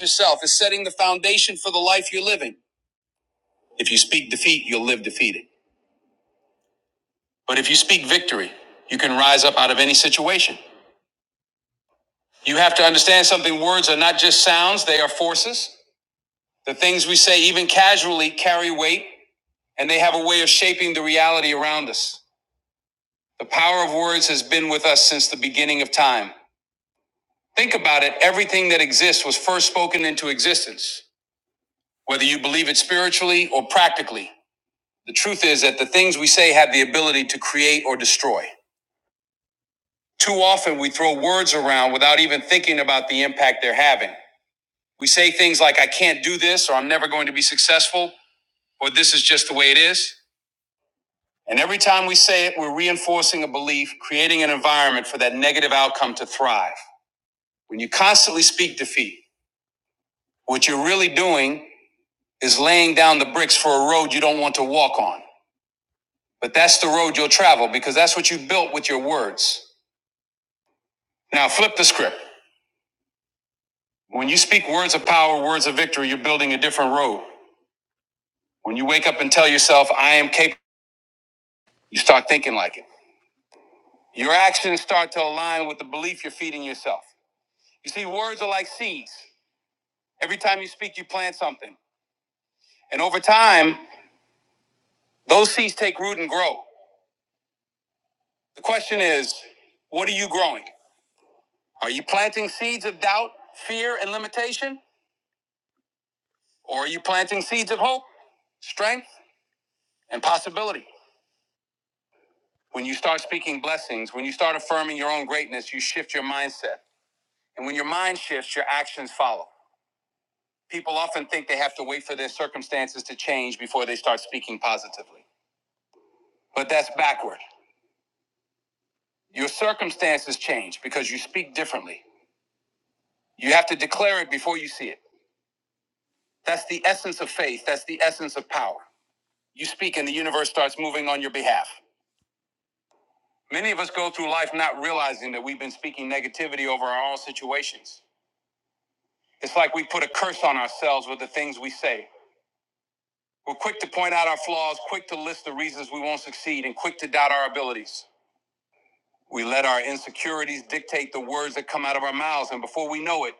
yourself is setting the foundation for the life you're living. If you speak defeat, you'll live defeated. But if you speak victory, you can rise up out of any situation. You have to understand something words are not just sounds, they are forces. The things we say, even casually, carry weight, and they have a way of shaping the reality around us. The power of words has been with us since the beginning of time. Think about it everything that exists was first spoken into existence. Whether you believe it spiritually or practically, The truth is that the things we say have the ability to create or destroy. Too often we throw words around without even thinking about the impact they're having. We say things like, I can't do this, or I'm never going to be successful, or this is just the way it is. And every time we say it, we're reinforcing a belief, creating an environment for that negative outcome to thrive. When you constantly speak defeat, what you're really doing is laying down the bricks for a road you don't want to walk on. But that's the road you'll travel because that's what you built with your words. Now flip the script. When you speak words of power, words of victory, you're building a different road. When you wake up and tell yourself, I am capable, you start thinking like it. Your actions start to align with the belief you're feeding yourself. You see, words are like seeds. Every time you speak, you plant something. And over time, those seeds take root and grow. The question is, what are you growing? Are you planting seeds of doubt, fear, and limitation? Or are you planting seeds of hope, strength, and possibility? When you start speaking blessings, when you start affirming your own greatness, you shift your mindset. And when your mind shifts, your actions follow. People often think they have to wait for their circumstances to change before they start speaking positively. But that's backward. Your circumstances change because you speak differently. You have to declare it before you see it. That's the essence of faith. That's the essence of power. You speak and the universe starts moving on your behalf. Many of us go through life not realizing that we've been speaking negativity over our own situations. It's like we put a curse on ourselves with the things we say. We're quick to point out our flaws, quick to list the reasons we won't succeed, and quick to doubt our abilities. We let our insecurities dictate the words that come out of our mouths, and before we know it,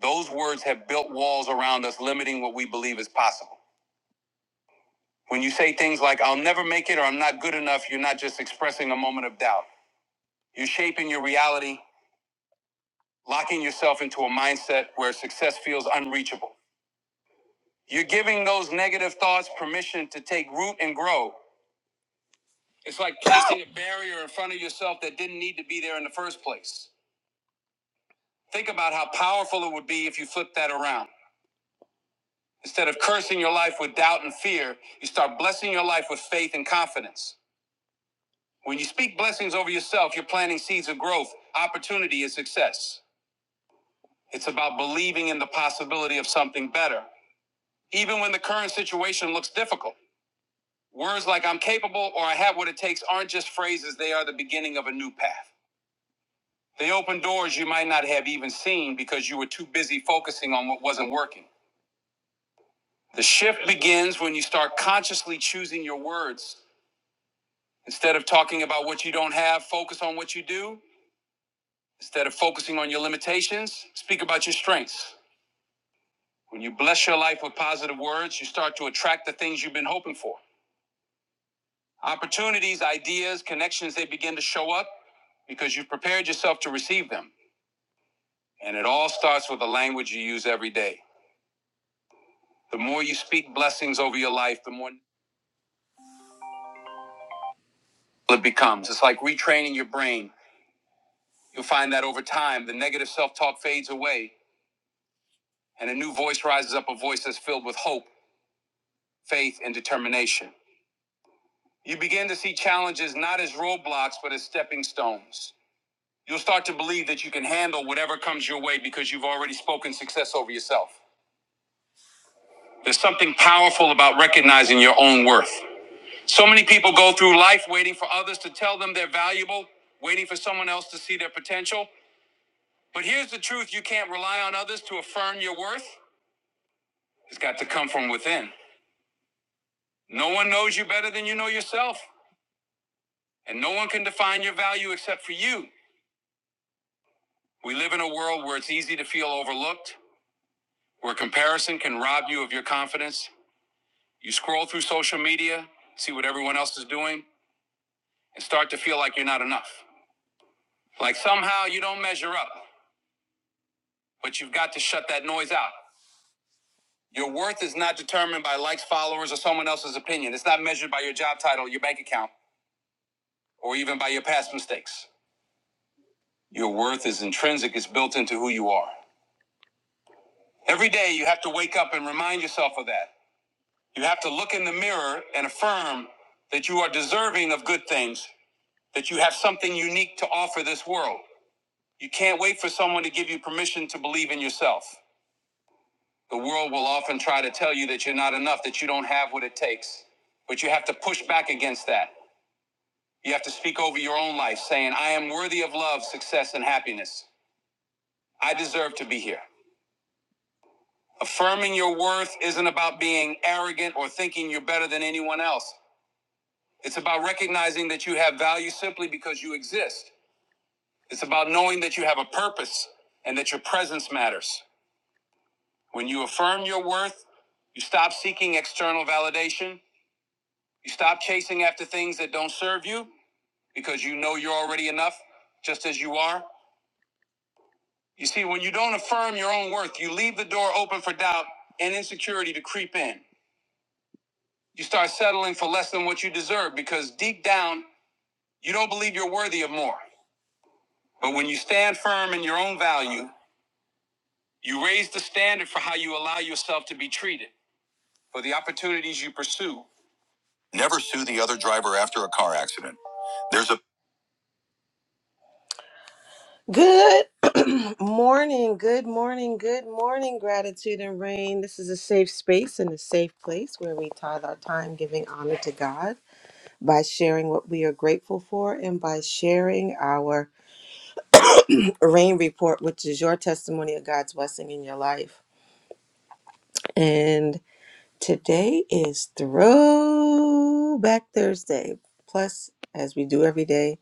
those words have built walls around us, limiting what we believe is possible. When you say things like, I'll never make it, or I'm not good enough, you're not just expressing a moment of doubt. You're shaping your reality, locking yourself into a mindset where success feels unreachable. You're giving those negative thoughts permission to take root and grow. It's like placing a barrier in front of yourself that didn't need to be there in the first place. Think about how powerful it would be if you flipped that around. Instead of cursing your life with doubt and fear, you start blessing your life with faith and confidence. When you speak blessings over yourself, you're planting seeds of growth, opportunity, and success. It's about believing in the possibility of something better, even when the current situation looks difficult. Words like I'm capable or I have what it takes aren't just phrases, they are the beginning of a new path. They open doors you might not have even seen because you were too busy focusing on what wasn't working. The shift begins when you start consciously choosing your words. Instead of talking about what you don't have, focus on what you do. Instead of focusing on your limitations, speak about your strengths. When you bless your life with positive words, you start to attract the things you've been hoping for. Opportunities, ideas, connections, they begin to show up because you've prepared yourself to receive them. And it all starts with the language you use every day. The more you speak blessings over your life, the more it becomes. It's like retraining your brain. You'll find that over time, the negative self talk fades away, and a new voice rises up a voice that's filled with hope, faith, and determination. You begin to see challenges not as roadblocks, but as stepping stones. You'll start to believe that you can handle whatever comes your way because you've already spoken success over yourself. There's something powerful about recognizing your own worth. So many people go through life waiting for others to tell them they're valuable, waiting for someone else to see their potential. But here's the truth you can't rely on others to affirm your worth. It's got to come from within. No one knows you better than you know yourself, and no one can define your value except for you. We live in a world where it's easy to feel overlooked, where comparison can rob you of your confidence. You scroll through social media, see what everyone else is doing, and start to feel like you're not enough. Like somehow you don't measure up, but you've got to shut that noise out. Your worth is not determined by likes, followers, or someone else's opinion. It's not measured by your job title, your bank account, or even by your past mistakes. Your worth is intrinsic, it's built into who you are. Every day, you have to wake up and remind yourself of that. You have to look in the mirror and affirm that you are deserving of good things, that you have something unique to offer this world. You can't wait for someone to give you permission to believe in yourself. The world will often try to tell you that you're not enough, that you don't have what it takes, but you have to push back against that. You have to speak over your own life, saying, I am worthy of love, success, and happiness. I deserve to be here. Affirming your worth isn't about being arrogant or thinking you're better than anyone else. It's about recognizing that you have value simply because you exist. It's about knowing that you have a purpose and that your presence matters. When you affirm your worth, you stop seeking external validation. You stop chasing after things that don't serve you because you know you're already enough just as you are. You see, when you don't affirm your own worth, you leave the door open for doubt and insecurity to creep in. You start settling for less than what you deserve because deep down, you don't believe you're worthy of more. But when you stand firm in your own value, you raise the standard for how you allow yourself to be treated, for the opportunities you pursue. Never sue the other driver after a car accident. There's a. Good morning, good morning, good morning, gratitude and rain. This is a safe space and a safe place where we tithe our time giving honor to God by sharing what we are grateful for and by sharing our rain report, which is your testimony of God's blessing in your life. And today is Throwback Thursday. Plus, as we do every day,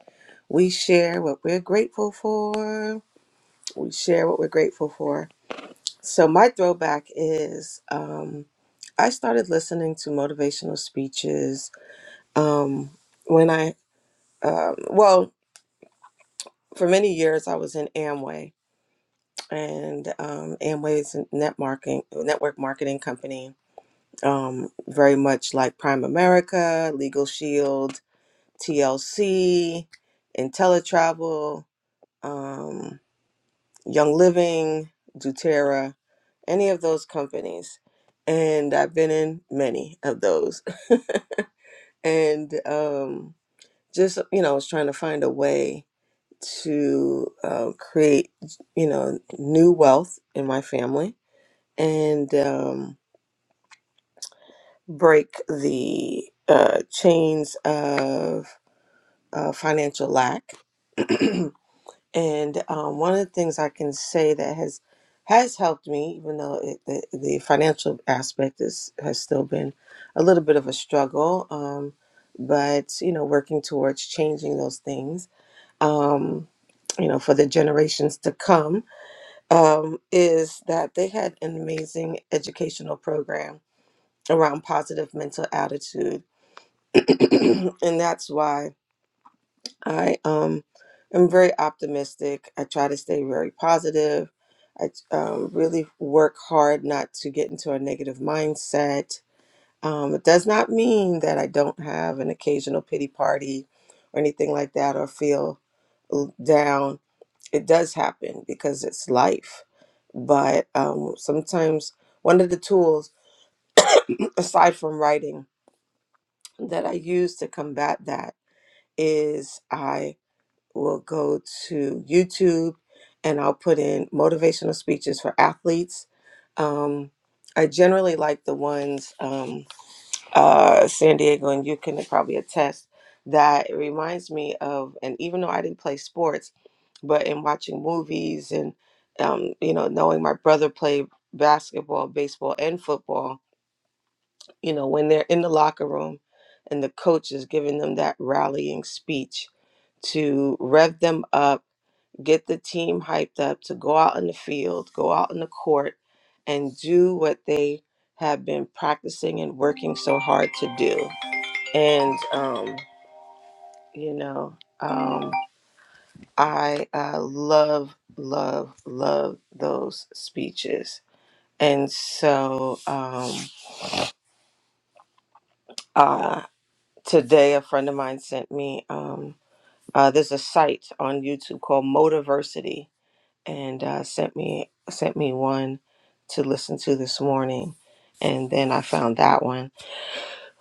we share what we're grateful for. We share what we're grateful for So my throwback is um, I started listening to motivational speeches um, when I um well for many years I was in Amway and um, Amway is a net marketing network marketing company um, very much like Prime America, Legal Shield, TLC, IntelliTravel. Um, Young Living, Doterra, any of those companies. And I've been in many of those. And um, just, you know, I was trying to find a way to uh, create, you know, new wealth in my family and um, break the uh, chains of uh, financial lack. And um, one of the things I can say that has has helped me, even though it, the, the financial aspect is has still been a little bit of a struggle, um, but you know, working towards changing those things, um, you know, for the generations to come, um, is that they had an amazing educational program around positive mental attitude, and that's why I um am very optimistic. I try to stay very positive. I um, really work hard not to get into a negative mindset. Um, it does not mean that I don't have an occasional pity party or anything like that or feel l- down. It does happen because it's life. But um, sometimes one of the tools, aside from writing, that I use to combat that is will go to YouTube and I'll put in motivational speeches for athletes. Um, I generally like the ones, um, uh, San Diego, and you can probably attest that it reminds me of, and even though I didn't play sports, but in watching movies and, um, you know, knowing my brother play basketball, baseball, and football, you know, when they're in the locker room and the coach is giving them that rallying speech to rev them up, get the team hyped up to go out in the field, go out in the court, and do what they have been practicing and working so hard to do. And, um, you know, um, I uh, love, love, love those speeches. And so um, uh, today, a friend of mine sent me. Um, uh, there's a site on YouTube called Motiversity, and uh, sent me sent me one to listen to this morning, and then I found that one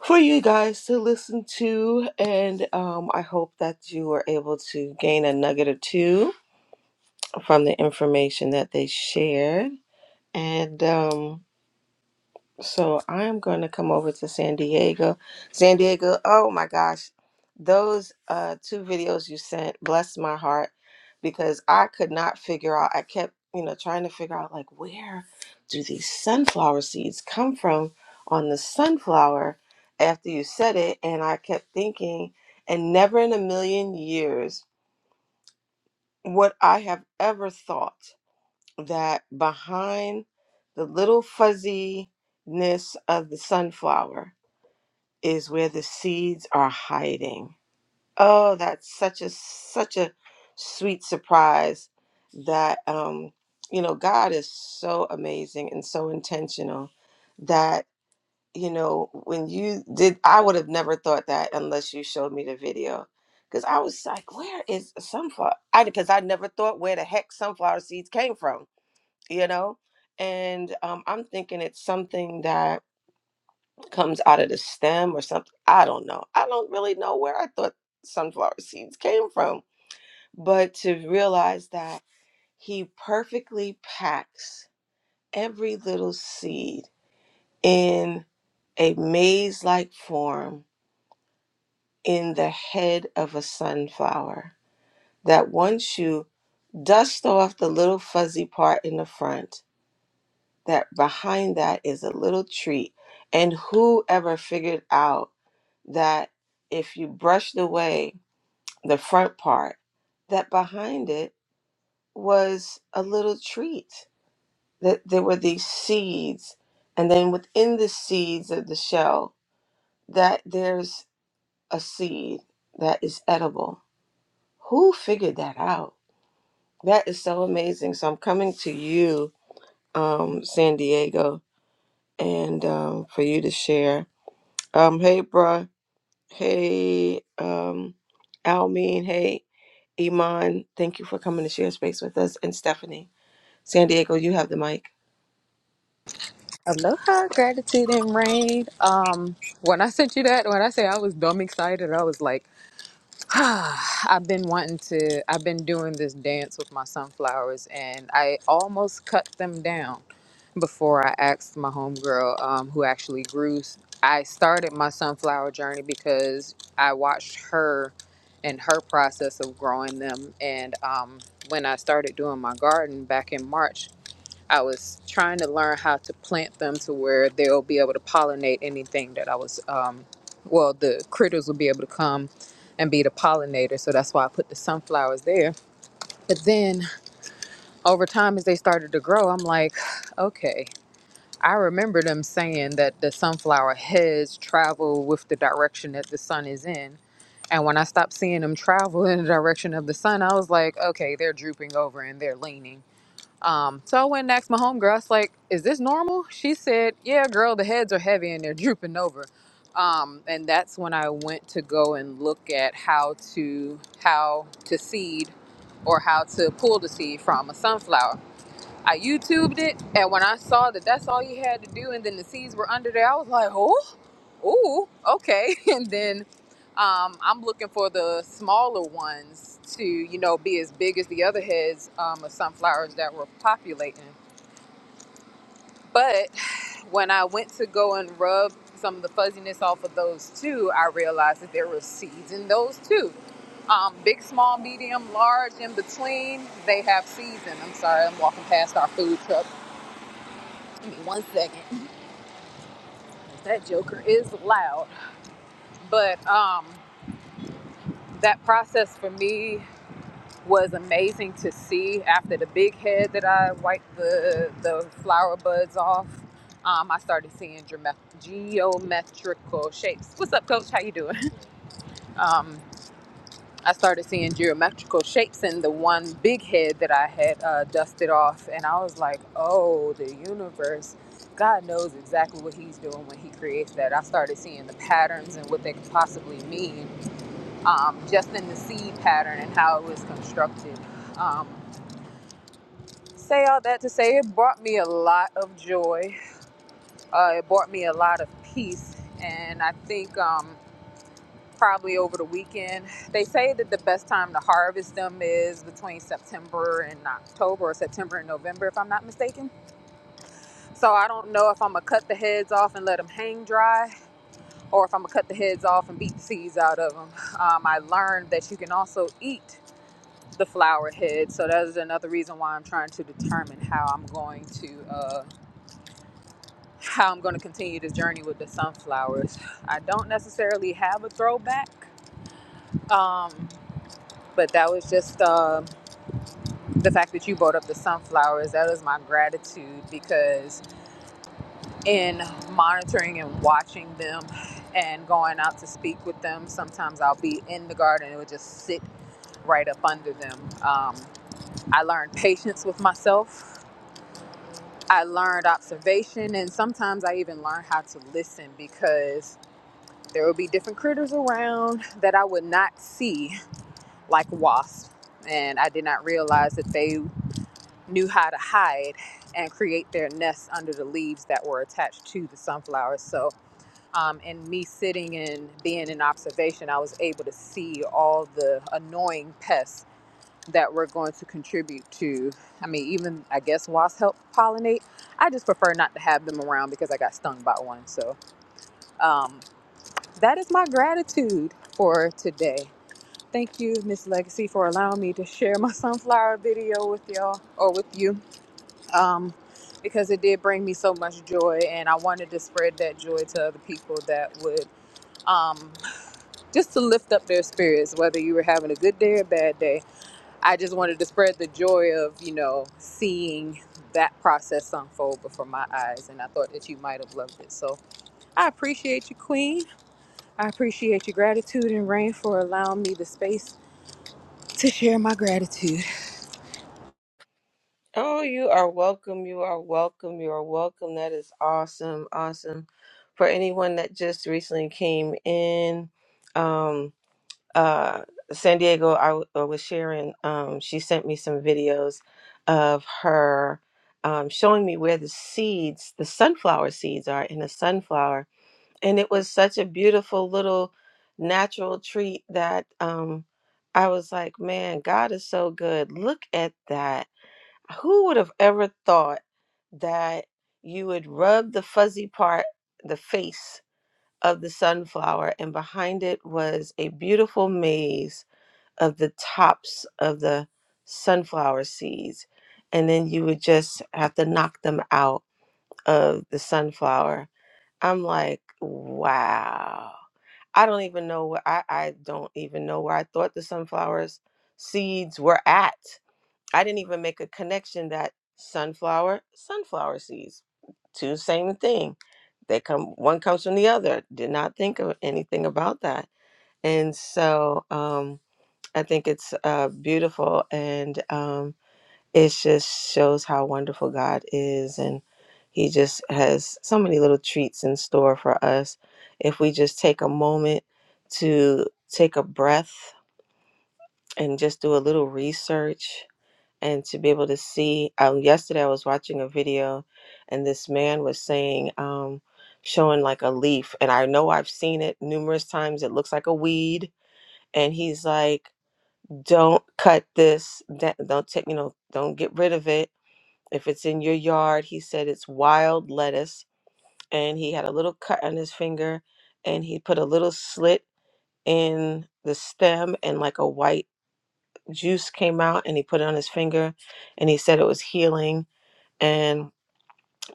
for you guys to listen to, and um, I hope that you were able to gain a nugget or two from the information that they shared, and. Um, so I'm going to come over to San Diego. San Diego, oh my gosh, those uh, two videos you sent blessed my heart because I could not figure out. I kept, you know, trying to figure out like where do these sunflower seeds come from on the sunflower after you said it, and I kept thinking, and never in a million years would I have ever thought that behind the little fuzziness of the sunflower is where the seeds are hiding. Oh, that's such a such a sweet surprise that um you know God is so amazing and so intentional that you know when you did I would have never thought that unless you showed me the video because I was like where is a sunflower I because I never thought where the heck sunflower seeds came from you know? And um, I'm thinking it's something that comes out of the stem or something. I don't know. I don't really know where I thought sunflower seeds came from. But to realize that he perfectly packs every little seed in a maze like form in the head of a sunflower, that once you dust off the little fuzzy part in the front, that behind that is a little treat. And whoever figured out that if you brushed away the front part, that behind it was a little treat, that there were these seeds. And then within the seeds of the shell, that there's a seed that is edible. Who figured that out? That is so amazing. So I'm coming to you, um, San Diego, and um, for you to share. Um, hey, bruh. Hey, um, Almeen. Hey, Iman. Thank you for coming to share space with us. And Stephanie, San Diego, you have the mic. Aloha, gratitude and rain. Um, when I sent you that, when I say I was dumb excited, I was like, ah, I've been wanting to, I've been doing this dance with my sunflowers, and I almost cut them down before I asked my homegirl, um, who actually grew. I started my sunflower journey because I watched her and her process of growing them, and um, when I started doing my garden back in March. I was trying to learn how to plant them to where they'll be able to pollinate anything that I was, um, well, the critters will be able to come and be the pollinator. So that's why I put the sunflowers there. But then over time, as they started to grow, I'm like, okay. I remember them saying that the sunflower heads travel with the direction that the sun is in. And when I stopped seeing them travel in the direction of the sun, I was like, okay, they're drooping over and they're leaning. Um, so I went and asked my homegirl, I was like, is this normal? She said, yeah, girl, the heads are heavy and they're drooping over. Um, and that's when I went to go and look at how to how to seed or how to pull the seed from a sunflower. I YouTubed it, and when I saw that that's all you had to do, and then the seeds were under there, I was like, oh. Ooh, okay. And then um, I'm looking for the smaller ones to, you know, be as big as the other heads um, of sunflowers that were populating. But when I went to go and rub some of the fuzziness off of those two, I realized that there were seeds in those too. Um, big, small, medium, large, in between, they have seeds in. them. I'm sorry, I'm walking past our food truck. Give me one second. That joker is loud. But um, that process for me was amazing to see after the big head that I wiped the the flower buds off. Um, I started seeing geome- geometrical shapes. What's up, Coach? How you doing? Um, I started seeing geometrical shapes in the one big head that I had uh, dusted off, and I was like, "Oh, the universe! God knows exactly what He's doing when He creates that." I started seeing the patterns and what they could possibly mean, um, just in the seed pattern and how it was constructed. Um, say all that to say it brought me a lot of joy. Uh, it brought me a lot of peace. And I think um, probably over the weekend, they say that the best time to harvest them is between September and October, or September and November, if I'm not mistaken. So I don't know if I'm going to cut the heads off and let them hang dry, or if I'm going to cut the heads off and beat the seeds out of them. Um, I learned that you can also eat the flower head. So that is another reason why I'm trying to determine how I'm going to. uh, how I'm going to continue this journey with the sunflowers. I don't necessarily have a throwback, um, but that was just uh, the fact that you brought up the sunflowers. That is my gratitude because in monitoring and watching them and going out to speak with them, sometimes I'll be in the garden and it would just sit right up under them. Um, I learned patience with myself. I learned observation, and sometimes I even learned how to listen because There would be different critters around that I would not see, like wasps. And I did not realize that they knew how to hide and create their nests under the leaves that were attached to the sunflowers. So, um, and me sitting and being in observation, I was able to see all the annoying pests that were going to contribute to. I mean, even I guess wasps help pollinate. I just prefer not to have them around because I got stung by one. So, um, that is my gratitude for today. Thank you, Miss Legacy, for allowing me to share my sunflower video with y'all or with you, um, because it did bring me so much joy, and I wanted to spread that joy to other people that would um, just to lift up their spirits, whether you were having a good day or a bad day. I just wanted to spread the joy of you know seeing that process unfold before my eyes, and I thought that you might have loved it. So I appreciate you, Queen. I appreciate your gratitude and rain for allowing me the space to share my gratitude. Oh, you are welcome. You are welcome. You are welcome. That is awesome. Awesome. For anyone that just recently came in, um, uh, San Diego, I, w- I was sharing, um, she sent me some videos of her um, showing me where the seeds, the sunflower seeds are in a sunflower and it was such a beautiful little natural treat that um I was like, man, God is so good. Look at that. Who would have ever thought that you would rub the fuzzy part, the face of the sunflower, and behind it was a beautiful maze of the tops of the sunflower seeds. And then you would just have to knock them out of the sunflower. I'm like, wow I don't even know where I, I don't even know where I thought the sunflowers seeds were at. I didn't even make a connection that sunflower, sunflower seeds, two same thing. They come one comes from the other. Did not think of anything about that. And so um I think it's uh beautiful and um it just shows how wonderful God is and he just has so many little treats in store for us if we just take a moment to take a breath and just do a little research and to be able to see um, yesterday i was watching a video and this man was saying um, showing like a leaf and i know i've seen it numerous times it looks like a weed and he's like don't cut this da- don't take you know don't get rid of it if it's in your yard, he said it's wild lettuce. And he had a little cut on his finger and he put a little slit in the stem and like a white juice came out and he put it on his finger and he said it was healing and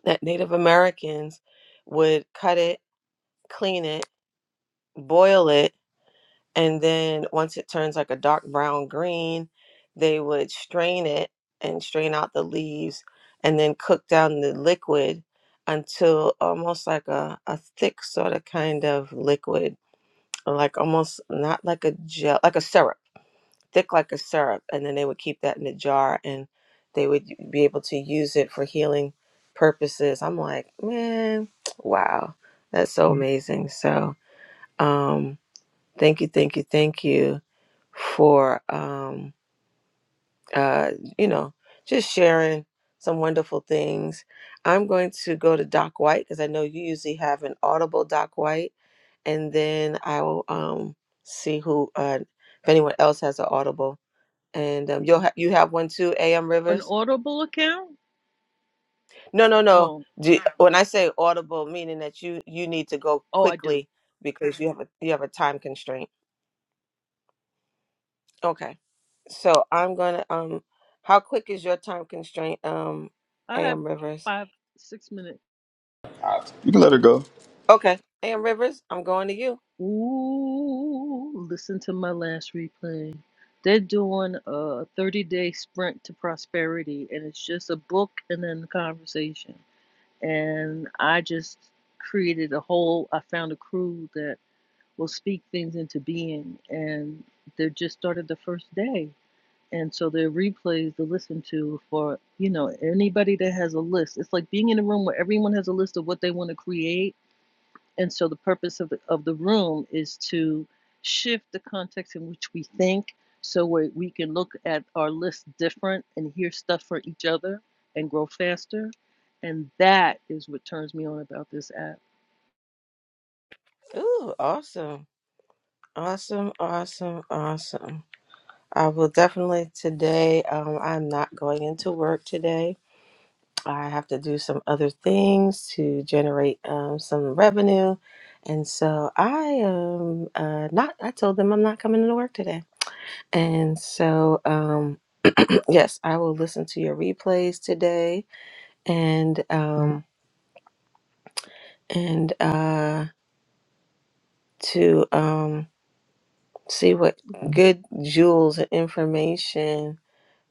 that Native Americans would cut it, clean it, boil it and then once it turns like a dark brown green they would strain it and strain out the leaves and then cook down the liquid until almost like a, a thick sort of kind of liquid or like almost not like a gel like a syrup thick like a syrup and then they would keep that in a jar and they would be able to use it for healing purposes i'm like man wow that's so Mm. amazing so um, Thank you, thank you, thank you for um uh you know just sharing some wonderful things. I'm going to go to Doc White because I know you usually have an audible Doc White, and then I will um see who uh if anyone else has an audible. And um, you'll ha- you have one too, A.M. An Rivers. Audible account? No, no, no. Oh, Do, when I say audible, meaning that you you need to go oh, I do. quickly because you have a you have a time constraint. Okay. So I'm gonna um how quick is your time constraint, um, I have AM Rivers? five, six minute. You can let her go. Okay, AM Rivers, I'm going to you. Ooh, listen to my last replay. They're doing a 30 day sprint to prosperity, and it's just a book and then conversation. And I just created a whole, I found a crew that will speak things into being, and they just started the first day. And so the replays to listen to for, you know, anybody that has a list. It's like being in a room where everyone has a list of what they want to create. And so the purpose of the, of the room is to shift the context in which we think so we, we can look at our list different and hear stuff for each other and grow faster. And that is what turns me on about this app. Ooh, awesome. Awesome, awesome, awesome. I will definitely today, um, I'm not going into work today. I have to do some other things to generate um, some revenue. And so I am uh, not, I told them I'm not coming into work today. And so, um, yes, I will listen to your replays today and um and uh to um see what good jewels and information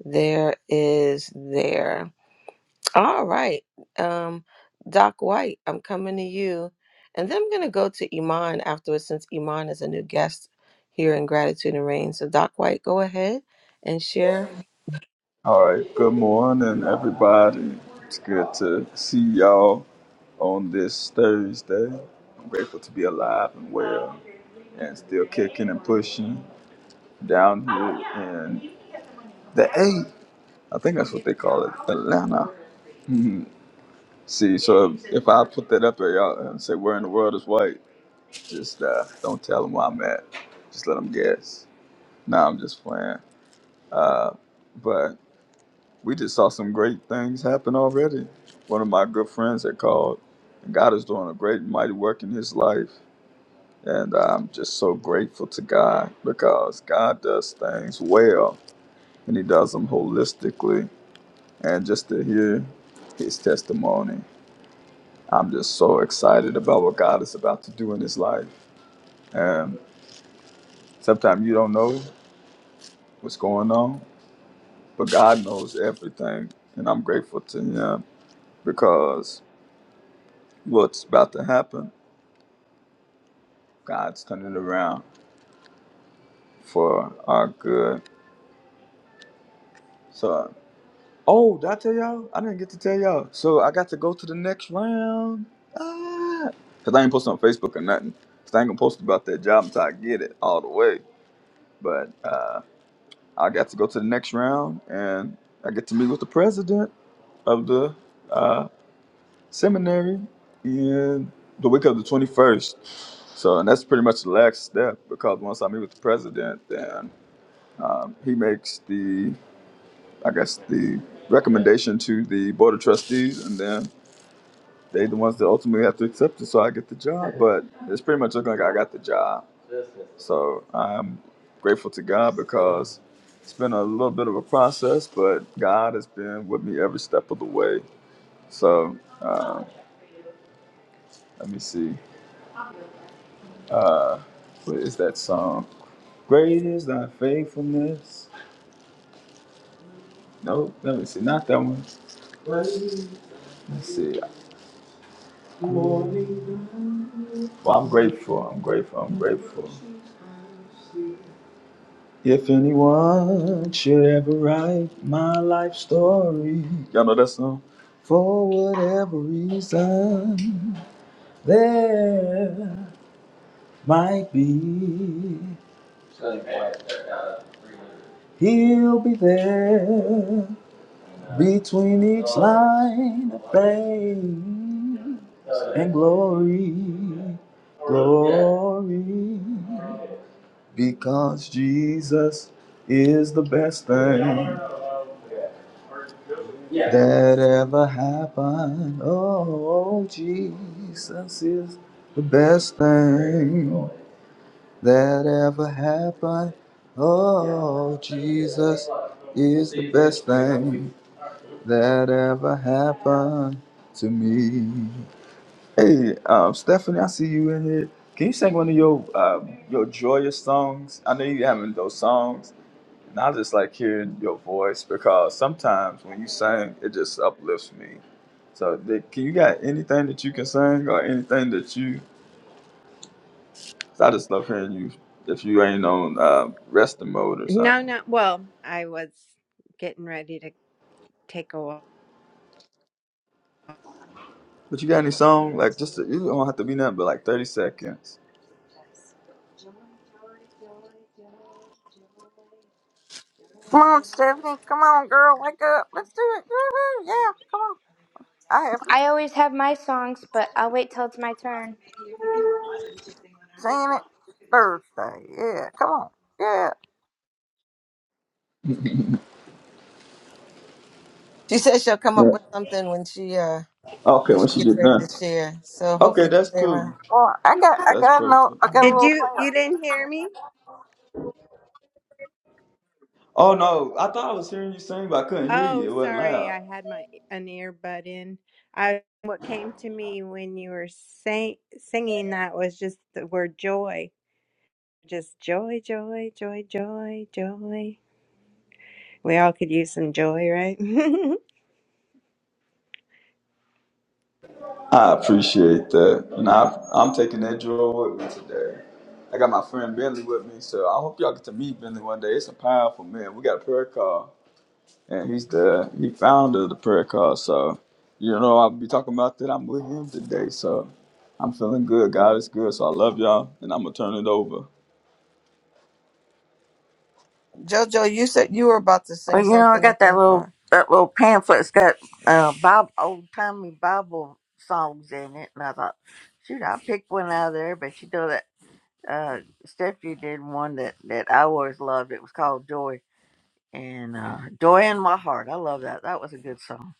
there is there all right um doc white i'm coming to you and then i'm going to go to iman afterwards since iman is a new guest here in gratitude and rain so doc white go ahead and share All right. Good morning, everybody. It's good to see y'all on this Thursday. I'm grateful to be alive and well and still kicking and pushing down here in the A. I think that's what they call it, Atlanta. Mhm. see, so if, if I put that up there, y'all, and say, Where in the world is white? Just uh, don't tell them where I'm at. Just let them guess. Nah, I'm just playing. Uh, but we just saw some great things happen already. One of my good friends had called, and God is doing a great and mighty work in his life. And I'm just so grateful to God because God does things well and he does them holistically. And just to hear his testimony, I'm just so excited about what God is about to do in his life. And sometimes you don't know what's going on, but God knows everything. And I'm grateful to him because what's about to happen God's turning around for our good. So, oh, did I tell y'all? I didn't get to tell y'all. So I got to go to the next round. Ah, cause I ain't posting on Facebook or nothing. Cause I ain't gonna post about that job until I get it all the way. But uh, I got to go to the next round, and I get to meet with the president of the uh, seminary in the week of the twenty first. So, and that's pretty much the last step because once I meet with the president, then um, he makes the I guess, the recommendation to the board of trustees, and then they the ones that ultimately have to accept it. So I get the job, but it's pretty much looking like I got the job. So I'm grateful to God because it's been a little bit of a process, but God has been with me every step of the way. So uh, let me see. Uh, what is that song? Great is thy faithfulness. No, let me see. Not that one. Let's see. Well, I'm grateful. I'm grateful. I'm grateful. If anyone should ever write my life story, y'all know that song? For whatever reason, there might be. He'll be there between each line of fame and glory, glory. Because Jesus is the best thing. Yeah. that ever happened. Oh, Jesus is the best thing that ever happened. Oh, Jesus is the best thing that ever happened to me. Hey, um, Stephanie, I see you in here. Can you sing one of your um, your joyous songs? I know you having those songs. And I just like hearing your voice because sometimes when you sing, it just uplifts me. So, Dick, can you got anything that you can sing or anything that you? 'cause I just love hearing you if you ain't on uh, resting mode or No, something. no. Well, I was getting ready to take a walk. But you got any song like just you don't have to be nothing but like thirty seconds. Come on, Stephanie. Come on, girl. Wake up. Let's do it. Woo-hoo. Yeah, come on. I haven't I always have my songs, but I'll wait till it's my turn. seen it Thursday. Yeah, come on. Yeah. she says she'll come up Yeah. with something when she uh Okay, when she once you gets get ready to done. share so Okay, hopefully you can that's stay around cool. Well, I got, I That's got no, perfect. I got Mm-hmm. a Did little. you? You Pamphlet. didn't hear me? Oh no, I thought I was hearing you sing, but I couldn't hear Oh, you. It wasn't sorry. loud. I had my e, an earbud in. I what came to me when you were sing, singing that was just the word joy. Just joy, joy, joy, joy, joy. We all could use some joy, right? I appreciate that. And I, I'm taking that drill with me today. I got my friend Bentley with me, so I hope y'all get to meet Bentley one day. It's a powerful man. We got a prayer call, and he's the he founder of the prayer call. So, you know, I'll be talking about that. I'm with him today, so I'm feeling good. God is good, so I love y'all, and I'm gonna turn it over. Jojo, you said you were about to sing Well, you know, I something, I got that think, little, or that little pamphlet's it got uh, Bob old timey Bible songs in it, and I thought, shoot, I picked one out of there. But you know that uh, Stephanie did one that that I always loved. It was called Joy and uh, Joy in My Heart. I love that. That was a good song.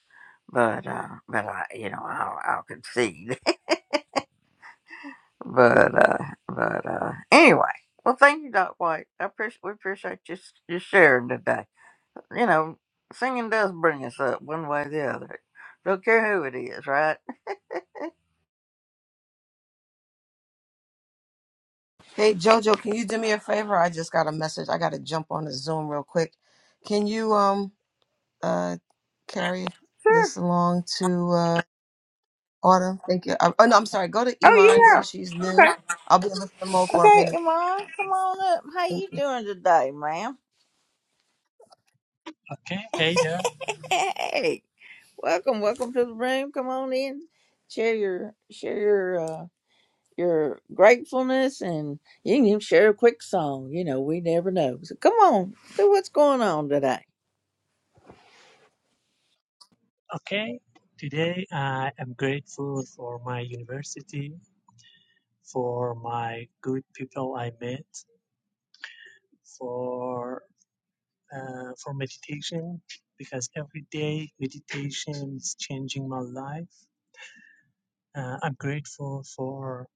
but uh, but I, you know, I'll, I'll concede. but uh, but uh, anyway, well, thank you, Doc White. I appreciate we appreciate you s- you sharing today. You know, singing does bring us up one way or the other. Don't care who it is, right? hey Jojo, can you do me a favor? I just got a message. I gotta jump on the Zoom real quick. Can you um uh carry Sure. this along to uh Autumn? Thank you. Uh, Oh no, I'm sorry, go to Oh Iman yeah. since she's new. Okay. I'll be in the mode for a Okay, minute. Iman, come on up. How Thank you you. doing today, ma'am? Okay, hey there. Hey, welcome, welcome to the room. Come on in. Share your share your. uh, your gratefulness and you can even share a quick song. You know, we never know. So come on, do what's going on today. Okay, today I am grateful for my university, for my good people I met, for uh, for meditation because every day meditation is changing my life. Uh, I'm grateful for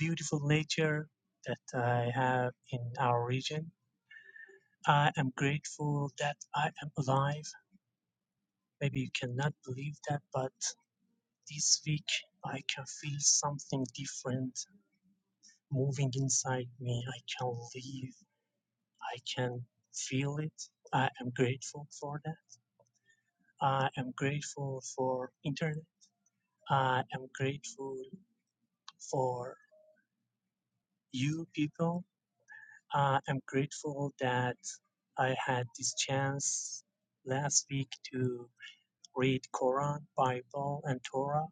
beautiful nature that I have in our region. I am grateful that I am alive. Maybe you cannot believe that, but This week, I can feel something different moving inside me. I can live. I can feel it. I am grateful for that. I am grateful for internet. I am grateful for you people. I am grateful that I had this chance last week to read Quran, Bible, and Torah.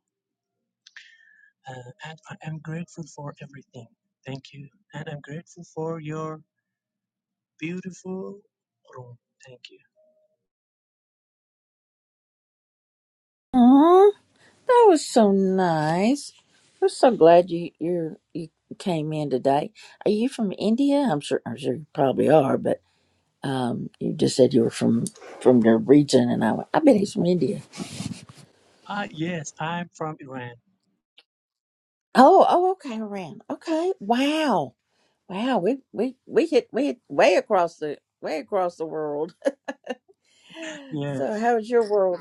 Uh, and I am grateful for everything. Thank you. And I'm grateful for your Beautiful room. Thank you. Aw, that was so nice. We're so glad you you you came in today. Are you from India? I'm sure I'm sure you probably are, but um, you just said you were from from your region, and I went, I bet he's from India. Ah, yes, I'm from Iran. Oh, oh, okay, around. Okay, wow, wow. We we we hit we hit way across the way across the world. So, Yes, how's your world?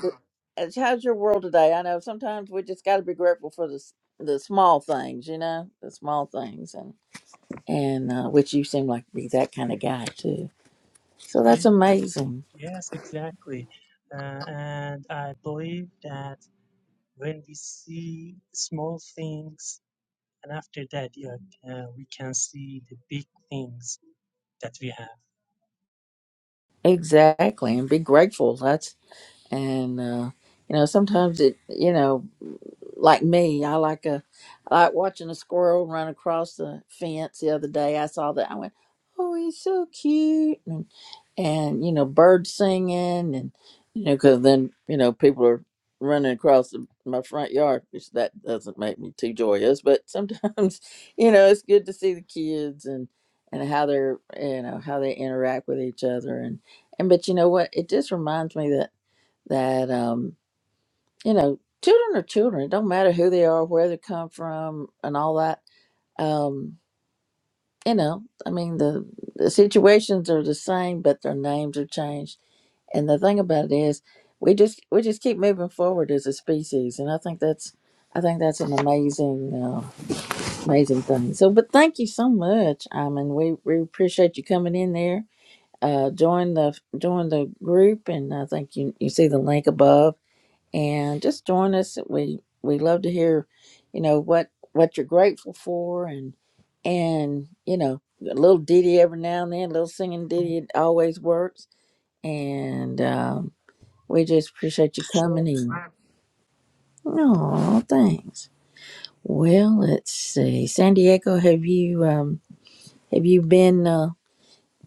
as- How's your world today? I know sometimes we just got to be grateful for the s- the small things, you know, the small things, and and uh, which you seem like be that kind of guy too. So that's Ye- amazing. yes, exactly. Uh, and I believe that when we see small things, and after that, yeah, uh, we can see the big things that we have. Exactly, and be grateful. That's and uh, you know sometimes it you know like me. I like a I like watching a squirrel run across the fence. The other day, I saw that. I went, "Oh, he's so cute!" And and you know, birds singing, and you know, because then you know, people are running across the, my front yard, which that doesn't make me too joyous. But sometimes, you know, it's good to see the kids and and how they're you know how they interact with each other and and but you know what? It just reminds me that that um you know, children are children. It don't matter who they are, where they come from, and all that. Um, you know, I mean, the, the situations are the same, but their names are changed. And the thing about it is, we just we just keep moving forward as a species, and I think that's I think that's an amazing uh, amazing thing. So, but thank you so much. I mean, we we appreciate you coming in there. Uh, join the join the group, and I think you you see the link above and just join us. We we love to hear, you know, what what you're grateful for, and and you know, a little ditty every now and then, a little singing ditty it always works. And um, we just appreciate you Sure. coming in. No, thanks. Well, let's see, San Diego, have you um have you been uh,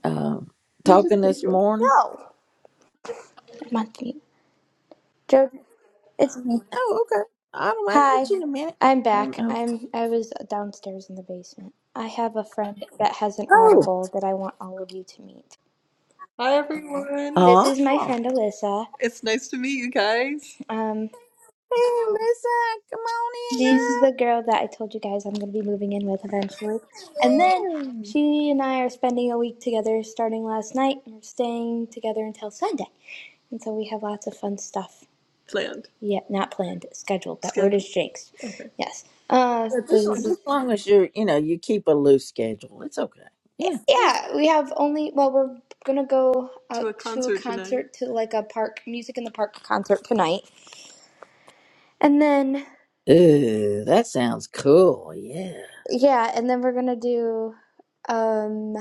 uh You just talking take this yours. morning? No. Monty. Joe, it's me. Oh, okay. I don't. I Hi. get you in a minute. I'm I don't back. know. I'm I was downstairs in the basement. I have a friend that has an Oh, audible that I want all of you to meet. Hi everyone. This is my oh. friend Alyssa. It's nice to meet you guys. Um, Hey, Lisa, come she's the girl that I told you guys I'm going to be moving in with eventually. And then on in, girl. Yeah. she and I are spending a week together starting last night and we're staying together until Sunday. And so we have lots of fun stuff. Planned. Yeah, not planned, scheduled. That Scheduled. word is jinxed. Okay. Yes. Uh, But just, this is, just mm-hmm. long as you're, you know, you keep a loose schedule, it's okay. Yeah. yeah. yeah, we have only, well, we're gonna go To go out a to a concert tonight. concert, to like a park, music in the park concert tonight. And then, Ooh, that sounds cool. Yeah. yeah, and then we're gonna do, um,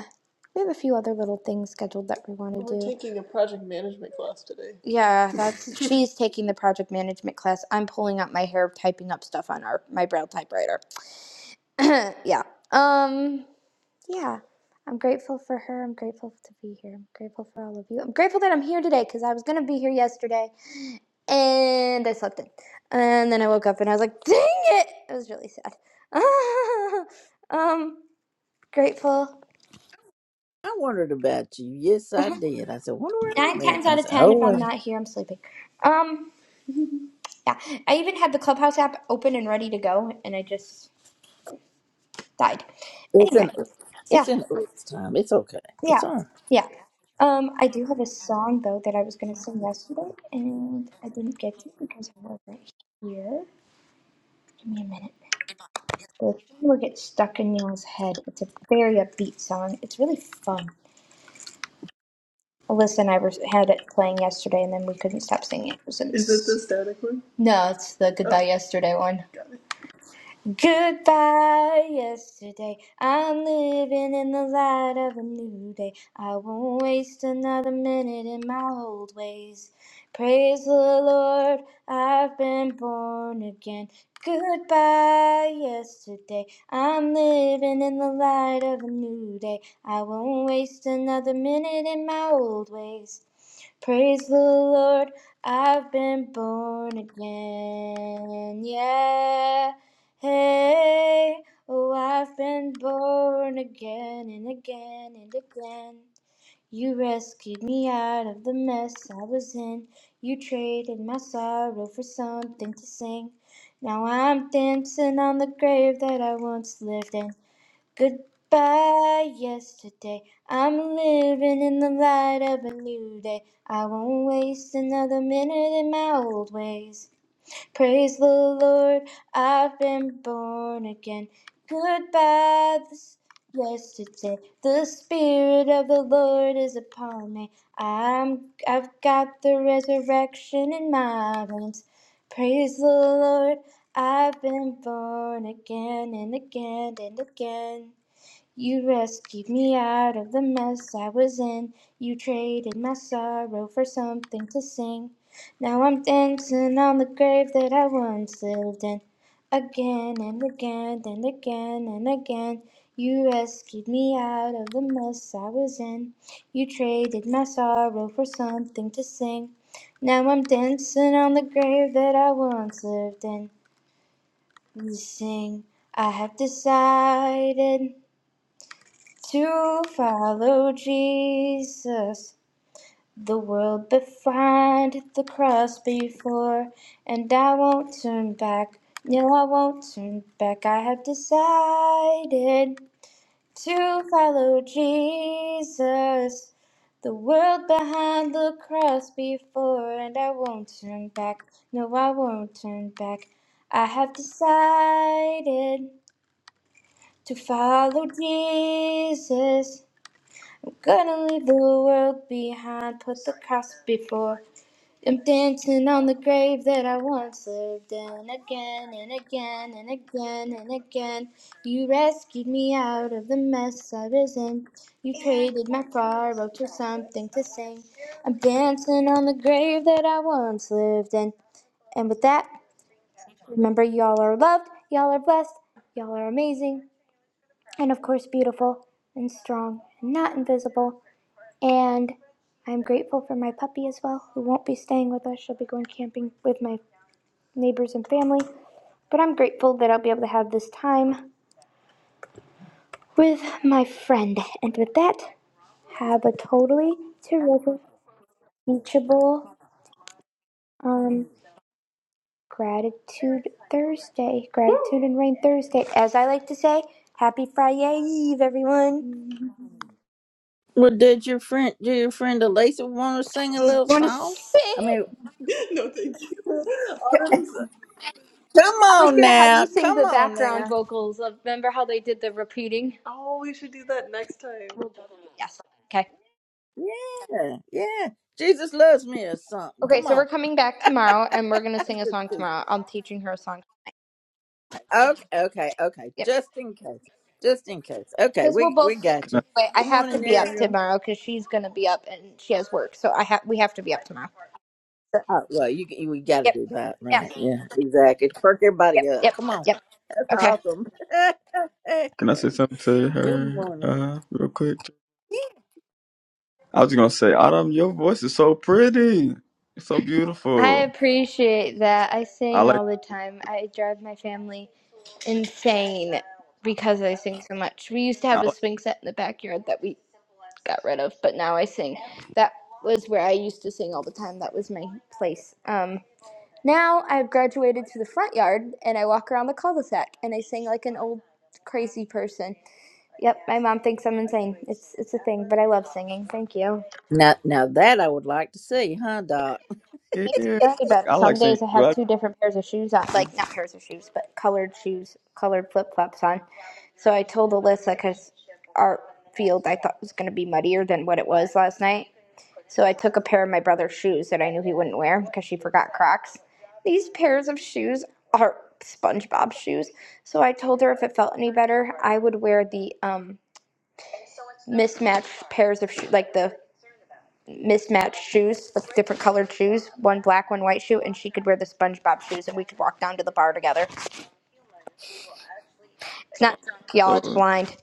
we have a few other little things scheduled that we wanna do. we're taking a project management class today. Yeah, that's, she's taking the project management class. I'm pulling out my hair, typing up stuff on our, my braille typewriter. yeah. Um, yeah. I'm grateful for her. I'm grateful to be here. I'm grateful for all of you. I'm grateful that I'm here today because I was going to be here yesterday and I slept in. And then I woke up and I was like, dang it! It was really sad. um, grateful. I wondered about you. Yes, I did. I said, wonder where Nine I'm at. times I out of said, ten, oh, if I'm well, not here, I'm sleeping. Um, yeah. I even had the Clubhouse app open and ready to go and I just died. it's an, Anyway, yeah. it's an oops time. It's okay. It's Yeah, all right. yeah. Um, I do have a song though that I was gonna sing yesterday, and I didn't get to because I wasn't here. Give me a minute. The thing will get stuck in Neil's head. It's a very upbeat song. It's really fun. Alyssa and I were had it playing yesterday, and then we couldn't stop singing. It was Is this the ins- static one? no, it's the Oh, goodbye yesterday one. Goodbye, yesterday. I'm living in the light of a new day. I won't waste another minute in my old ways. Praise the Lord, I've been born again. Goodbye, yesterday. I'm living in the light of a new day. I won't waste another minute in my old ways. Praise the Lord, I've been born again. Yeah. Hey, oh, I've been born again and again and again. You rescued me out of the mess I was in. You traded my sorrow for something to sing. Now I'm dancing on the grave that I once lived in. Goodbye, yesterday. I'm living in the light of a new day. I won't waste another minute in my old ways. Praise the Lord, I've been born again. Goodbye, this yesterday. The Spirit of the Lord is upon me. I'm, I've got the resurrection in my bones. Praise the Lord, I've been born again and again and again. You rescued me out of the mess I was in. You traded my sorrow for something to sing. Now I'm dancing on the grave that I once lived in. Again and again and again and again. You rescued me out of the mess I was in. You traded my sorrow for something to sing. Now I'm dancing on the grave that I once lived in. You sing, I have decided. To follow Jesus, the world behind, the cross before, and I won't turn back. No, I won't turn back. I have decided to follow Jesus, the world behind, the cross before, and I won't turn back. No, I won't turn back. I have decided to follow Jesus Gonna leave the world behind, put the cross before. I'm dancing on the grave that I once lived in again and again and again and again. You rescued me out of the mess I was in. You traded my sorrow to something to sing. I'm dancing on the grave that I once lived in. And with that, remember y'all are loved, y'all are blessed, y'all are amazing, and of course beautiful and strong and not invisible. And I'm grateful for my puppy as well, who won't be staying with us. She'll be going camping with my neighbors and family. But I'm grateful that I'll be able to have this time with my friend. And with that, have a totally terrific, teachable, um, gratitude Thursday, gratitude and rain Thursday. As I like to say, happy Friday Eve, everyone. Well, did your friend, did your friend Elisa want to sing a little Want to song? sing? I mean, no, thank you. Autumn's. come I was on gonna have you now. sing Come the on background now. vocals. Of, remember how they did the repeating? Oh, we should do that next time. Yes. Okay. Yeah. Yeah. Jesus loves me or something. Okay, Come so on. we're coming back tomorrow, and we're gonna sing a song tomorrow. I'm teaching her a song. Okay, okay, okay. Yeah, Just in case. Just in case. Okay, because we'll we we both be up got Can I you. anyway. I Good have to morning, be up Ariel. tomorrow because she's gonna be up, and she has work, so I have we have to be up tomorrow. So, Oh, well, you, you we got to yep. do that, Yep. right? Yeah, exactly. Perk Yep. everybody up. Yep. Come on, Yep. that's Okay. awesome. can I say something to Good her morning. uh, real quick? I was just gonna say, Autumn, your voice is so pretty. It's so I beautiful. appreciate that. I I sing all like. the time. I drive my family. insane because I sing so much. We used to have a swing set in the backyard that we got rid of, but now I sing. That was where I used to sing all the time. That was my place. Um, now I've graduated to the front yard and I walk around the cul-de-sac and I sing like an old crazy person. Yep, my mom thinks I'm insane. It's it's a thing, but I love singing. Thank you. Now, now that I would like to see, huh, Doc? Yeah, Makes you yeah. feel any Like, better. I like Some singing days I too. have I two different pairs of shoes on, do. like not pairs of shoes, but colored shoes, colored flip flops on. So I told Alyssa because our field I thought was going to be muddier than what it was last night. So I took a pair of my brother's shoes that I knew he wouldn't wear because she forgot Crocs. These pairs of shoes are SpongeBob shoes. So I told her if it felt any better, I would wear the um mismatched pairs of shoes, like the mismatched shoes, like different colored shoes, one black, one white shoe, and she could wear the SpongeBob shoes, and we could walk down to the bar together. It's not drunk, y'all. It's So, blind.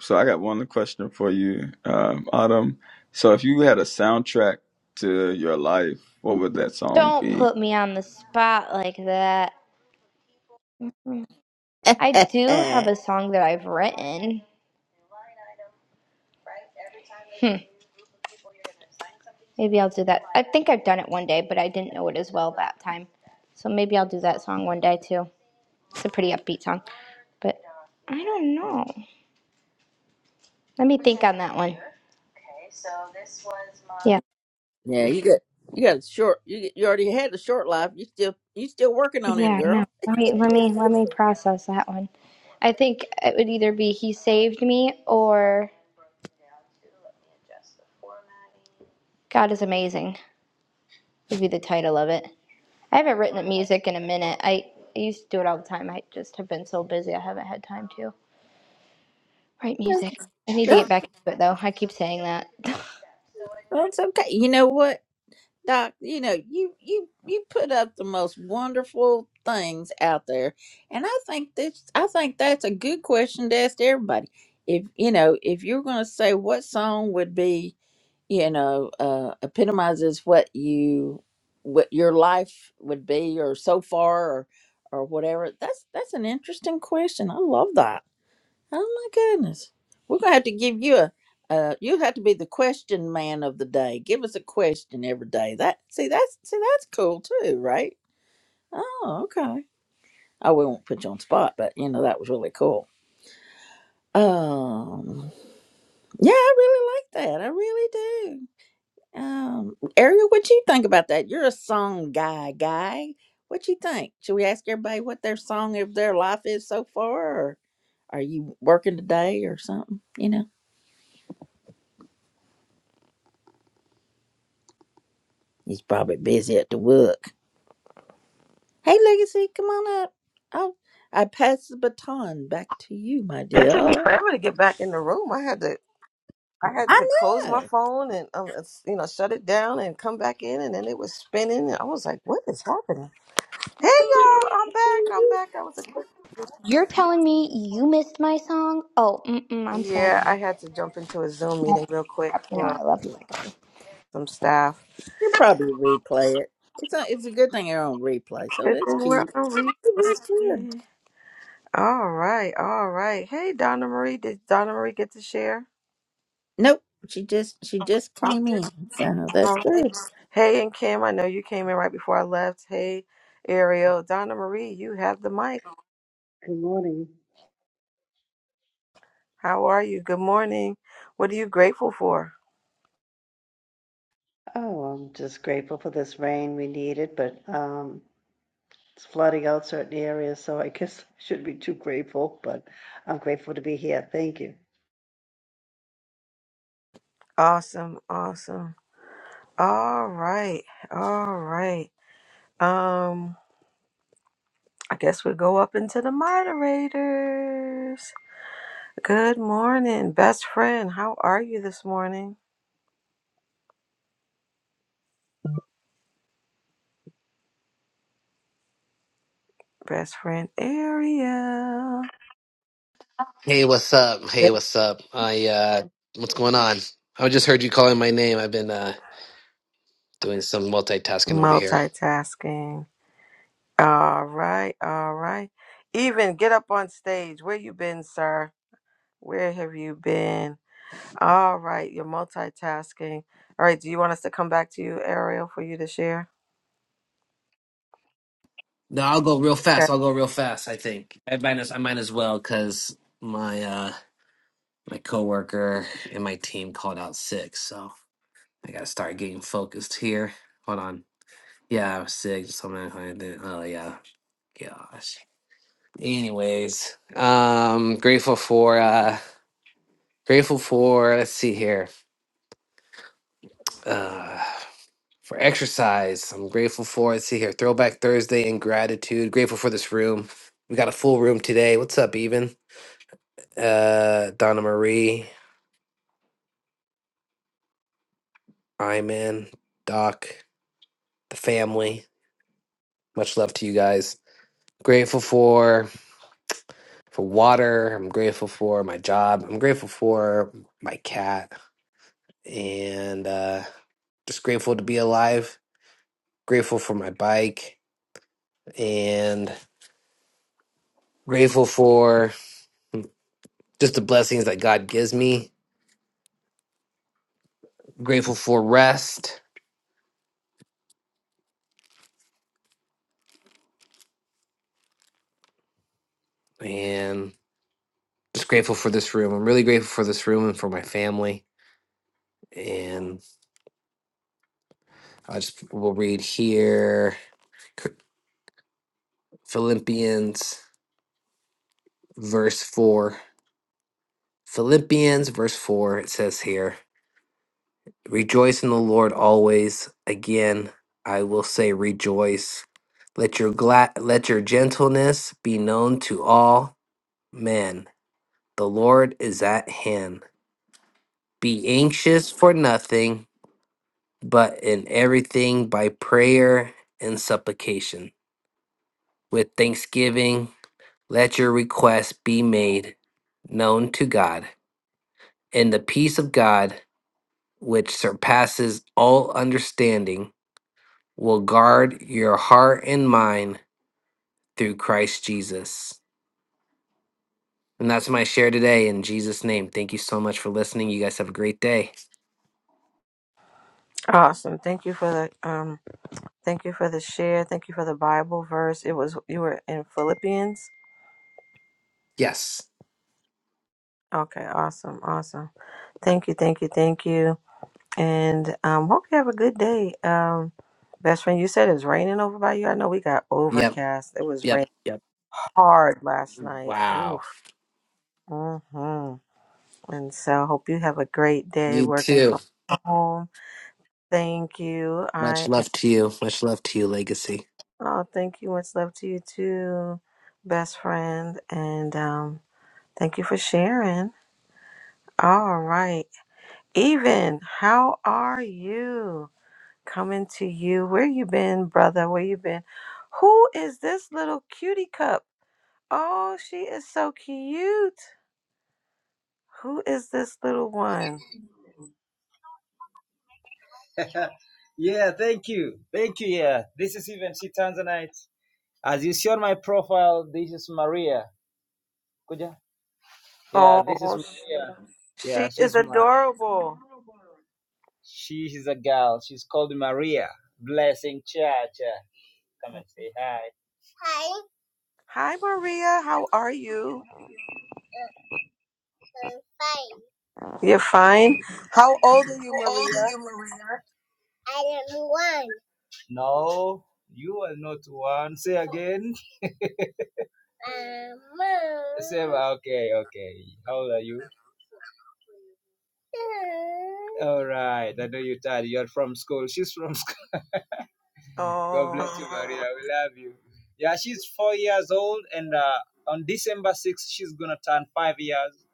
so I got one question for you, um, Autumn. So, if you had a soundtrack to your life, what would that song Don't be? put me on the spot like that. I do have yeah, a song that I've written. Hmm. Maybe I'll do that. I think I've done it one day, but I didn't know it as well that time. So maybe I'll do that song one day too. It's a pretty upbeat song, but I don't know. Let me think on that one. Yeah. you got you got a short. You you already had a short life. You still you still working on it, Yeah, no. girl. Let me let me let me process that one. I think it would either be He Saved Me or God is Amazing would be the title of it. I haven't written music in a minute. I, I used to do it all the time. I just have been so busy I haven't had time to write music. I need to get That- back into it though. I keep saying that. That's okay. You know what? Doc, you know, you you you put up the most wonderful things out there. And I think this I think that's a good question to ask everybody. If you know, if you're gonna say what song would be, you know, uh epitomizes what you what your life would be or so far or or whatever, that's that's an interesting question. I love that. Oh my goodness. We're gonna have to give you a uh you have to be the question man of the day. Give us a question every day. That see that's see that's cool too, right? Oh, okay. Oh, we won't put you on spot, but you know, that was really cool. Um yeah, I really like that. I really do. Um Ariel, what you think about that? You're a song guy guy. What you think? Should we ask everybody what their song of their life is so far or are you working today or something? You know? He's probably busy at the work. Hey, Legacy, come on up. Oh, I pass the baton back to you, my It took dear. me forever to get back in the room. I had to I had I to close my know. phone and um it's- you know shut it down and come back in and then it was spinning and I was like, what is happening? Hey y'all, I'm back. I'm back. That was a quick. You're telling me you missed my song? Oh, mm-mm, I'm sad Yeah, now. I had to jump into a Zoom meeting real quick for some staff. You'll probably replay it. It's a, it's a good thing you're on replay, so Good that's thing we're cute. on It was good. replay. All right, all right. Hey, Donna Marie, did Donna Marie get to share? Nope, she just she just All came in, so that's right. good. Hey, and Kim, I know you came in right before I left. Hey, Ariel, Donna Marie, you have the mic. Good morning. How are you? Good morning. What are you grateful for? Oh, I'm just grateful for this rain. We need it, but um, it's flooding out certain areas, so I guess I shouldn't be too grateful, but I'm grateful to be here. Thank you. Awesome, awesome. All right, all right. Um, I guess we go up into the moderators. Good morning, best friend. How are you this morning? Best friend Ariel. Hey, what's up? Hey, Yep. what's up? I uh what's going on? I just heard you calling my name. I've been uh doing some multitasking over here. Multitasking. All right, all right. Even get up on stage. Where you been, sir? Where have you been? All right, you're multitasking. All right, do you want us to come back to you, Ariel, for you to share? No, I'll go real fast. Okay. I'll go real fast, I think. I might as I might as well cuz my uh my coworker and my team called out sick, so I got to start getting focused here. Hold on. Yeah, I was sick. Just something. Oh yeah. Gosh. anyways um grateful for uh grateful for let's see here uh for exercise i'm grateful for let's see here throwback thursday and gratitude grateful for this room we got a full room today what's up even uh donna marie i'm in doc the family much love to you guys grateful for for water i'm grateful for my job i'm grateful for my cat and uh just grateful to be alive grateful for my bike and grateful for just the blessings that God gives me. Grateful for rest and just grateful for this room. I'm really grateful for this room and for my family. And I just will read here Philippians verse 4. Philippians verse 4, it says here, Rejoice in the Lord always. Again, I will say rejoice. Let your glad let your gentleness be known to all. man, the Lord is at hand. Be anxious for nothing, but in everything by prayer and supplication. With thanksgiving, let your requests be made known to God. And the peace of God, which surpasses all understanding, will guard your heart and mind through Christ Jesus. And that's my share today in Jesus' name. Thank you so much for listening. You guys have a great day. Awesome. Thank you for the um thank you for the share. Thank you for the Bible verse. It was you were in Philippians. Yes. Okay, awesome. Awesome. Thank you, thank you, thank you. And um, hope you have a good day. Um, best friend, you said it's raining over by you. I know we got Yep. overcast. It was Yep. rain Yep. hard last night. Ooh. Wow. hmm And so hope you have a great day You working too. from home. Thank you. Much I am, love to you. Much love to you, Legacy. oh, thank you. Much love to you too, best friend. And um, thank you for sharing. All right. Even, how are you? Coming to you. Where you been, brother? Where you been? Who is this little cutie cup? Oh, she is so cute. Who is this little one? Yeah, thank you. Thank you. Yeah, this is even C Tanzanite. As you see on my profile, this is Maria. Kuja? Yeah, this is Oh, sh- Maria. Yeah, she is she's my, adorable. she is a girl. She's called Maria. Blessing Church. Come and say hi. Hi, Maria. How are you? You're fine. How old are you, Maria? No, you are not one. Say again. Okay, okay. How old are you? All right. I know you're tired. You're from school. She's from God Oh, bless you, Maria. We love you. Yeah, she's four years old, and uh, on December 6th, she's gonna turn five years.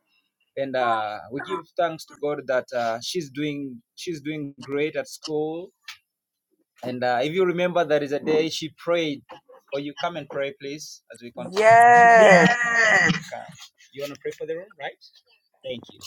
And uh, we give thanks to God that uh, she's doing she's doing great at school. And uh, if you remember, there is a day she prayed. Or you come and pray, please, as we continue. yes. Yes. Come. You wanna pray for the room, right? Thank you.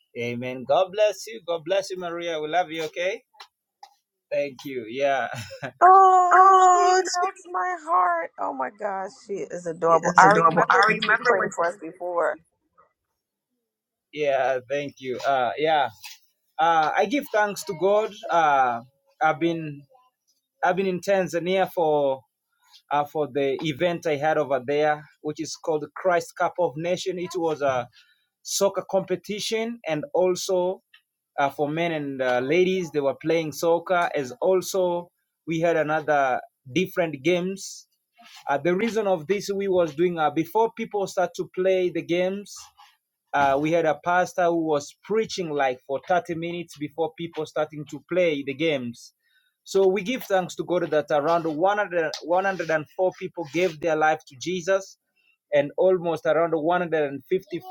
Okay. Amen. God bless you. God bless you, Maria. We love you. Okay. Thank you. Yeah. Oh, she Oh, melts my heart. Oh my gosh, she is It adorable. is I adorable. remember I when she remember when prayed for she us played it before. Yeah, thank you. Uh, yeah, uh, I give thanks to God. Uh, I've been I've been in Tanzania for uh, for the event I had over there, which is called the Christ Cup of Nation. It was a soccer competition, and also uh, for men and uh, ladies, they were playing soccer. As also, we had another different games Uh, the reason of this we was doing uh, before people start to play the games. Uh, we had a pastor who was preaching like for 30 minutes before people starting to play the games. So we give thanks to God that around 100 104 people gave their life to Jesus, and almost around 150,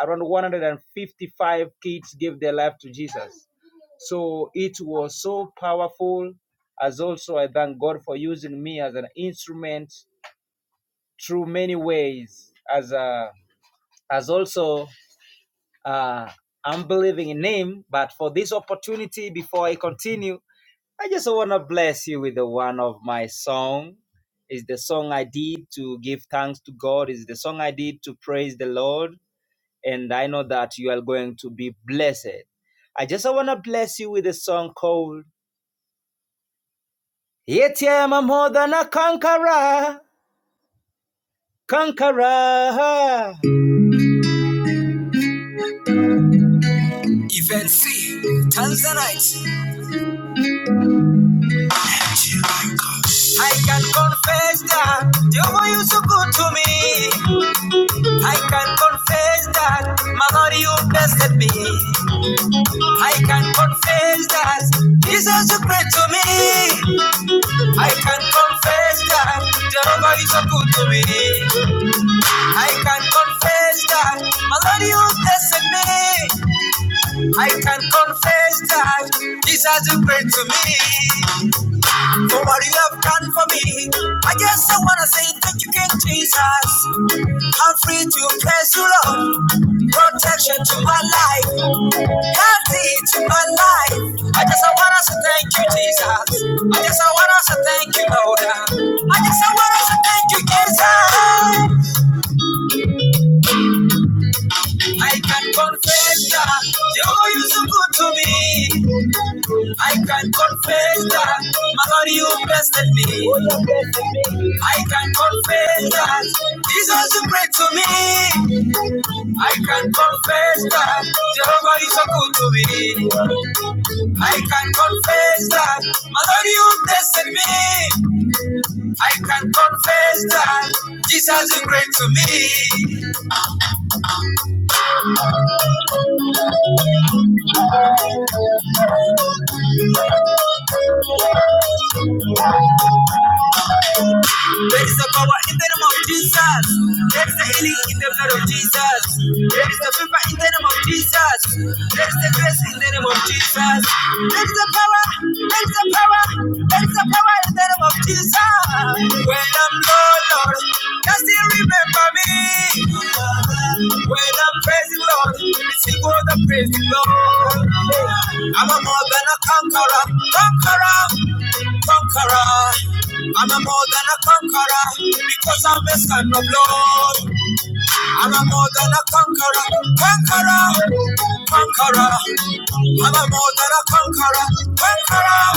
around 155 kids gave their life to Jesus. So it was so powerful. As also, I thank God for using me as an instrument through many ways as uh, as also uh, I'm believing in him. But for this opportunity, before I continue, I just want to bless you with the one of my song. Is the song I did to give thanks to God. Is the song I did to praise the Lord. And I know that you are going to be blessed. I just want to bless you with a song called Yet I am more than a conqueror, conqueror. Event C, Tanzanite. I can confess that Jehovah, you so good to me. I can confess that my Lord, you blessed me. I can confess that Jesus is great to me. I can confess that Jehovah, you so good to me. I can confess that my Lord, you blessed me. I can confess that Jesus is great to me. For what you have done for me, I just I wanna say thank you, King Jesus. I'm free to praise the Lord. Protection to my life, healthy to my life. I just I want us to thank you, Jesus. I just I want us to thank you, Lord. I just I want us to thank you, Jesus. I can confess that you're so good to me. I can confess that my God, you blessed me. I can confess that Jesus is great to me. I can confess that Jehovah is so good to me. I can confess that Mother, you tested me. I can confess that Jesus is great to me. There is the power in the name of Jesus. There is the healing in the blood of Jesus. There is the favor in the name of Jesus. There is the grace in the name of Jesus. There is the power. There is the power. There is the power in the name of Jesus. When I'm low, Lord, just remember me. When I'm praising Lord, it's equal to praising Lord. Yeah. I'm a more than a conqueror, conqueror, conqueror. I'm a more than a conqueror because I'm a son of Lord. I'm a more than a conqueror, conqueror, conqueror. I'm a more than a conqueror, conqueror.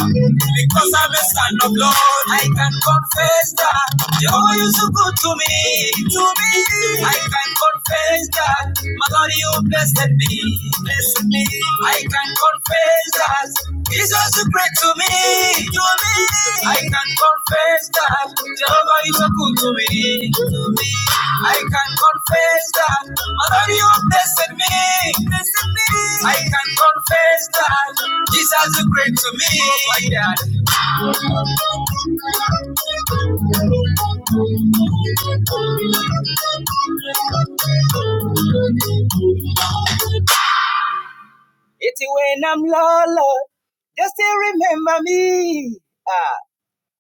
Because I'm a son of Lord, I can confess that you're you so good to me, to me. I can confess that my God, you blessed me, blessed me. I can confess that Jesus is great to me. You me. I can confess that Jehovah is so good to me. To me. I can confess that Mother, you have blessed me. Blessed me. I can confess that Jesus is so great to me. Oh my God. It's when I'm low, Lord, just still remember me. Ah,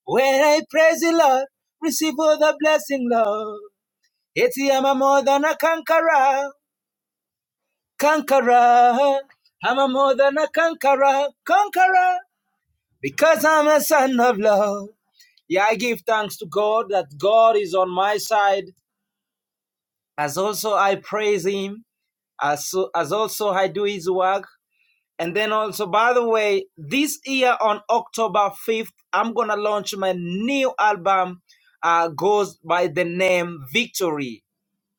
when I praise the Lord, receive all the blessing, Lord. It's I'm more than a conqueror. conqueror. I'm a more than a conqueror, conqueror, because I'm a son of love. Yeah, I give thanks to God that God is on my side. As also I praise Him, as, so- as also I do His work. And then also, by the way, this year on October 5th, I'm gonna launch my new album, uh, goes by the name Victory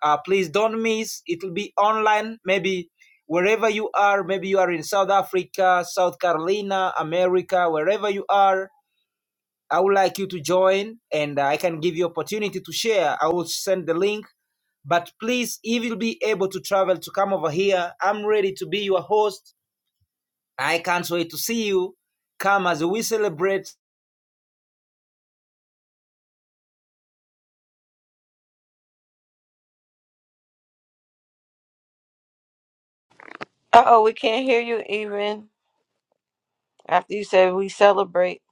Uh, please don't miss. It will be online, maybe wherever you are. Maybe you are in South Africa, South Carolina, America, wherever you are. I would like you to join, and I can give you opportunity to share. I will send the link. But please, if you'll be able to travel to come over here, I'm ready to be your host. I can't wait to see you. Come as we celebrate. Uh oh, we can't hear you even after you said we celebrate.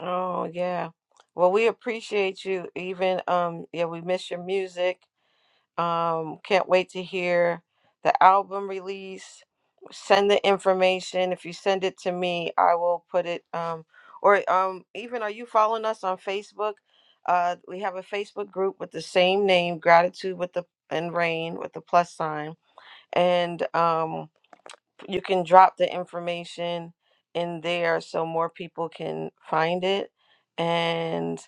Oh yeah. Well, we appreciate you even. Um, yeah, we miss your music. Um, can't wait to hear the album release. Send the information. If you send it to me, I will put it. Um, or um, even are you following us on Facebook? Uh, we have a Facebook group with the same name, Gratitude with the and Rain with the plus sign, and um you can drop the information in there so more people can find it and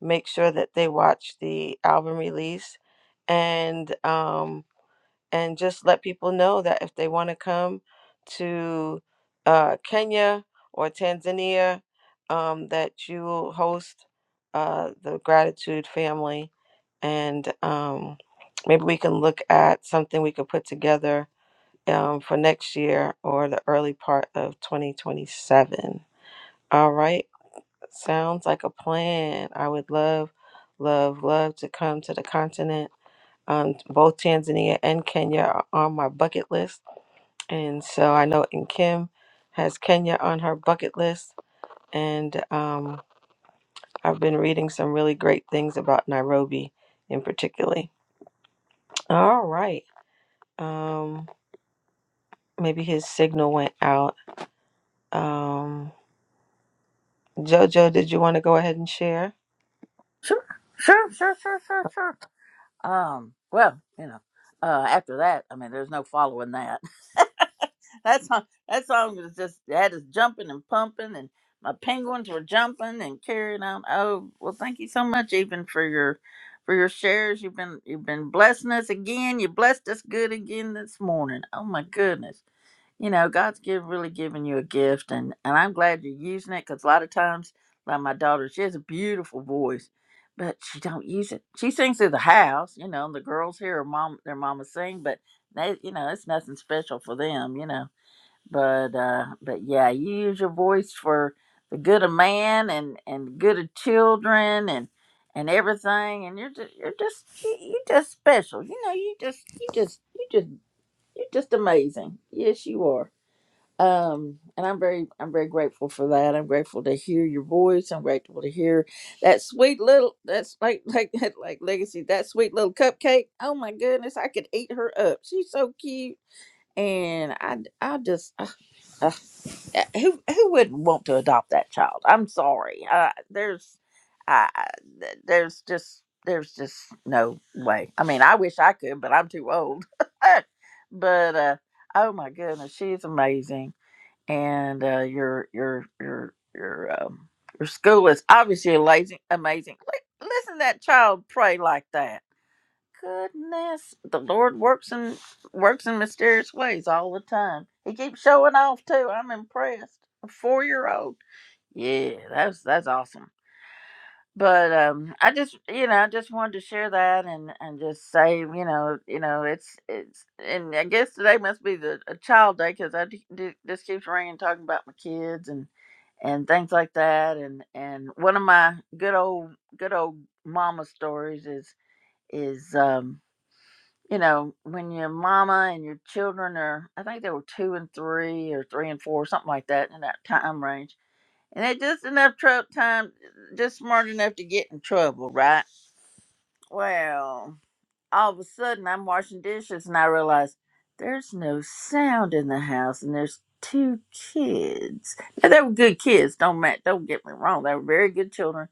make sure that they watch the album release and um and just let people know that if they want to come to uh, Kenya or Tanzania um, that you will host uh, the gratitude family and um, maybe we can look at something we could put together um, for next year or the early part of 2027. All right. Sounds like a plan. I would love, love, love to come to the continent. Um, both Tanzania and Kenya are on my bucket list. And so I know in Kim has Kenya on her bucket list. And um, I've been reading some really great things about Nairobi in particular. All right. Um, maybe his signal went out. Um, Jojo, did you want to go ahead and share? Sure, sure, sure, sure, sure, sure. Um, well, you know, uh, after that, I mean, there's no following that. That song, that song was just had us jumping and pumping, and my penguins were jumping and carrying on. Oh, well, thank you so much, even for your for your shares. You've been you've been blessing us again. You blessed us good again this morning. Oh my goodness, you know God's give, really giving you a gift, and and I'm glad you're using it because a lot of times, like my daughter, she has a beautiful voice. But she don't use it. She sings through the house, you know. and The girls hear her mom, their mama sing, but they, you know, it's nothing special for them, you know but uh but yeah you use your voice for the good of man and and the good of children and and everything and you're just you're just you, you just special you know you just you just you just you're just amazing yes you are um and i'm very i'm very grateful for that i'm grateful to hear your voice i'm grateful to hear that sweet little that's like like like legacy that sweet little cupcake oh my goodness i could eat her up she's so cute and I I just Ugh, uh, who who wouldn't want to adopt that child? I'm sorry. Uh, there's, uh, th- there's just there's just no way. I mean, I wish I could, but I'm too old. but uh, oh my goodness, she's amazing. And uh, your your your your um your school is obviously amazing. Amazing. Li- Listen, to that child pray like that. Goodness, the Lord works in works in mysterious ways all the time. He keeps showing off too. I'm impressed. A four year old. Yeah, that's that's awesome. But um, I just you know I just wanted to share that and and just say you know you know it's it's and I guess today must be the a child day because I d- d- just keeps ringing talking about my kids and and things like that and and one of my good old good old mama stories is is um you know, when your mama and your children are, I think they were two and three or three and four, something like that in that time range. And they just enough trou time, just smart enough to get in trouble, right? Well, all of a sudden I'm washing dishes and I realize there's no sound in the house and there's two kids. Now, they were good kids. Don't ma- don't get me wrong. They were very good children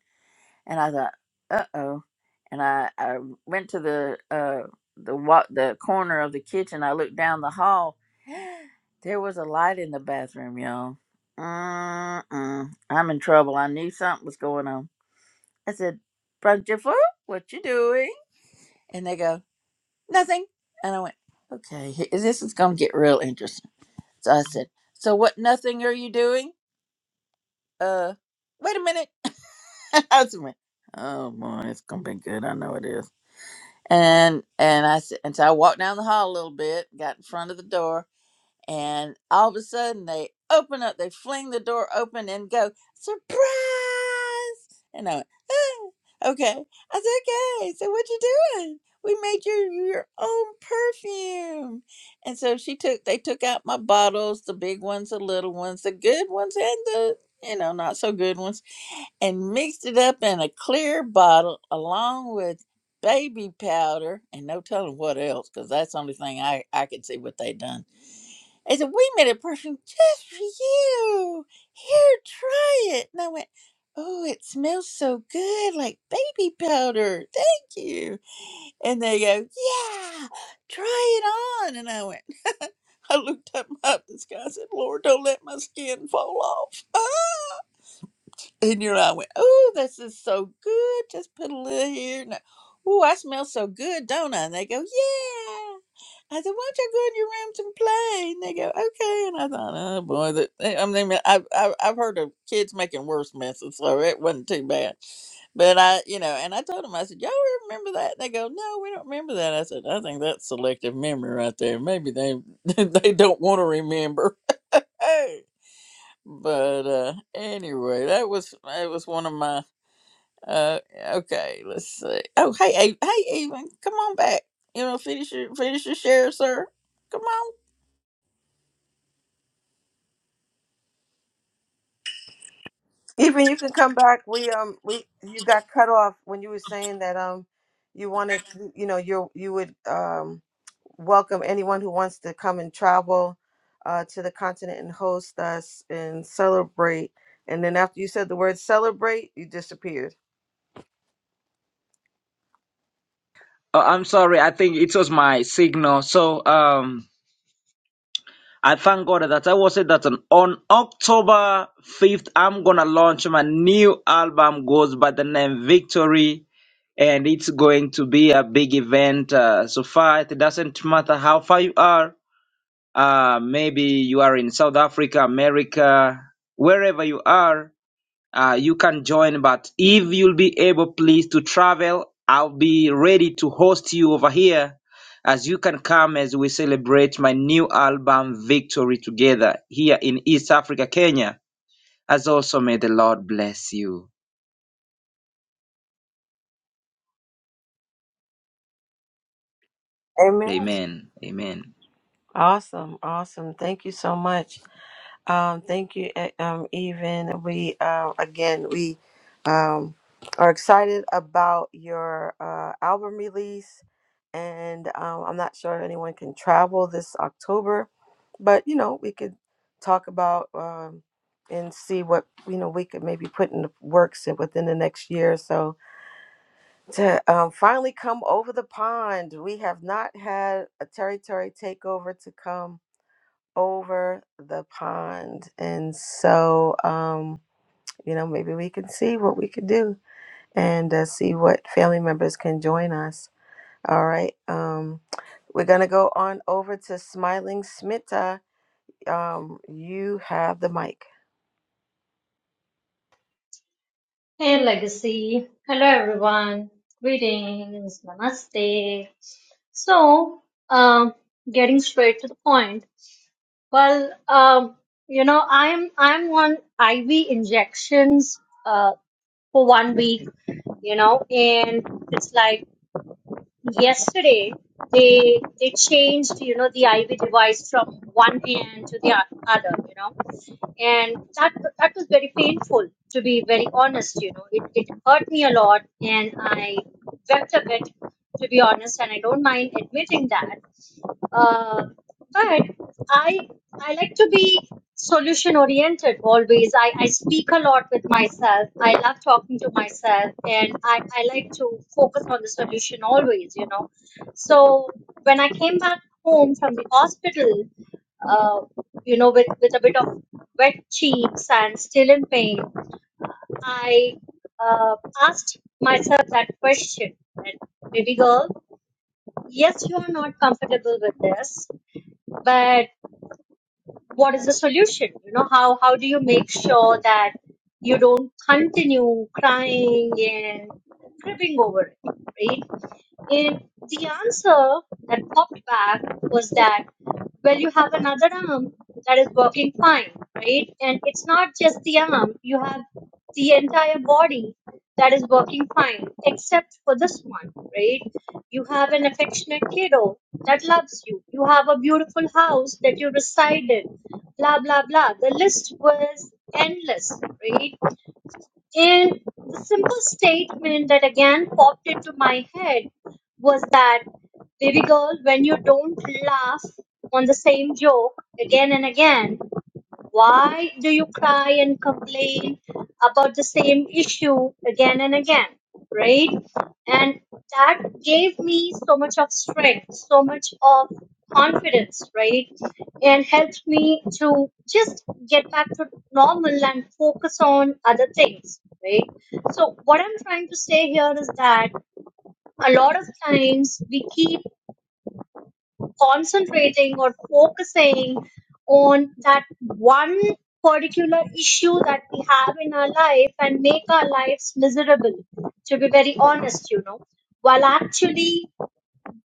and I thought, "Uh oh," and I, I went to the uh the wa- the corner of the kitchen. I looked down the hall. There was a light in the bathroom, y'all. Mm-mm. I'm in trouble. I knew something was going on. I said, "Brunchifu, what you doing?" And they go, "Nothing." And I went, "Okay, he- this is gonna get real interesting." So I said, "So what? Nothing are you doing?" Uh, wait a minute. I was like, "Oh boy, it's gonna be good. I know it is." and and I s- and so I walked down the hall a little bit, got in front of the door, and all of a sudden they open up, they fling the door open and go surprise, and I went ah, okay. I said okay. So what you doing? We made you your own perfume, and so she took they took out my bottles, the big ones, the little ones, the good ones, and the you know not so good ones and mixed it up in a clear bottle along with baby powder and no telling what else because that's the only thing I, I could see what they done. They said, We made a perfume just for you. Here, try it. And I went, Oh, it smells so good like baby powder. Thank you. And they go, Yeah, try it on. And I went, I looked up, up at the sky and said, Lord, don't let my skin fall off. And your eye went, Oh, this is so good. Just put a little here. And, oh, I smell so good, don't I? And they go, Yeah. I said, Why don't you go in your rooms and play? And they go, Okay. And I thought, Oh, boy. That, eh, I mean, I've, I've I've heard of kids making worse messes, so it wasn't too bad. But I, you know, and I told them, I said, Y'all remember that? they go, No, we don't remember that. I said, I think that's selective memory right there. Maybe they they don't want to remember. But uh anyway, that was that was one of my uh okay, let's see. Oh hey A- hey even come on back. You know, finish your finish your share, sir. Come on. Even you can come back. We um we you got cut off when you were saying that um you wanted you know you you would um welcome anyone who wants to come and travel uh to the continent and host us and celebrate. And then after you said the word celebrate, you disappeared. Oh, I'm sorry. I think it was my signal. So, um, I thank God that I was say that on on October 5th, I'm gonna launch my new album goes by the name Victory, and it's going to be a big event. Uh, so far, it doesn't matter how far you are. Uh, maybe you are in South Africa, America, wherever you are uh, you can join. But if you'll be able, please, to travel, I'll be ready to host you over here as you can come as we celebrate my new album, Victory Together, here in East Africa, Kenya. As also, may the Lord bless you. Amen. Amen. Amen. Awesome. Awesome. Thank you so much. Um, thank you, e- um, even we um, again we um, are excited about your uh, album release, and um, I'm not sure if anyone can travel this October, but you know we could talk about um, and see what you know we could maybe put in the works and within the next year or so to um, finally come over the pond. We have not had a territory takeover to come over the pond. And so, um, you know, maybe we can see what we can do and uh, see what family members can join us. All right. Um, we're going to go on over to Smiling Smita. Um, you have the mic. Hey Legacy. Hello everyone. Greetings. Namaste. So, um, getting straight to the point. Well, um, you know, I'm I'm on IV injections uh, for one week, you know, and it's like yesterday they they changed, you know, the IV device from one hand to the o- other, you know and that that was very painful to be very honest you know it, it hurt me a lot and i wept a bit to be honest and i don't mind admitting that uh, but i i like to be solution oriented always I, I speak a lot with myself i love talking to myself and I, I like to focus on the solution always you know so when i came back home from the hospital uh, you know, with, with a bit of wet cheeks and still in pain, I uh, asked myself that question. That, Baby girl, yes, you are not comfortable with this, but what is the solution? You know, how, how do you make sure that you don't continue crying and gripping over it, right? And the answer that popped back was that well you have another arm that is working fine right and it's not just the arm you have the entire body that is working fine except for this one right you have an affectionate kiddo that loves you you have a beautiful house that you reside in blah blah blah the list was endless right and the simple statement that again popped into my head was that, baby girl, when you don't laugh on the same joke again and again, why do you cry and complain about the same issue again and again? Right? And that gave me so much of strength, so much of confidence, right? And helped me to just get back to normal and focus on other things, right? So, what I'm trying to say here is that a lot of times we keep concentrating or focusing on that one particular issue that we have in our life and make our lives miserable, to be very honest, you know. While actually,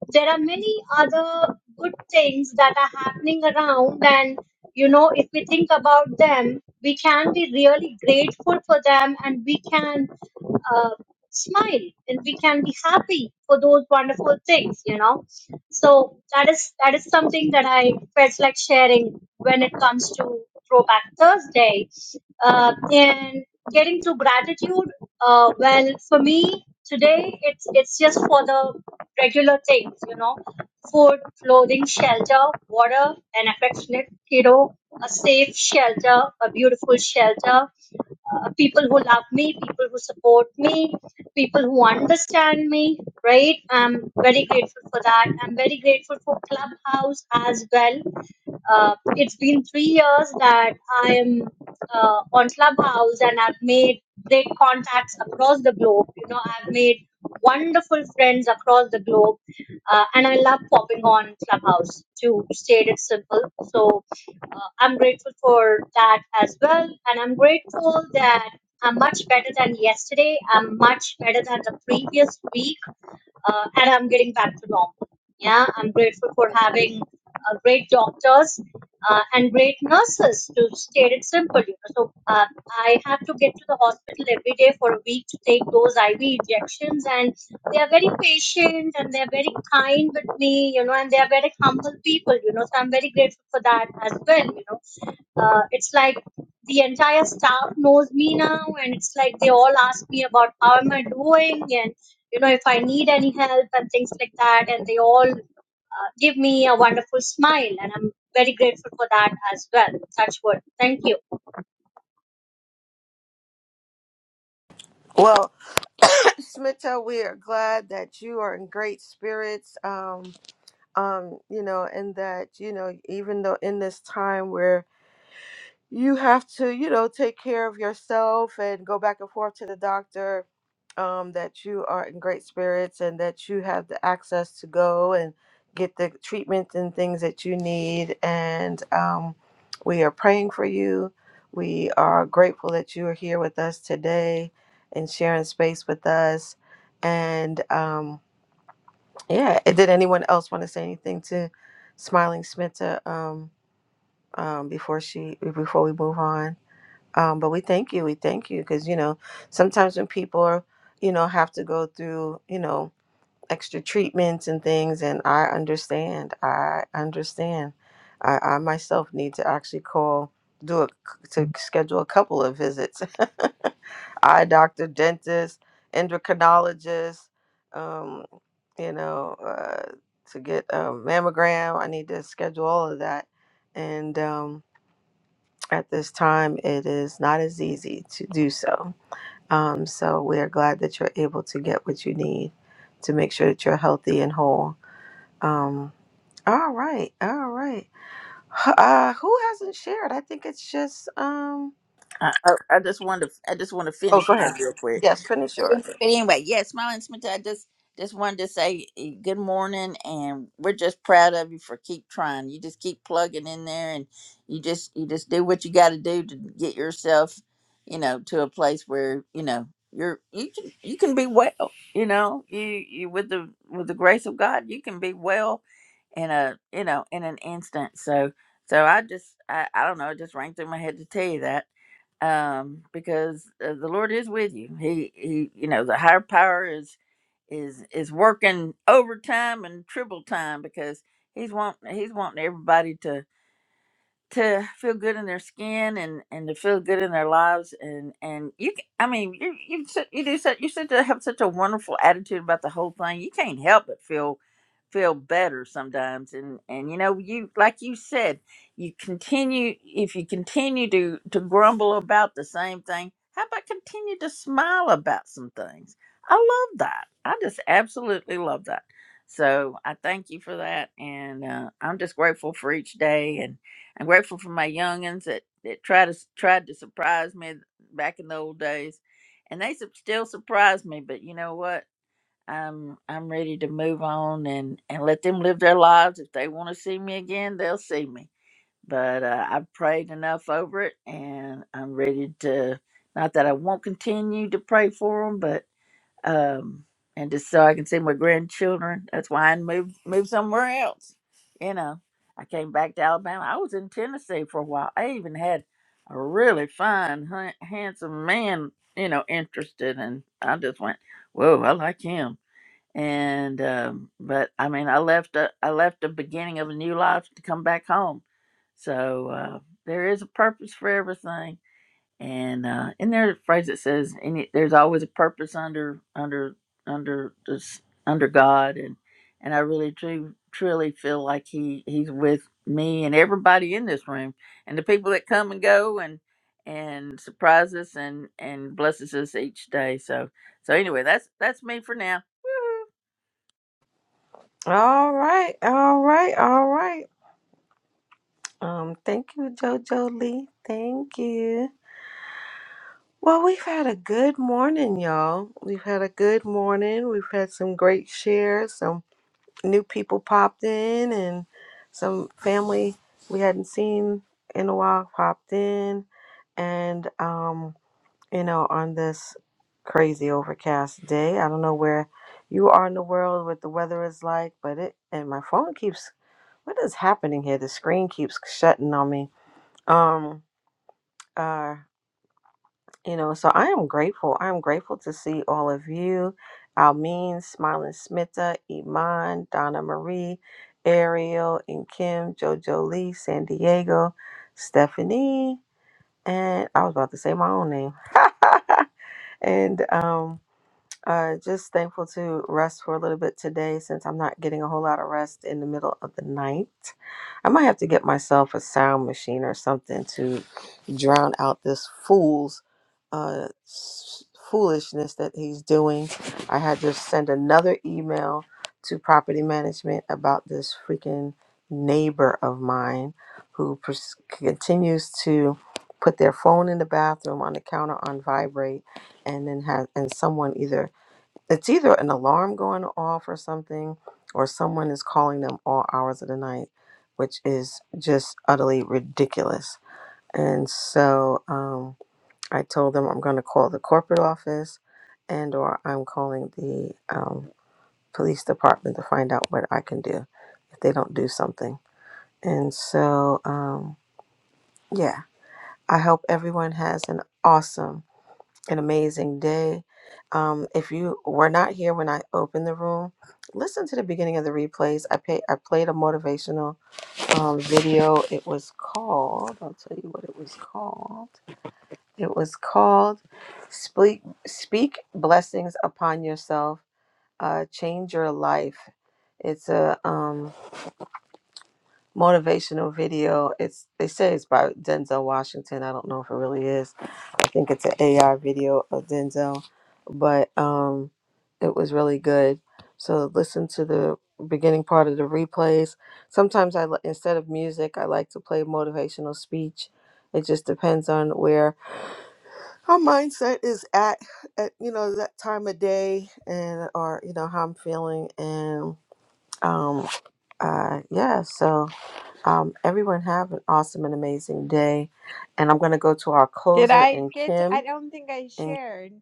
there are many other good things that are happening around, and you know, if we think about them, we can be really grateful for them and we can uh, smile and we can be happy for those wonderful things you know so that is that is something that i felt like sharing when it comes to throwback thursday uh, and getting to gratitude uh, well for me today it's it's just for the regular things you know food clothing shelter water an affectionate kiddo a safe shelter a beautiful shelter uh, people who love me, people who support me, people who understand me, right? I'm very grateful for that. I'm very grateful for Clubhouse as well uh, it's been three years that I am uh, on Clubhouse and I've made great contacts across the globe. You know, I've made wonderful friends across the globe, uh, and I love popping on Clubhouse to state it simple. So uh, I'm grateful for that as well, and I'm grateful that I'm much better than yesterday. I'm much better than the previous week uh, and I'm getting back to normal. Yeah, I'm grateful for having uh, great doctors uh, and great nurses. To state it simple, you know, so uh, I have to get to the hospital every day for a week to take those IV injections, and they are very patient and they are very kind with me, you know, and they are very humble people, you know. So I'm very grateful for that as well, you know uh, it's like the entire staff knows me now and it's like they all ask me about how am i doing and you know if i need any help and things like that and they all uh, give me a wonderful smile and i'm very grateful for that as well Such what. thank you Well, Smita, we are glad that you are in great spirits. Um, um, you know, and that, you know, even though in this time where you have to, you know, take care of yourself and go back and forth to the doctor, um, that you are in great spirits and that you have the access to go and get the treatment and things that you need. And um, we are praying for you. We are grateful that you are here with us today and sharing space with us. And, um, yeah. And Did anyone else want to say anything to Smiling Smita um, um, before she before we move on? Um, but we thank you. We thank you because you know sometimes when people are you know have to go through you know extra treatments and things and i understand i understand i, I myself need to actually call do a to schedule a couple of visits eye doctor dentist endocrinologist um you know uh, to get a mammogram i need to schedule all of that and um at this time it is not as easy to do so um, so we are glad that you're able to get what you need to make sure that you're healthy and whole. Um, all right, all right. H- Uh, who hasn't shared? I think it's just. Um, I, I I just wanted to I just want to oh, finish go ahead. mine real quick. Yes, finish But any- yours. but anyway, yeah, Smiling Smith, I just just wanted to say eh, good morning, and we're just proud of you for keep trying. You just keep plugging in there, and you just you just do what you got to do to get yourself, you know, to a place where you know you're you can you can be well. You know, you you with the with the grace of God, you can be well in a you know in an instant. So so I just I I don't know, it just rang through my head to tell you that um, because uh, the Lord is with you. He, he, you know, the higher power is is is working overtime and triple time because he's wanting he's wanting everybody to to feel good in their skin and and to feel good in their lives and and you c- i mean you you s- you do such you said to have such a wonderful attitude about the whole thing you can't help but feel feel better sometimes and and you know you like you said you continue if you continue to to grumble about the same thing how about continue to smile about some things i love that i just absolutely love that so i thank you for that and uh, i'm just grateful for each day I'm grateful for my youngins that, that tried to tried to surprise me back in the old days, and they sup- still surprise me. But you know what? I'm I'm ready to move on and and let them live their lives. If they want to see me again, they'll see me. But uh, I've prayed enough over it, and I'm ready to. Not that I won't continue to pray for them, but um, and just so I can see my grandchildren. That's why I moved moved somewhere else. You know, I came back to Alabama. I was in Tennessee for a while. I even had a really fine, han- handsome man, you know, interested, and I just went, "Whoa, I like him." And um, but I mean, I left a, I left the beginning of a new life to come back home. So uh, there is a purpose for everything and uh in there a phrase that says any there's always a purpose under under under this under god and and i really truly truly feel like he he's with me and everybody in this room and the people that come and go and and surprise us and and blesses us each day so so anyway that's that's me for now All right, all right, all right. Um, thank you, JoJo Lee. Thank you. Well, we've had a good morning, y'all. We've had a good morning. We've had some great shares, some new people popped in and some family we hadn't seen in a while popped in and um you know on this crazy overcast day i don't know where you are in the world what the weather is like but it and my phone keeps what is happening here the screen keeps shutting on me um Uh. You know, so I am grateful. I am grateful to see all of you. Almeen, Smiling Smita, Iman, Donna Marie, Ariel, and Kim, Jojo Lee, San Diego, Stephanie, and I was about to say my own name. and um uh, just thankful to rest for a little bit today since I'm not getting a whole lot of rest in the middle of the night. I might have to get myself a sound machine or something to drown out this fool's uh, s- foolishness that he's doing. I had to send another email to property management about this freaking neighbor of mine who pers- continues to put their phone in the bathroom on the counter on vibrate and then have and someone either it's either an alarm going off or something, or someone is calling them all hours of the night, which is just utterly ridiculous. And so um, I told them I'm going to call the corporate office, and or I'm calling the um, police department to find out what I can do if they don't do something. And so um, yeah, I hope everyone has an awesome an amazing day. Um, if you were not here when I opened the room, listen to the beginning of the replays. I pay, I played a motivational um, video. It was called. I'll tell you what it was called. It was called "Speak Speak Blessings Upon Yourself, uh, Change Your Life." It's a um, motivational video. It's they say it's by Denzel Washington. I don't know if it really is think it's an AR video of Denzel, but um, it was really good. So listen to the beginning part of the replays. Sometimes I li- instead of music, I like to play motivational speech. It just depends on where our mindset is at, at you know that time of day, and or you know how I'm feeling, and um, uh, yeah. So um, everyone have an awesome and amazing day, and I'm gonna go to our Did closer I and get? To, I Kim. don't think I shared.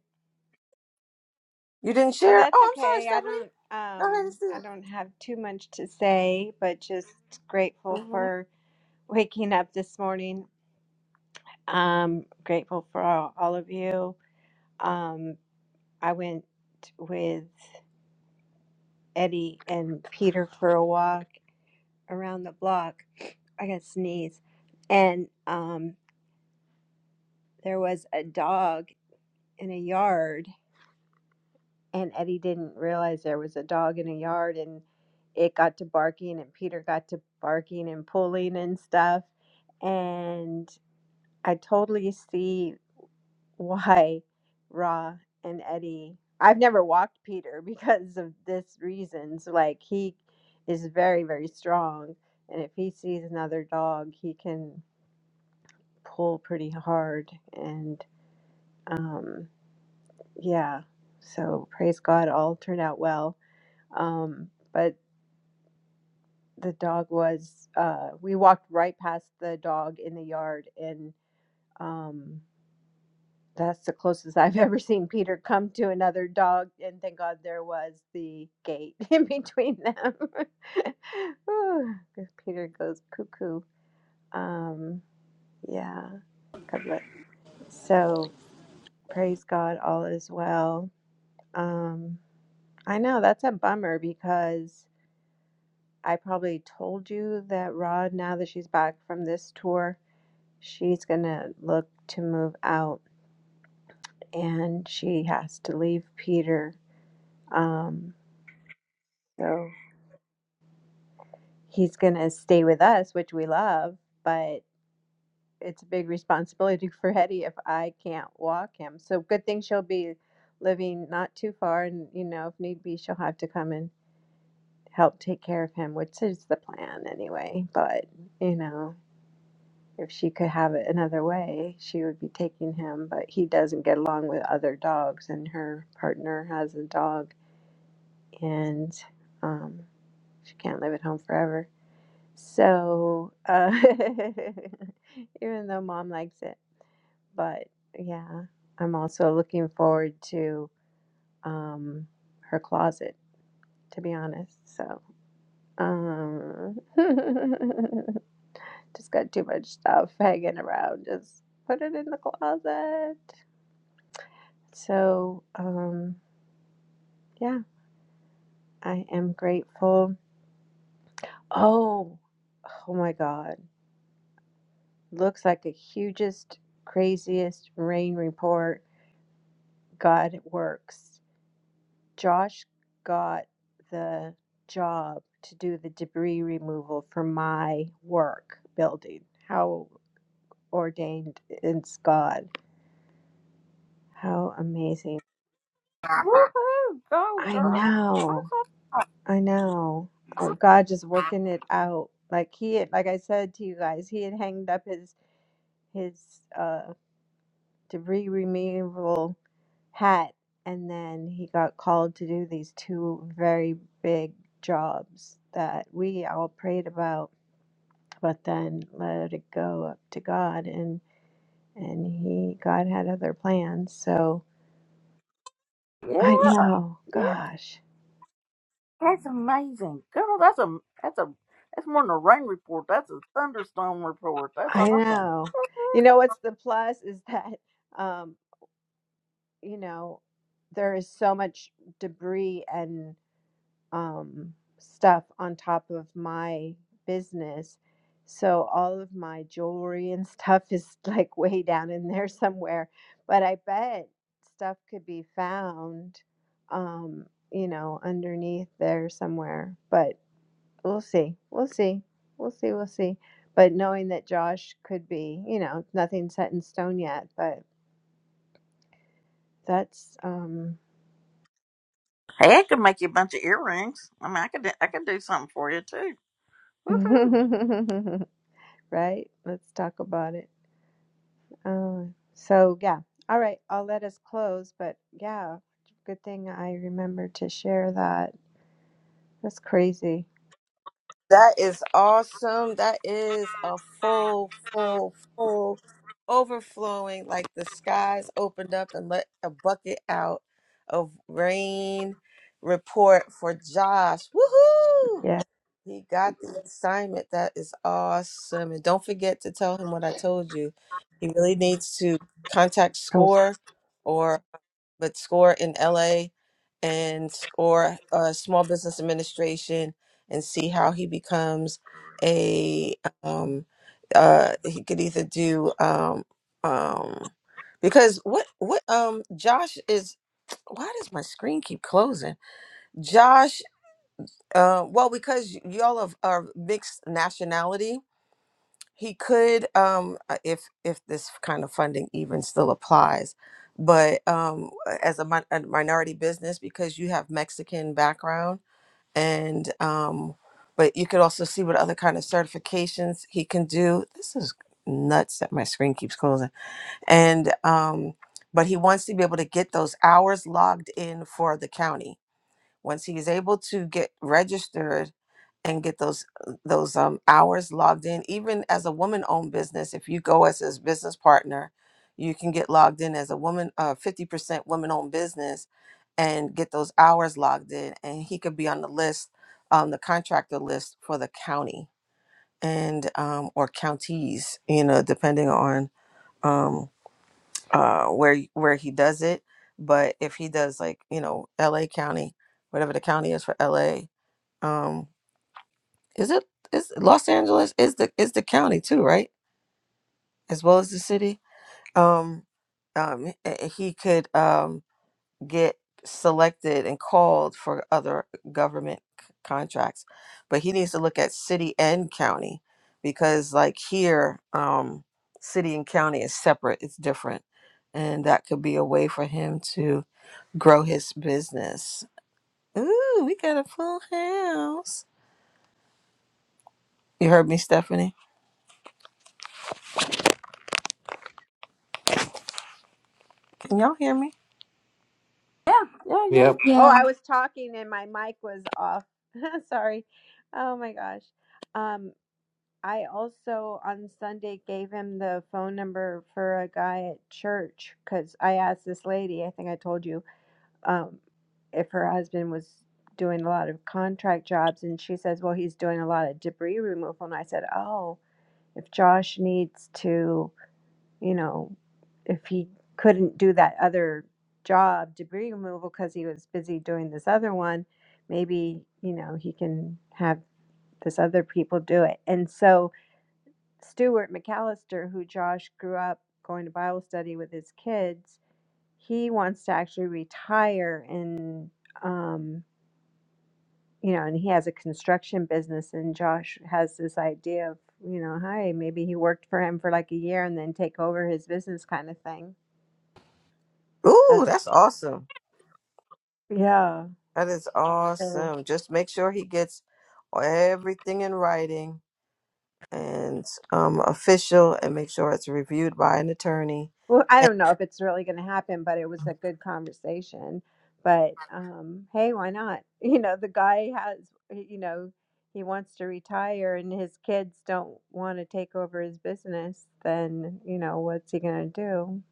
You didn't Oh, share? that's Oh, I'm sorry, okay. I Stephanie. don't Go um I ahead don't have too much to say, but just and share. grateful Mhm. for waking up this morning. Um grateful for all, all of you. Um I went with Eddie and Peter for a walk around the block. I got sneeze. And um there was a dog in a yard and Eddie didn't realize there was a dog in a yard and it got to barking and Peter got to barking and pulling and stuff and I totally see why Ra and Eddie I've never walked Peter because of this reasons like he is very very strong and if he sees another dog he can pull pretty hard and um yeah so praise God all turned out well um but the dog was uh we walked right past the dog in the yard and um that's the closest I've ever seen Peter come to another dog and thank God there was the gate in between them. Ooh, 'cause Peter goes cuckoo. Um yeah. God bless. So praise God all is well. Um I know that's a bummer because I probably told you that Rod now that she's back from this tour she's going to look to move out and she has to leave Peter. Um, so he's going to stay with us, which we love, but it's a big responsibility for Hetty if I can't walk him. So good thing she'll be living not too far. And, you know, if need be, she'll have to come and help take care of him, which is the plan anyway. But, you know. If she could have it another way, she would be taking him, but he doesn't get along with other dogs, and her partner has a dog, and um, she can't live at home forever. So, uh, even though mom likes it, but yeah, I'm also looking forward to um, her closet, to be honest. So, um, just got too much stuff hanging around. Just put it in the closet. So, um, yeah, I am grateful. Oh, oh my God. Looks like the hugest, craziest rain report. God works. Josh got the job to do the debris removal for my work building. How ordained is God? How amazing. Woo-hoo. I know. That's I know. Uh, God just working it out. Like he had, like I said to you guys, he had hanged up his his uh debris removal hat and then he got called to do these two very big jobs that we all prayed about, but then let it go up to God and and he God had other plans. So a- I yeah know, yeah gosh. that's amazing girl that's a that's a that's more than a rain report that's a thunderstorm report that's I awesome know. You know what's the plus is that um you know, there is so much debris and um, stuff on top of my business. So all of my jewelry and stuff is like way down in there somewhere. But I bet stuff could be found, um, you know, underneath there somewhere. But we'll see. We'll see. We'll see. We'll see. But knowing that Josh could be, you know, nothing set in stone yet, but that's um Hey, I could make you a bunch of earrings. I mean, I could do, I could do something for you too. Woohoo! Right? Let's talk about it. Oh, so yeah. All right, I'll let us close, but yeah, good thing I remembered to share that. That's crazy. That is awesome. That is a full, full, full overflowing. Like the skies opened up and let a bucket out of rain report for Josh. Woohoo! Yeah. He got the assignment. That is awesome. And don't forget to tell him what I told you. He really needs to contact Oh, s- SCORE or. but SCORE in LA and SCORE uh, Small Business Administration and see how he becomes a um uh he could either do um um because what what um Josh is why does my screen keep closing? Josh uh well because y- y'all of are mixed nationality he could um uh, if if this kind of funding even still applies but um as a, min- a minority business because you have mexican background and um but you could also see what other kind of certifications he can do this is nuts that my screen keeps closing and um but he wants to be able to get those hours logged in for the county once he's able to get registered and get those uh, those um, hours logged in even as a woman owned business if you go as his business partner you can get logged in as a woman uh, 50% women owned business and get those hours logged in and he could be on the list on the contractor list for the county and um, or counties you know depending on um uh, where where he does it. But if he does like you know L.A. County, whatever the county is for L.A. Um, is it is Los Angeles is the is the county too, right? As well as the city. Um, um, h- he could um, get selected and called for other government c- contracts, but he needs to look at city and county because like here, um, city and county is separate. It's different, and that could be a way for him to grow his business. Ooh, we got a full house. You heard me, Stephanie? Can y'all hear me? Yep. oh, Yeah. I was talking and my mic was off. Sorry. Oh my gosh. Um, I also on Sunday gave him the phone number for a guy at church because I asked this lady, I think I told you, um, if her husband was doing a lot of contract jobs and she says well he's doing a lot of debris removal and i said oh if josh needs to you know if he couldn't do that other job debris removal because he was busy doing this other one maybe you know he can have this other people do it and so stuart mcallister who josh grew up going to bible study with his kids he wants to actually retire and um, you know, and he has a construction business, and Josh has this idea of, you know, hi, maybe he worked for him for like a year and then take over his business kind of thing. Ooh, As a- that's awesome. yeah, That is so awesome. Just make sure he gets everything in writing and um, official and make sure it's reviewed by an attorney. well, I And don't know if it's really going to happen, but it was a good conversation. But um, hey, why not? You know, the guy has, you know, he wants to retire, and his kids don't want to take over his business. Then you know, what's he going to do?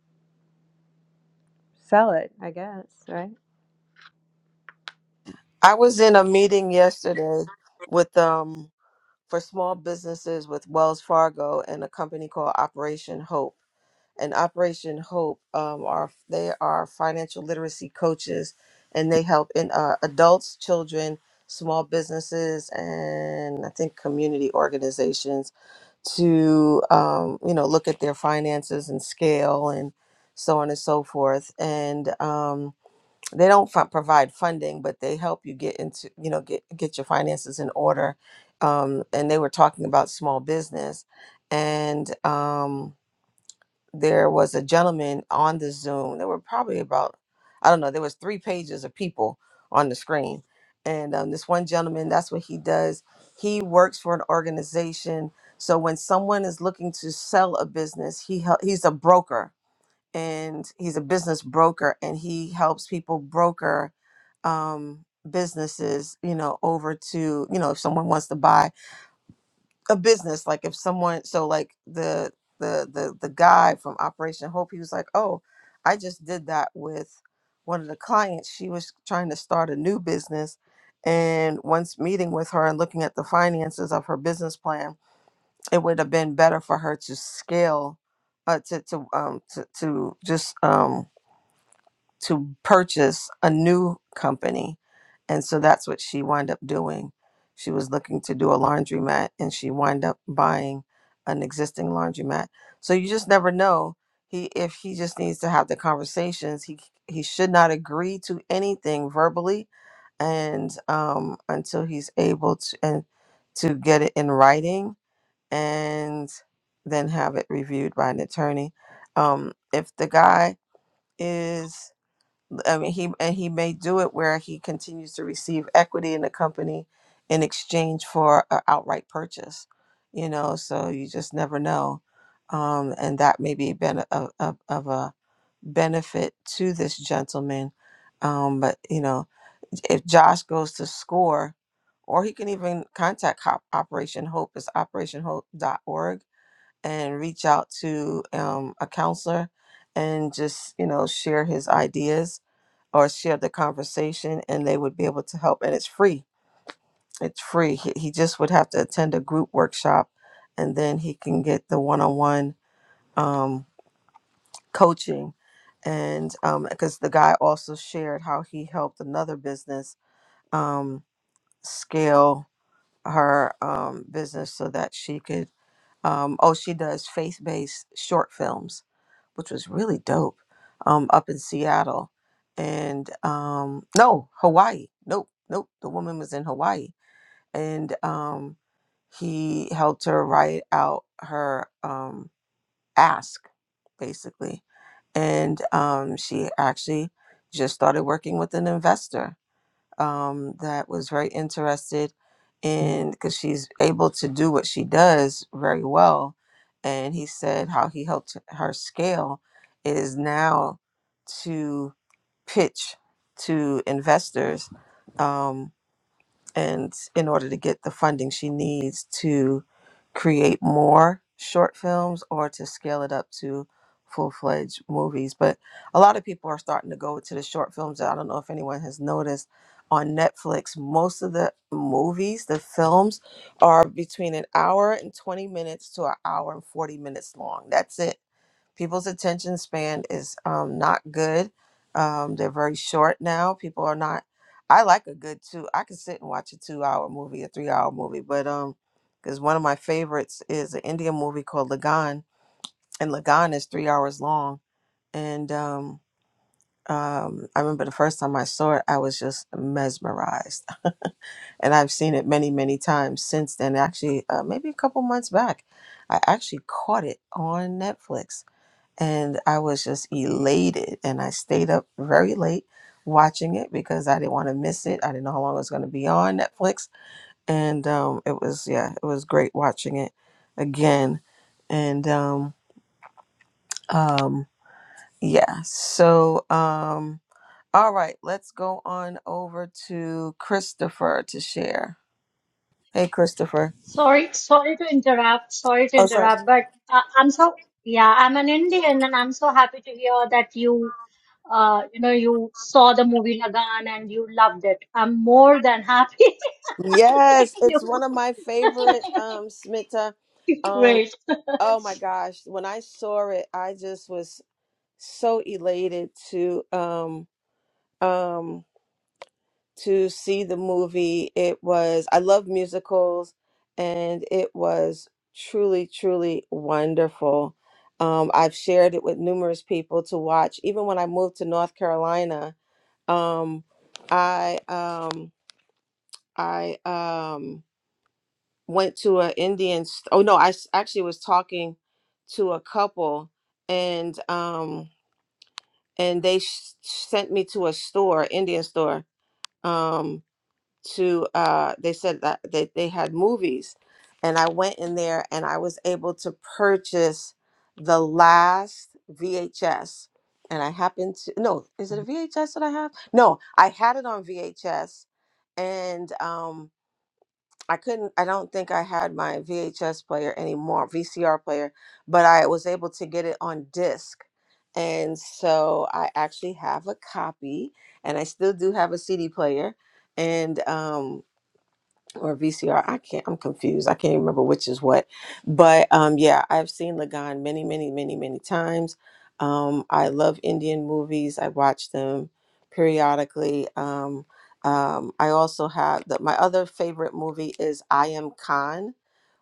Sell it, I guess, right? I was in a meeting yesterday with um for small businesses with Wells Fargo and a company called Operation Hope and Operation Hope um, are they are financial literacy coaches, and they help in uh, adults, children, small businesses, and I think community organizations to um, you know look at their finances and scale and so on and so forth. And um, they don't f- provide funding, but they help you get into you know get get your finances in order. Um, and they were talking about small business and. Um, there was a gentleman on the Zoom. There were probably about, I don't know, there was three pages of people on the screen. And um, this one gentleman, that's what he does. He works for an organization. So when someone is looking to sell a business, he hel- he's a broker and he's a business broker and he helps people broker um, businesses, you know, over to, you know, if someone wants to buy a business like if someone so like the the the the guy from Operation Hope he was like, "Oh, I just did that with one of the clients. She was trying to start a new business and once meeting with her and looking at the finances of her business plan, it would have been better for her to scale uh, to to um to to just um to purchase a new company. And so that's what she wound up doing. She was looking to do a laundromat and she wound up buying an existing laundromat. So you just never know. He if he just needs to have the conversations, he he should not agree to anything verbally and um until he's able to and to get it in writing and then have it reviewed by an attorney. Um if the guy is I mean, he and he may do it where he continues to receive equity in the company in exchange for an outright purchase. You know, so you just never know, um, and that may be been of, of, of a benefit to this gentleman. Um, but you know, if Josh goes to score, or he can even contact Hop- Operation Hope, is operation hope dot org and reach out to um, a counselor and just, you know, share his ideas or share the conversation and they would be able to help and it's free it's free he, he just would have to attend a group workshop and then he can get the one-on-one um, coaching and because the guy also shared how he helped another business um, scale her um, business so that she could. Um, oh, she does faith based short films, which was really dope um, up in Seattle. And um, no, Hawaii. Nope, nope. The woman was in Hawaii. And um, he helped her write out her um, ask, basically. And um, she actually just started working with an investor um, that was very interested in because she's able to do what she does very well. And he said how he helped her scale is now to pitch to investors um, and in order to get the funding she needs to create more short films or to scale it up to full-fledged movies but a lot of people are starting to go to the short films i don't know if anyone has noticed on netflix most of the movies the films are between an hour and 20 minutes to an hour and 40 minutes long that's it people's attention span is um, not good. Um, they're very short now. People are not. I like a good two. I can sit and watch a two-hour movie, a three-hour movie, but um, because one of my favorites is an Indian movie called Lagan, and Lagan is three hours long. And um, um, I remember the first time I saw it, I was just mesmerized, and I've seen it many, many times since then. Actually, uh, maybe a couple months back, I actually caught it on Netflix and I was just elated. And I stayed up very late watching it because I didn't want to miss it. I didn't know how long it was going to be on Netflix, and um, it was yeah, it was great watching it again. And um, um, yeah, so um, all right, let's go on over to Christopher to share. Hey, Christopher. Sorry, sorry to interrupt. Sorry to Oh, sorry. interrupt, but uh, I'm so yeah, I'm an Indian, and I'm so happy to hear that you, uh, you know, you saw the movie Lagan and you loved it. I'm more than happy. Thank Yes, you. it's one of my favorite, um, Smita. Um, Great. Oh my gosh, when I saw it, I just was so elated to um um to see the movie. It was I love musicals and it was truly truly wonderful. Um I've shared it with numerous people to watch. Even when I moved to North Carolina, um I um I um went to an Indian. st- Oh no, I s- actually was talking to a couple, and um, and they sh- sent me to a store, Indian store. Um, to uh, they said that they they had movies, and I went in there and I was able to purchase the last VHS. And I happened to no, is it a VHS that I have? No, I had it on VHS, and um I couldn't I don't think I had my VHS player anymore, VCR player, but I was able to get it on disc. And so I actually have a copy and I still do have a CD player and um, or VCR. I can't. I'm confused. I can't remember which is what. But um, yeah, I've seen Lagan many, many, many, many times. Um, I love Indian movies. I watch them periodically. Um, um, I also have the, my other favorite movie is I Am Khan,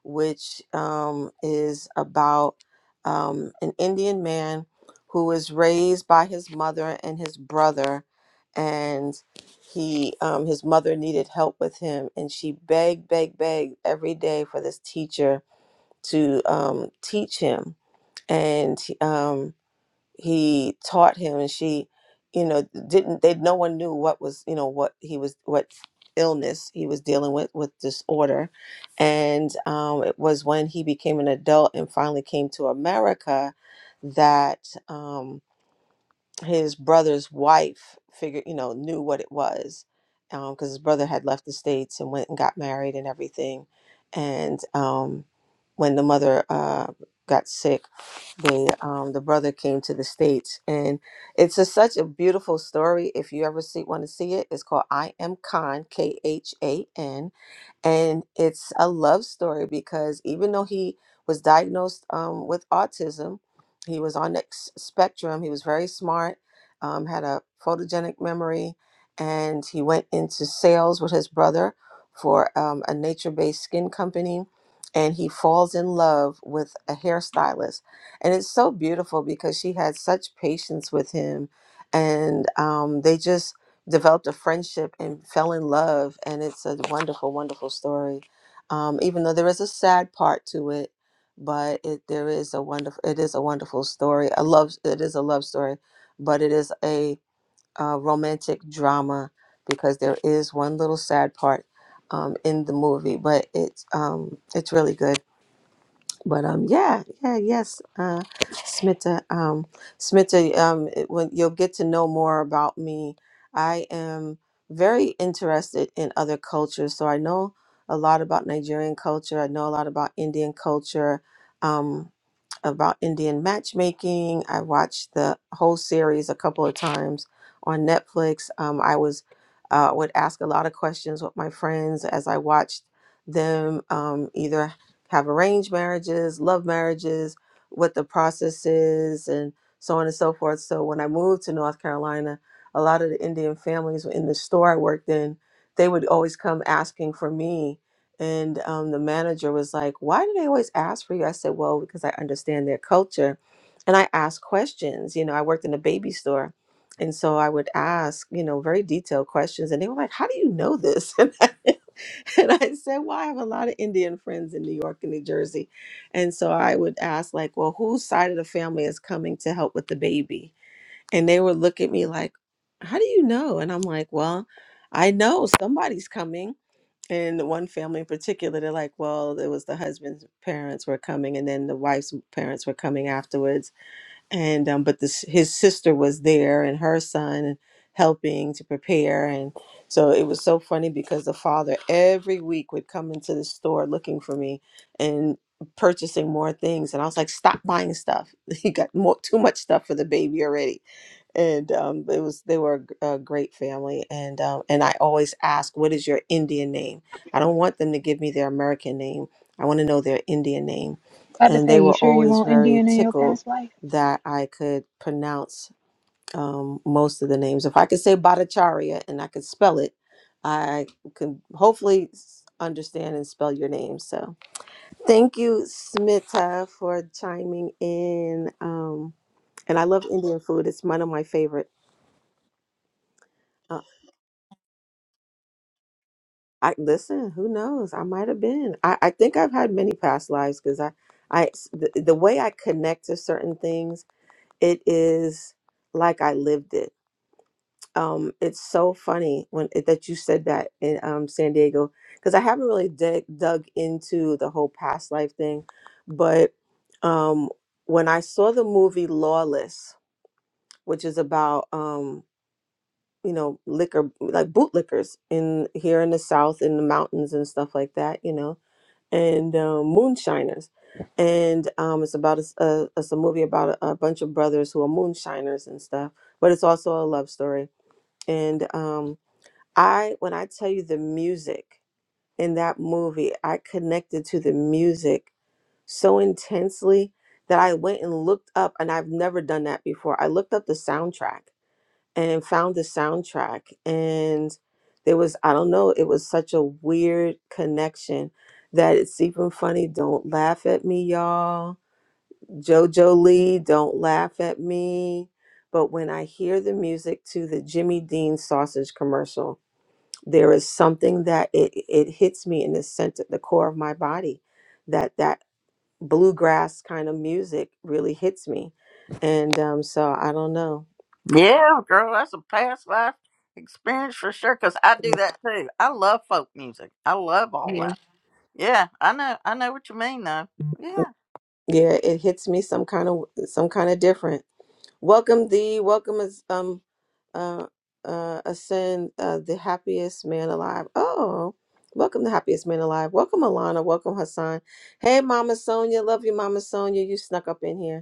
which um, is about um, an Indian man who is raised by his mother and his brother he um, his mother needed help with him and she begged begged begged every day for this teacher to um, teach him and um, he taught him and she you know didn't they no one knew what was you know what he was what illness he was dealing with with disorder and um, it was when he became an adult and finally came to america that um his brother's wife figured, you know, knew what it was, um, because his brother had left the states and went and got married and everything, and um, when the mother uh got sick, they um the brother came to the states, and it's a, such a beautiful story. If you ever see want to see it, it's called I Am Khan K H A N and it's a love story because even though he was diagnosed um, with autism, he was on the s- spectrum, he was very smart, um, had a photogenic memory, and he went into sales with his brother for um, a nature based skin company. And he falls in love with a hairstylist. And it's so beautiful because she had such patience with him. And um, they just, developed a friendship and fell in love and it's a wonderful wonderful story um, even though there is a sad part to it but it there is a wonderful it is a wonderful story i love it is a love story but it is a, uh romantic drama because there is one little sad part um, in the movie but it's um, it's really good but um, yeah, yeah, yes, uh, Smita, um, Smita, um, it- when you'll get to know more about me, I am very interested in other cultures. So I know a lot about Nigerian culture. I know a lot about Indian culture, um, about Indian matchmaking. I watched the whole series a couple of times on Netflix. Um, I was uh, would ask a lot of questions with my friends as I watched them um, either have arranged marriages, love marriages, what the process is, and so on and so forth. So when I moved to North Carolina, a lot of the Indian families in the store I worked in, they would always come asking for me. And um, the manager was like, Why do they always ask for you? I said, Well, because I understand their culture. And I asked questions. You know, I worked in a baby store. And so I would ask, you know, very detailed questions. And they were like, How do you know this? And I said, Well, I have a lot of Indian friends in New York and New Jersey. And so I would ask, like, well, whose side of the family is coming to help with the baby? And they would look at me like, How do you know? And I'm like, Well, I know somebody's coming. And one family in particular, they're like, Well, it was the husband's parents were coming, and then the wife's parents were coming afterwards and um, but this his sister was there and her son helping to prepare and so it was so funny because the father every week would come into the store looking for me and purchasing more things and i was like stop buying stuff he got more, too much stuff for the baby already and um, it was they were a, g- a great family and um, and i always ask what is your indian name i don't want them to give me their american name i want to know their indian name About to and they say, you were sure you always want very Indian in your tickled past life? that I could pronounce um, most of the names. If I could say Bhattacharya and I could spell it, I could hopefully s- understand and spell your name. So thank you, Smita, for chiming in. Um, and I love Indian food; it's one of my favorite. Uh, I listen. Who knows? I might have been. I, I think I've had many past lives because I, I the, the way I connect to certain things, it is like I lived it um it's so funny when that you said that in um San Diego because I haven't really dig, dug into the whole past life thing but um when I saw the movie Lawless which is about um you know liquor like bootlickers in here in the south in the mountains and stuff like that you know and um, moonshiners and um it's about a, s- a- it's a movie about a, a bunch of brothers who are moonshiners and stuff but it's also a love story and um I when I tell you the music in that movie, I connected to the music so intensely that I went and looked up and I've never done that before. I looked up the soundtrack and found the soundtrack and there was I don't know, it was such a weird connection that it's even funny. Don't laugh at me, y'all. Jojo Lee, don't laugh at me. But when I hear the music to the Jimmy Dean sausage commercial, there is something that it it hits me in the center the core of my body that that bluegrass kind of music really hits me and um so i don't know Yeah, girl, that's a past life experience for sure. Cause I do that too. I love folk music. I love all Mhm. that. Yeah, I know. I know what you mean, though. Yeah. yeah it hits me some kind of some kind of different welcome thee welcome as um uh uh ascend uh the happiest man alive oh welcome the happiest man alive welcome alana welcome hassan hey mama sonia love you mama sonia you snuck up in here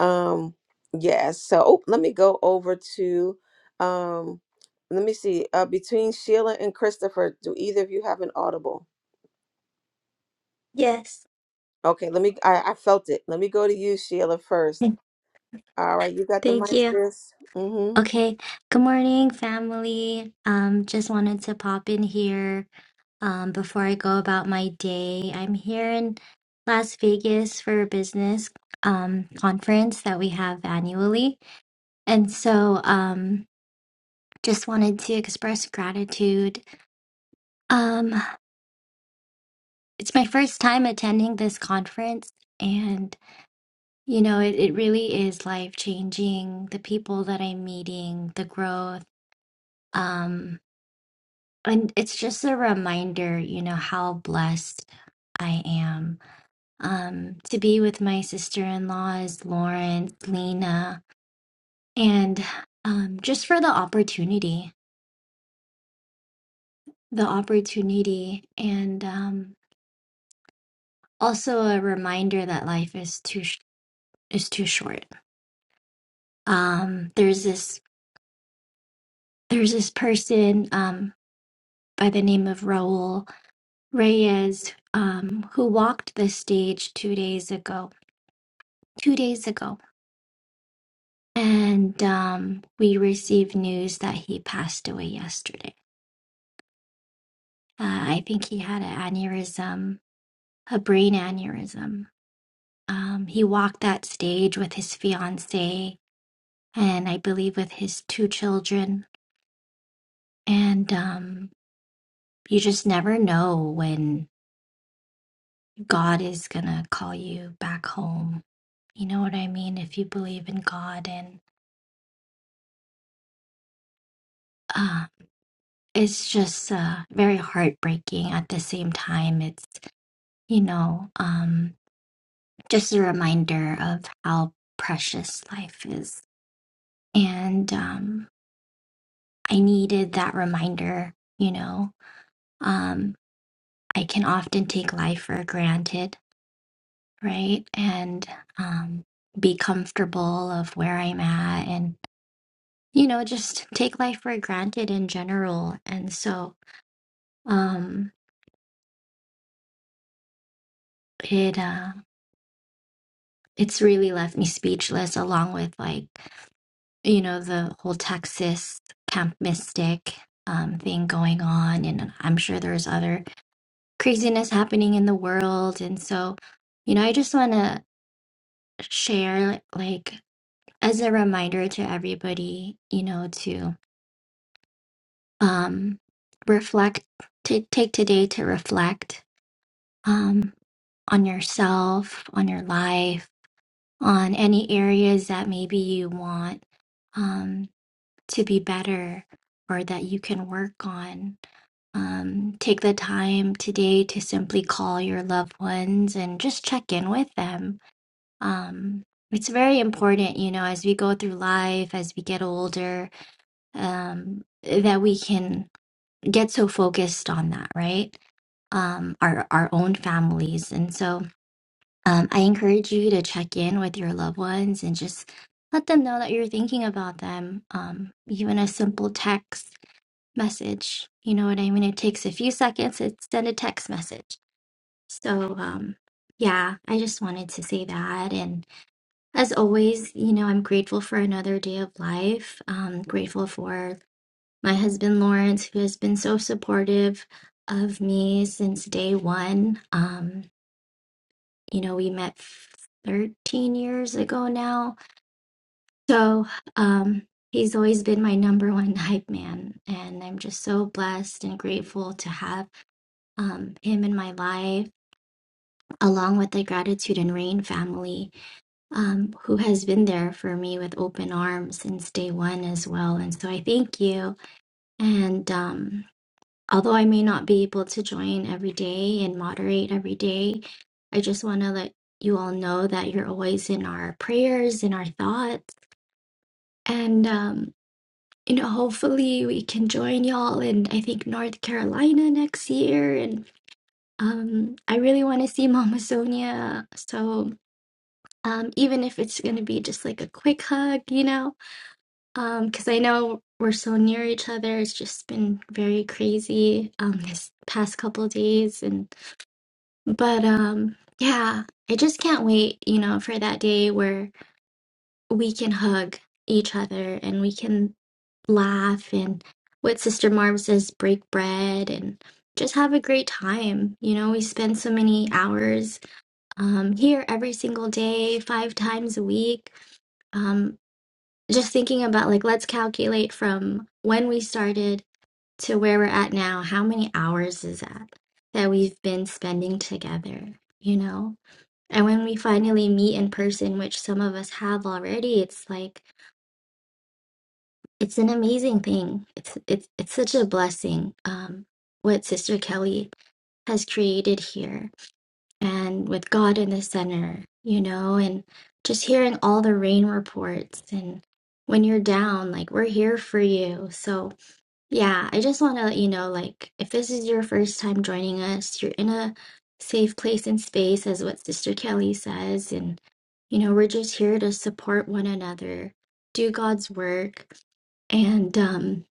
Um, yes. So oh, let me go over to um let me see. Uh between Sheila and Christopher, do either of you have an audible? Yes. Okay, let me I, I felt it. Let me go to you, Sheila, first. Okay, All right, you got the Thank mic, you. sis. Mm-hmm. Okay. Good morning, family. Um, just wanted to pop in here um before I go about my day. I'm here in Las Vegas for a business um conference that we have annually. And so um just wanted to express gratitude. Um, it's my first time attending this conference and you know, it, it really is life changing. The people that I'm meeting, the growth Um, and it's just a reminder, you know, how blessed I am um, to be with my sister-in-laws, Lauren, Lena, and um, just for the opportunity, the opportunity, and um, also a reminder that life is too sh is too short. Um, there's this there's this person um, by the name of Raul Reyes um, who walked the stage two days ago. Two days ago And um, we received news that he passed away yesterday. Uh, I think he had an aneurysm, a brain aneurysm. Um, he walked that stage with his fiance and I believe with his two children. And um, you just never know when God is going to call you back home. You know what I mean? If you believe in God and uh, it's just uh, very heartbreaking at the same time. It's, you know, um, just a reminder of how precious life is. And um, I needed that reminder, you know. Um, I can often take life for granted, right? And um, be comfortable of where I'm at and, you know, just take life for granted in general. And so um, it, uh, it's really left me speechless along with like you know, the whole Texas Camp Mystic um, thing going on. And I'm sure there's other craziness happening in the world. And so, you know, I just want to share, like, as a reminder to everybody, you know, to um, reflect, to take today to reflect um, on yourself, on your life, on any areas that maybe you want. Um, to be better or that you can work on. Um, take the time today to simply call your loved ones and just check in with them. Um, it's very important, you know, as we go through life, as we get older, um, that we can get so focused on that, right? Um, our our own families, and so um, I encourage you to check in with your loved ones and just let them know that you're thinking about them. Um, even a simple text message. You know what I mean? It takes a few seconds to send a text message. So, um, yeah, I just wanted to say that. And as always, you know, I'm grateful for another day of life. Um, grateful for my husband, Lawrence, who has been so supportive of me since day one. Um, you know, we met 13 years ago now. So, um, he's always been my number one hype man. And I'm just so blessed and grateful to have um, him in my life, along with the Gratitude and Rain family, um, who has been there for me with open arms since day one as well. And so I thank you. And um, although I may not be able to join every day and moderate every day, I just want to let you all know that you're always in our prayers, in our thoughts. And, um, you know, hopefully we can join y'all in, I think, North Carolina next year. And Um, I really want to see Mama Sonia. So, um, even if it's going to be just like a quick hug, you know, um, because I know we're so near each other. It's just been very crazy, um, this past couple days. And, but, um, yeah, I just can't wait, you know, for that day where we can hug each other and we can laugh and what Sister Marv says, break bread and just have a great time. You know, we spend so many hours um, here every single day, five times a week. Um, just thinking about like, let's calculate from when we started to where we're at now. How many hours is that that we've been spending together, you know? And when we finally meet in person, which some of us have already, it's like it's an amazing thing. It's it's it's such a blessing, um, what Sister Kelly has created here. and with God in the center, you know, and just hearing all the rain reports and when you're down, like we're here for you. So, yeah, I just want to let you know like if this is your first time joining us, you're in a safe place and space as what Sister Kelly says and you know, we're just here to support one another, do God's work and um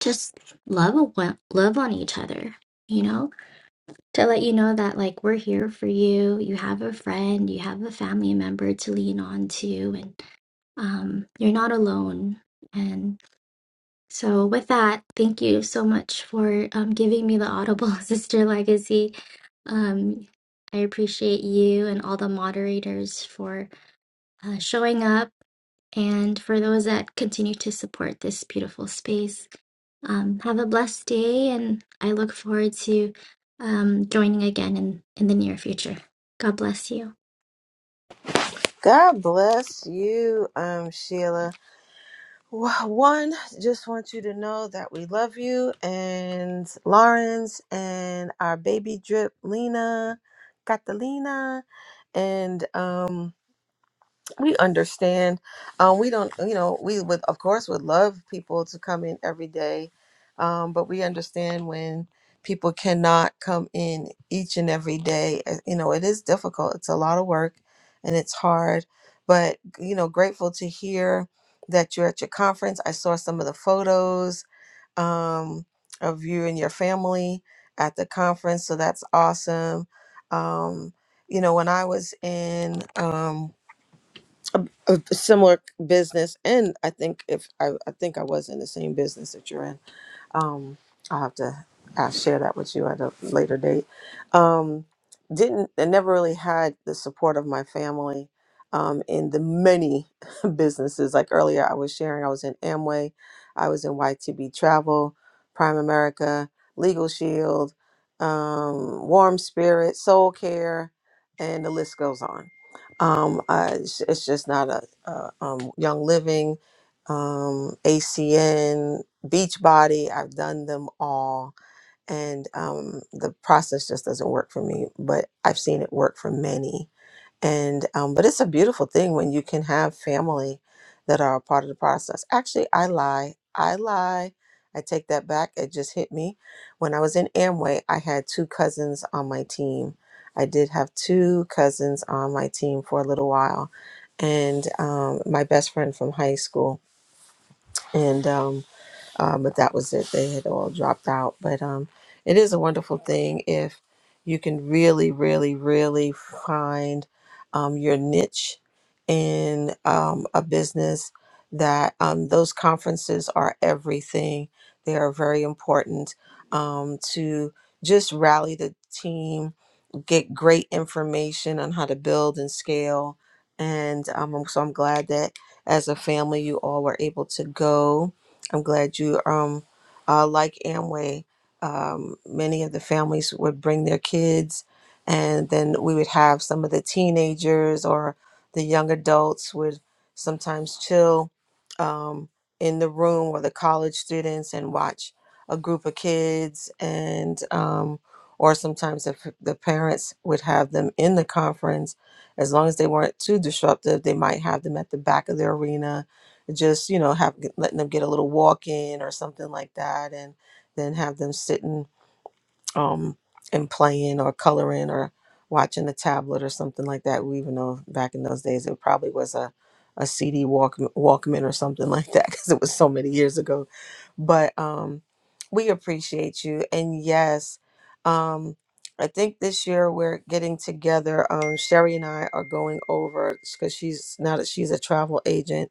just love one, love on each other, you know? to let you know that like we're here for you. You have a friend, you have a family member to lean on to, and um, you're not alone. And so, with that, thank you so much for um, giving me the Audible Sister Legacy. Um, I appreciate you and all the moderators for uh, showing up and for those that continue to support this beautiful space. Um, have a blessed day, and I look forward to um, joining again in, in the near future. God bless you. God bless you, um, Sheila. Wha- One, just want you to know that we love you and Lawrence and our baby drip, Lena, Catalina, and um. we understand um we don't you know we would of course would love people to come in every day um but we understand when people cannot come in each and every day Uh, you know it is difficult it's a lot of work and it's hard but you know grateful to hear that you're at your conference i saw some of the photos um of you and your family at the conference so that's awesome um you know when i was in um a similar business and i think if I, I think i was in the same business that you're in um, I'll have to I'll share that with you at a later date. Um, didn't I never really had the support of my family um, in the many businesses. Like earlier, I was sharing, I was in Amway, I was in YTB Travel, Prime America, Legal Shield, um, Warm Spirit, Soul Care, and the list goes on. Um, I, it's it's just not a, a um, Young Living, um, ACN. Beachbody. I've done them all, and um, the process just doesn't work for me. But I've seen it work for many, and um, but it's a beautiful thing when you can have family that are a part of the process. Actually, I lie. I lie. I take that back. It just hit me. When I was in Amway, I had two cousins on my team. I did have two cousins on my team for a little while, and um, my best friend from high school. And um, um, but that was it. They had all dropped out. But um, it is a wonderful thing if you can really, really, really find um, your niche in um, a business that um, those conferences are everything. They are very important um, to just rally the team, get great information on how to build and scale. And um, so I'm glad that as a family, you all were able to go I'm glad you um uh, like Amway. Um, many of the families would bring their kids, and then we would have some of the teenagers or the young adults would sometimes chill um, in the room or the college students and watch a group of kids and um, or sometimes if the parents would have them in the conference as long as they weren't too disruptive they might have them at the back of the arena just you know have letting them get a little walk in or something like that and then have them sitting um and playing or coloring or watching the tablet or something like that we even know back in those days it probably was a a CD walk, Walkman or something like that because it was so many years ago but um we appreciate you and yes um I think this year we're getting together. Um, Sherry and I are going over because she's now that she's a travel agent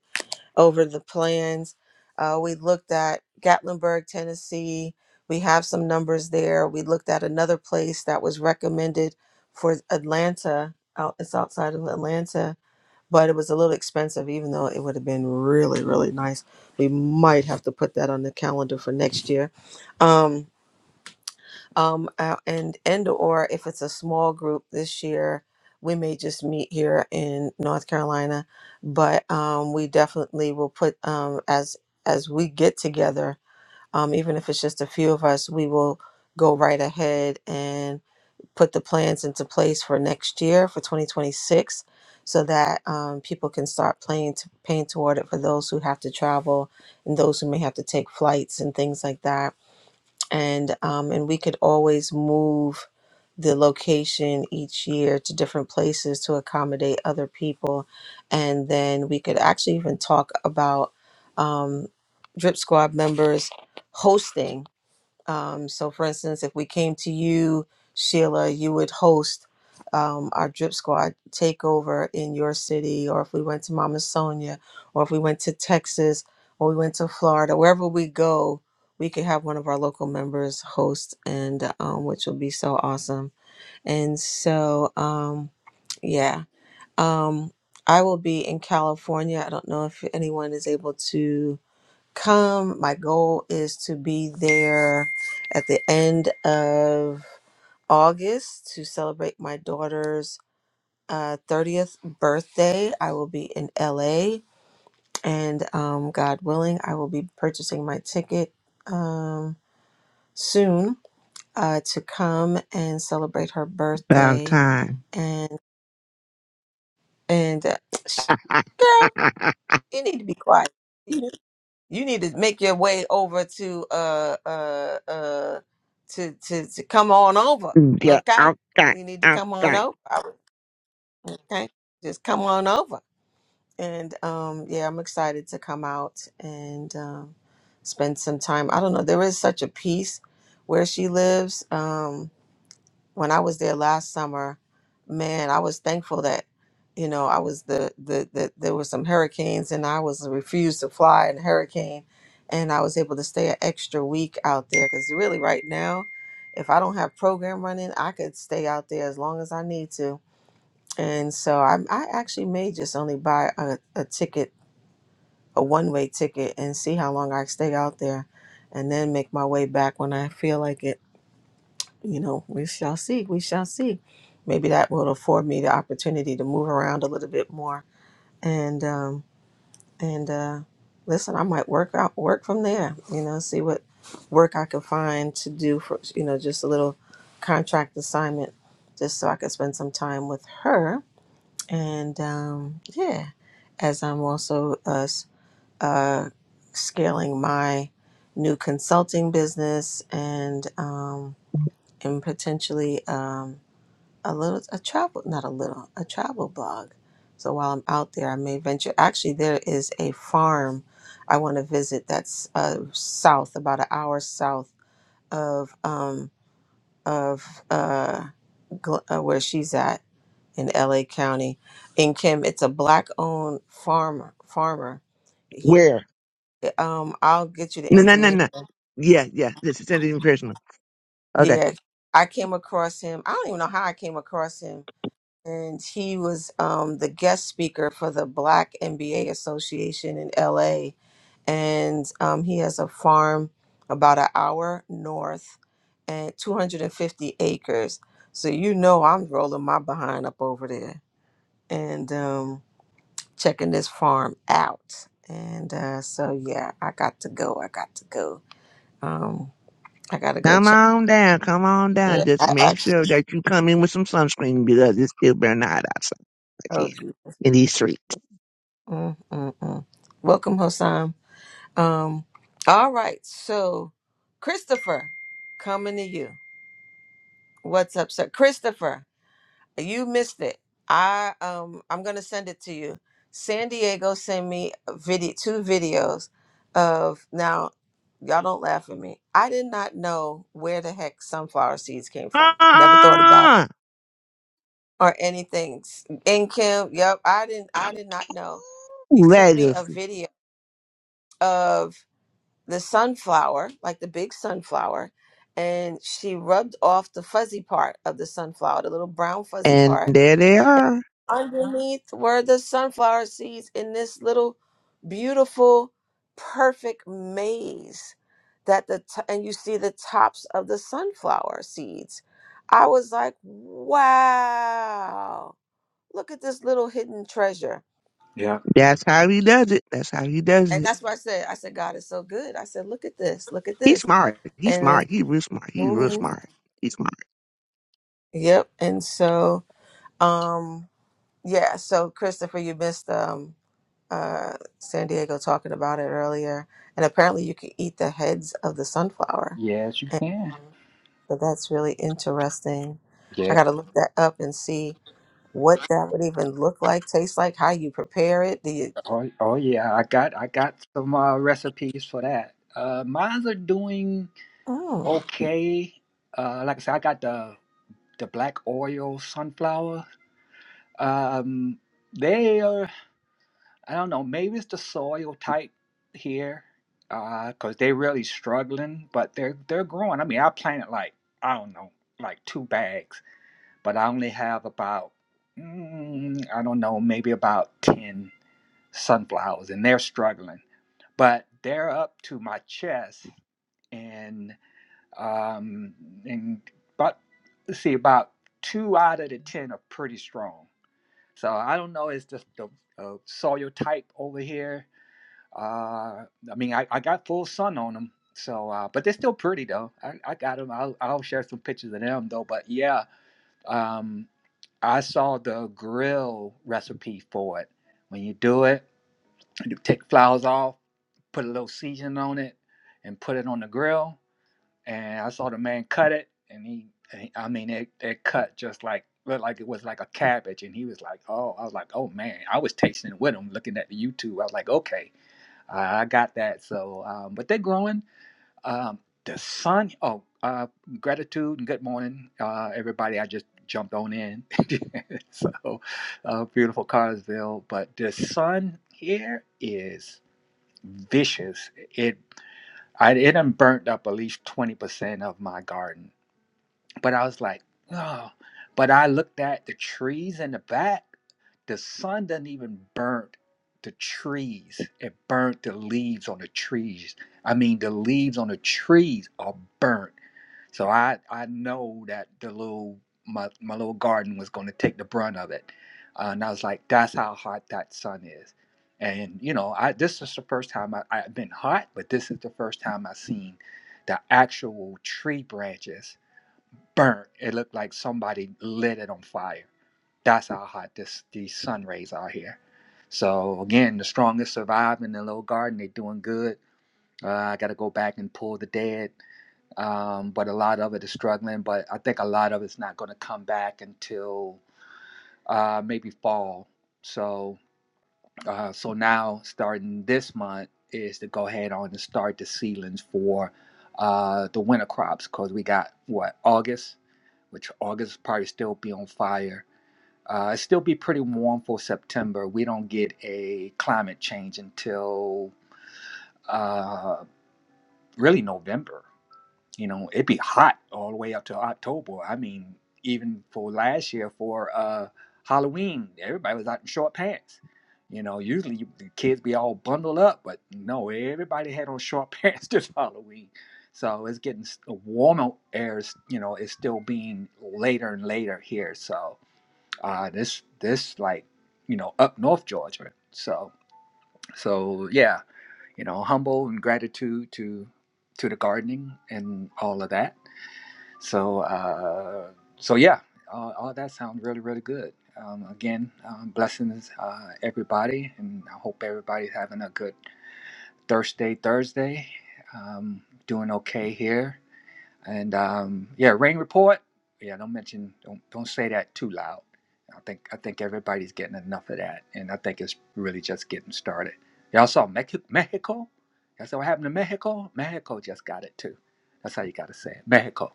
over the plans. Uh, we looked at Gatlinburg, Tennessee. We have some numbers there. We looked at another place that was recommended for Atlanta. Out, it's outside of Atlanta, but it was a little expensive, even though it would have been really, really nice. We might have to put that on the calendar for next year. Um, um uh, and and or if it's a small group this year we may just meet here in north carolina but um we definitely will put um as as we get together um even if it's just a few of us we will go right ahead and put the plans into place for next year for 2026 so that um, people can start playing to paying toward it for those who have to travel and those who may have to take flights and things like that and um, and we could always move the location each year to different places to accommodate other people, and then we could actually even talk about um, Drip Squad members hosting um, so, for instance, if we came to you, Sheila, you would host um, our Drip Squad takeover in your city, or if we went to Mama Sonia, or if we went to Texas, or we went to Florida, wherever we go, we could have one of our local members host, and um, which would be so awesome. And so, um, yeah, um, I will be in California. I don't know if anyone is able to come. My goal is to be there at the end of August to celebrate my daughter's uh, 30th birthday. I will be in LA, and um, God willing, I will be purchasing my ticket um, soon uh, to come and celebrate her About birthday. time. And and uh, girl, you need to be quiet. you need to make your way over to uh uh uh to to to come on over Yeah, okay out got you need to come on over I would- okay just come on over and um yeah i'm excited to come out and um spend some time i don't know there is such a peace where she lives um when I was there last summer, man, I was thankful that you know I was the the, the there were some hurricanes and I was refused to fly in a hurricane, and I was able to stay an extra week out there because really right now, if I don't have program running, I could stay out there as long as I need to. And so I I actually may just only buy a, a ticket a one way ticket and see how long I stay out there, and then make my way back when I feel like it you know, we shall see. We shall see. Maybe that will afford me the opportunity to move around a little bit more. And um, and uh, listen, I might work out work from there. You know, see what work I can find to do for you know just a little contract assignment, just so I can spend some time with her. And um, yeah, as I'm also uh, s- uh, scaling my new consulting business and um, and potentially. Um, a little a travel not a little a travel blog so while i'm out there i may venture actually there is a farm i want to visit that's uh, south about an hour south of um of uh, Gl- uh where she's at in la county in kim it's a black owned farmer farmer he where? um i'll get you the No, no, no, information no. Yeah, yeah. This is anything personal. Okay. yeah i came across him i don't even know how i came across him and he was um, the guest speaker for the Black MBA Association in LA. And um, he has a farm about an hour north and 250 acres. So, you know, I'm rolling my behind up over there and um, checking this farm out. And uh, so, yeah, I got to go. I got to go. Um, I got to go Come check. on down. Come on down. Yeah, Just I make actually. sure that you come in with some sunscreen because it's still burning hot outside like here Oh, in these streets. mm, mm, mm. welcome, Hosam. Um, all right. So, Christopher, coming to you. What's up, sir? Christopher, you missed it. I um, I'm gonna send it to you. San Diego sent me a video, two videos of now. Y'all don't laugh at me. I did not know where the heck sunflower seeds came from. Never thought about it Ah! or anything. In Kim, yep, I didn't. I did not know. He sent me a Legacy. video of. the sunflower, like the big sunflower, and she rubbed off the fuzzy part of the sunflower, the little brown fuzzy And part. there they are. Underneath were the sunflower seeds in this little beautiful, perfect maze that the t- and you see the tops of the sunflower seeds. I was like, wow, look at this little hidden treasure. Yeah. That's how he does it. That's how he does And it. that's what I said. I said, God is so good. I said, look at this, look at He's this. smart. He's And then smart. He's real smart. He's real smart. He's smart. Yep. And so, um, yeah, so Christopher, you missed um uh San Diego talking about it earlier. And apparently you can eat the heads of the sunflower. Yes, you And can. um, so that's really interesting. I Yeah. gotta look that up and see what that would even look like, taste like, how you prepare it. Do you Oh, oh yeah. I got I got some uh, recipes for that. Uh, mines are doing mm. okay. Uh, like I said, I got the the black oil sunflower. Um, they are. I don't know. Maybe it's the soil type here, Uh, because they're really struggling. But they're they're growing. I mean, I planted like I don't know, like two bags, but I only have about mm, I don't know, maybe about ten. sunflowers and they're struggling but they're up to my chest and um and but let's see about two out of the ten are pretty strong so i don't know it's just the, the soil type over here uh i mean i, I got full sun on them so uh but they're still pretty though i, I got them I'll, I'll share some pictures of them though but yeah um i saw the grill recipe for it when you do it you take flowers off, put a little seasoning on it, and put it on the grill. And I saw the man cut it, and he, and I mean, it, it cut just like looked like it was like a cabbage. And he was like, "Oh," I was like, "Oh man," I was tasting it with him, looking at the YouTube. I was like, "Okay, I I got that." So, um, but they're growing. Um, the sun. Oh, uh, gratitude and good morning, uh, everybody. I just jumped on in. so, uh, beautiful Carsville, but the sun here is vicious. It I it done burnt up at least twenty percent of my garden. But I was like, oh. But I looked at the trees in the back. The sun doesn't even burn the trees. It burnt the leaves on the trees. I mean, the leaves on the trees are burnt. So I I know that the little my my little garden was going to take the brunt of it, uh, and I was like, that's how hot that sun is, and you know I this is the first time I, I've been hot, but this is the first time I've seen the actual tree branches burnt. It looked like somebody lit it on fire. That's how hot this these sun rays are here. So again, the strongest survive in the little garden. They're doing good. Uh, I got to go back and pull the dead um, but a lot of it is struggling. But I think a lot of it's not going to come back until uh, maybe fall. So, uh, so now starting this month is to go ahead on and start the seedlings for uh, the winter crops because we got what August, which August probably still be on fire. Uh, it still be pretty warm for September. We don't get a climate change until uh, really November. you know it'd be hot all the way up to october i mean even for last year for uh halloween everybody was out in short pants you know usually the kids be all bundled up but no everybody had on short pants this halloween so it's getting s- warmer air is, you know it's still being later and later here so uh this this like you know up north georgia so so yeah you know humble and gratitude to to the gardening and all of that so, uh, so yeah, all, all that sounds really, really good. Um, again, um, blessings uh, everybody, and I hope everybody's having a good Thursday. Thursday, um, doing okay here, and um, yeah, rain report. Yeah, don't mention, don't don't say that too loud. I think I think everybody's getting enough of that, and I think it's really just getting started. Y'all saw Mexico? Mexico? That's what happened to Mexico. Mexico just got it too. That's how you got to say it. Mexico.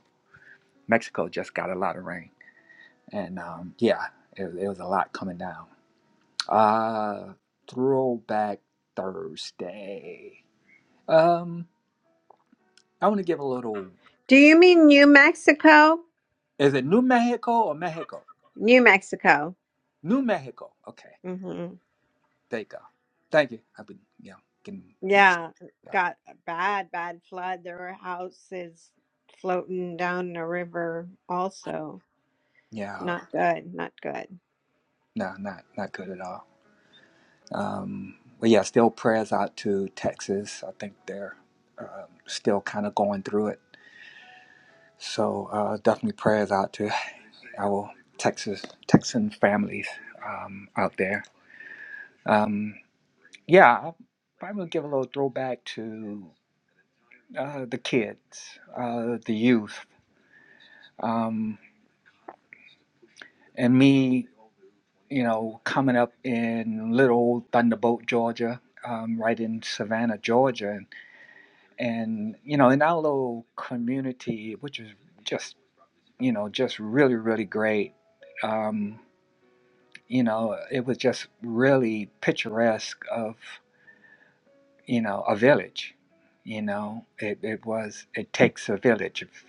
Mexico just got a lot of rain, and um, yeah, it, it was a lot coming down. Uh, throwback Thursday. Um, I want to give a little. Do you mean New Mexico? Is it New Mexico or Mexico? New Mexico. New Mexico. Okay, hmm there you go. Thank you. I've been yeah getting mixed. up. Yeah, Yeah, got a bad, bad flood. There were houses floating down the river also. yeah. Not good, not good. No, not not good at all. Um, but yeah, still prayers out to Texas. I think they're um, still kind of going through it. So uh, definitely prayers out to our Texas Texan families um, out there. Um, yeah, I'll probably give a little throwback to uh, the kids, uh, the youth, um, and me. You know, coming up in little old Thunderbolt, Georgia, um, right in Savannah, Georgia, and, and you know, in our little community, which was just you know just really really great. Um, you know, it was just really picturesque of you know, a village. You know, it, it was it takes a village. If,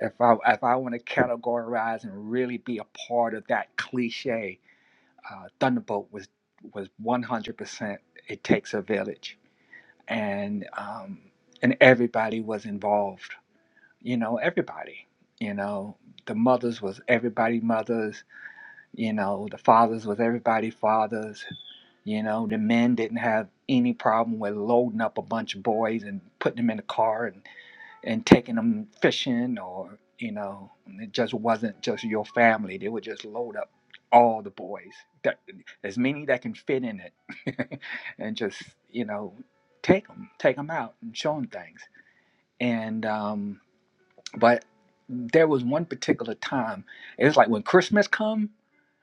if I if I want to categorize and really be a part of that cliche, uh, Thunderbolt was was one hundred percent. It takes a village, and um, and everybody was involved. You know, everybody. You know, the mothers was everybody mothers. You know, the fathers was everybody fathers you know, the men didn't have any problem with loading up a bunch of boys and putting them in the car and, and taking them fishing or, you know, it just wasn't just your family. They would just load up all the boys, that, as many that can fit in it, and just, you know, take them, take them out and show them things. And, um, but there was one particular time, it was like when Christmas come,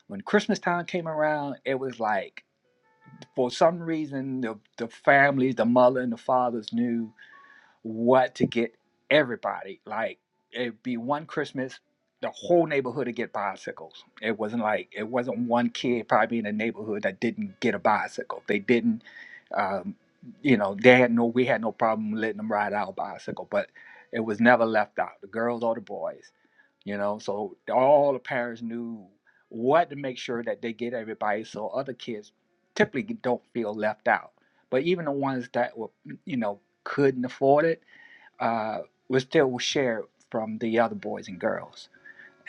when Christmas time came around, it was like, for some reason the the families, the mother and the fathers knew what to get everybody. Like it'd be one Christmas, the whole neighborhood would get bicycles. It wasn't like it wasn't one kid probably in the neighborhood that didn't get a bicycle. They didn't um, you know, they had no we had no problem letting them ride our bicycle, but it was never left out, the girls or the boys you know so all the parents knew what to make sure that they get everybody so other kids typically don't feel left out but even the ones that were mm, you know couldn't afford it uh, was still shared from the other boys and girls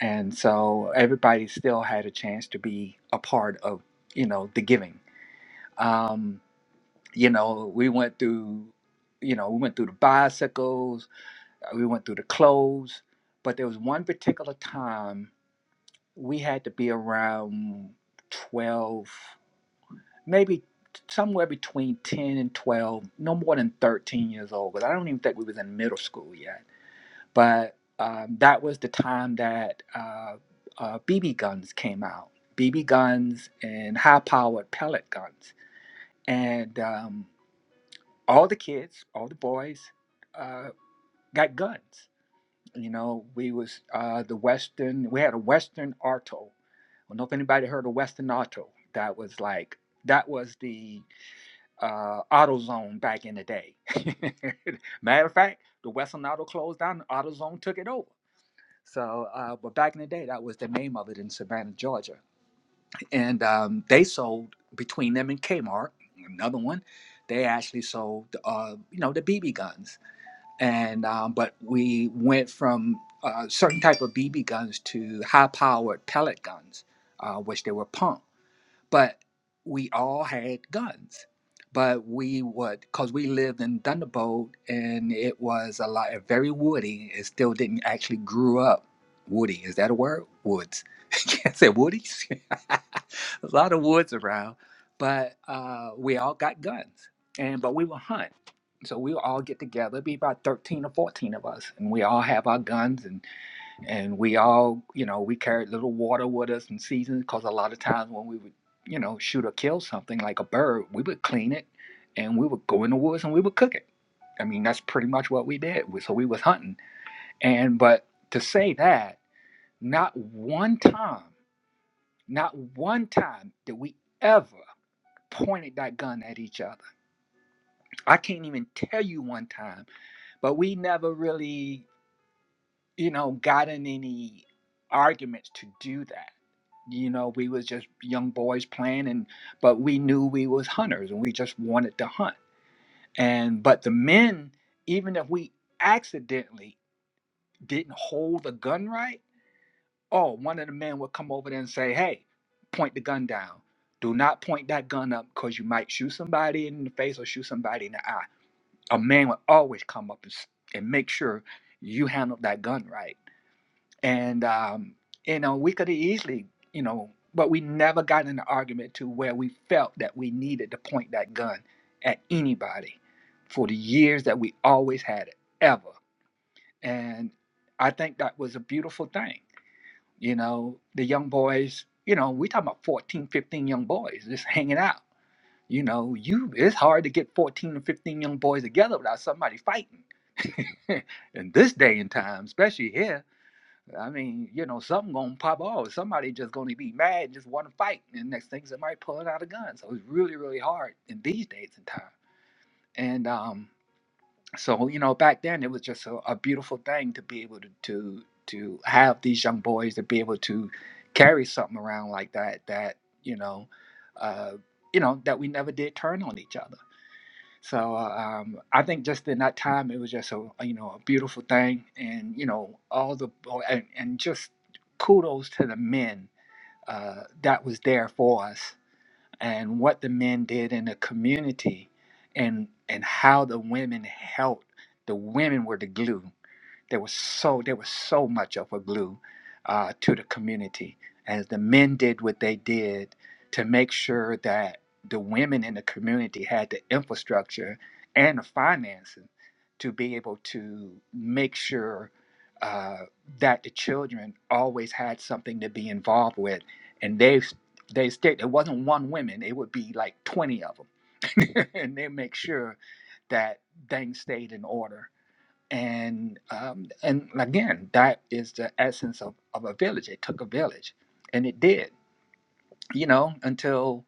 and so everybody still had a chance to be a part of you know the giving um, you know we went through you know we went through the bicycles uh, we went through the clothes but there was one particular time we had to be around 12, maybe somewhere between 10 and 12, no more than 13 years old, because I don't even think we was in middle school yet. But um, that was the time that uh, uh, BB guns came out, BB guns and high-powered pellet guns. And um, all the kids, all the boys uh, got guns. You know, we was uh, the Western. We had a Western Auto. I don't know if anybody heard of Western Auto. That was like that was the uh, AutoZone back in the day. Matter of fact, the Western Auto closed down. AutoZone took it over. So, uh, but back in the day, that was the name of it in Savannah, Georgia, and um, they sold between them and Kmart, another one. They actually sold, uh, you know, the BB guns and um, but we went from uh, certain type of BB guns to high-powered pellet guns, uh, which they were pump but we all had guns. But we would, because we lived in Thunderbolt and it was a lot very woody. It still didn't actually grew up woody. Is that a word? Woods. Can't say woodies. a lot of woods around. But uh, we all got guns. And but we would hunt. So we would all get together, It'd be about 13 or 14 of us, and we all have our guns and and we all, you know, we carried little water with us and seasons because a lot of times when we would, you know, shoot or kill something like a bird, we would clean it and we would go in the woods and we would cook it. I mean, that's pretty much what we did. So we was hunting. And but to say that, not one time, not one time did we ever pointed that gun at each other. I can't even tell you one time, but we never really, you know, got in any arguments to do that you know we was just young boys playing and but we knew we was hunters and we just wanted to hunt and but the men even if we accidentally didn't hold the gun right oh one of the men would come over there and say hey point the gun down do not point that gun up because you might shoot somebody in the face or shoot somebody in the eye a man would always come up and, s- and make sure you handled that gun right and um, you know we could have easily you know but we never got in an argument to where we felt that we needed to point that gun at anybody for the years that we always had it ever and i think that was a beautiful thing you know the young boys you know we talking about 14, 15 young boys just hanging out you know you it's hard to get 14 or 15 young boys together without somebody fighting in this day and time especially here I mean, you know, something gonna pop off. Somebody just gonna be mad and just want to fight. And next thing, somebody pulling out a gun. So it's really, really hard in these days and time. And um, so you know, back then it was just a, a beautiful thing to be able to, to to have these young boys to be able to carry something around like that. That you know, uh, you know, that we never did turn on each other so uh, um, I think just in that time, it was just a you know a beautiful thing, and you know all the oh, and, and just kudos to the men uh, that was there for us, and what the men did in the community, and and how the women helped. The women were the glue there was so there was so much of a glue uh, to the community, as the men did what they did to make sure that the women in the community had the infrastructure and the financing to be able to make sure uh, that the children always had something to be involved with, and they they stayed. It wasn't one woman; it would be like twenty of them, and they make sure that things stayed in order and um, and again that is the essence of, of a village it took a village and it did you know until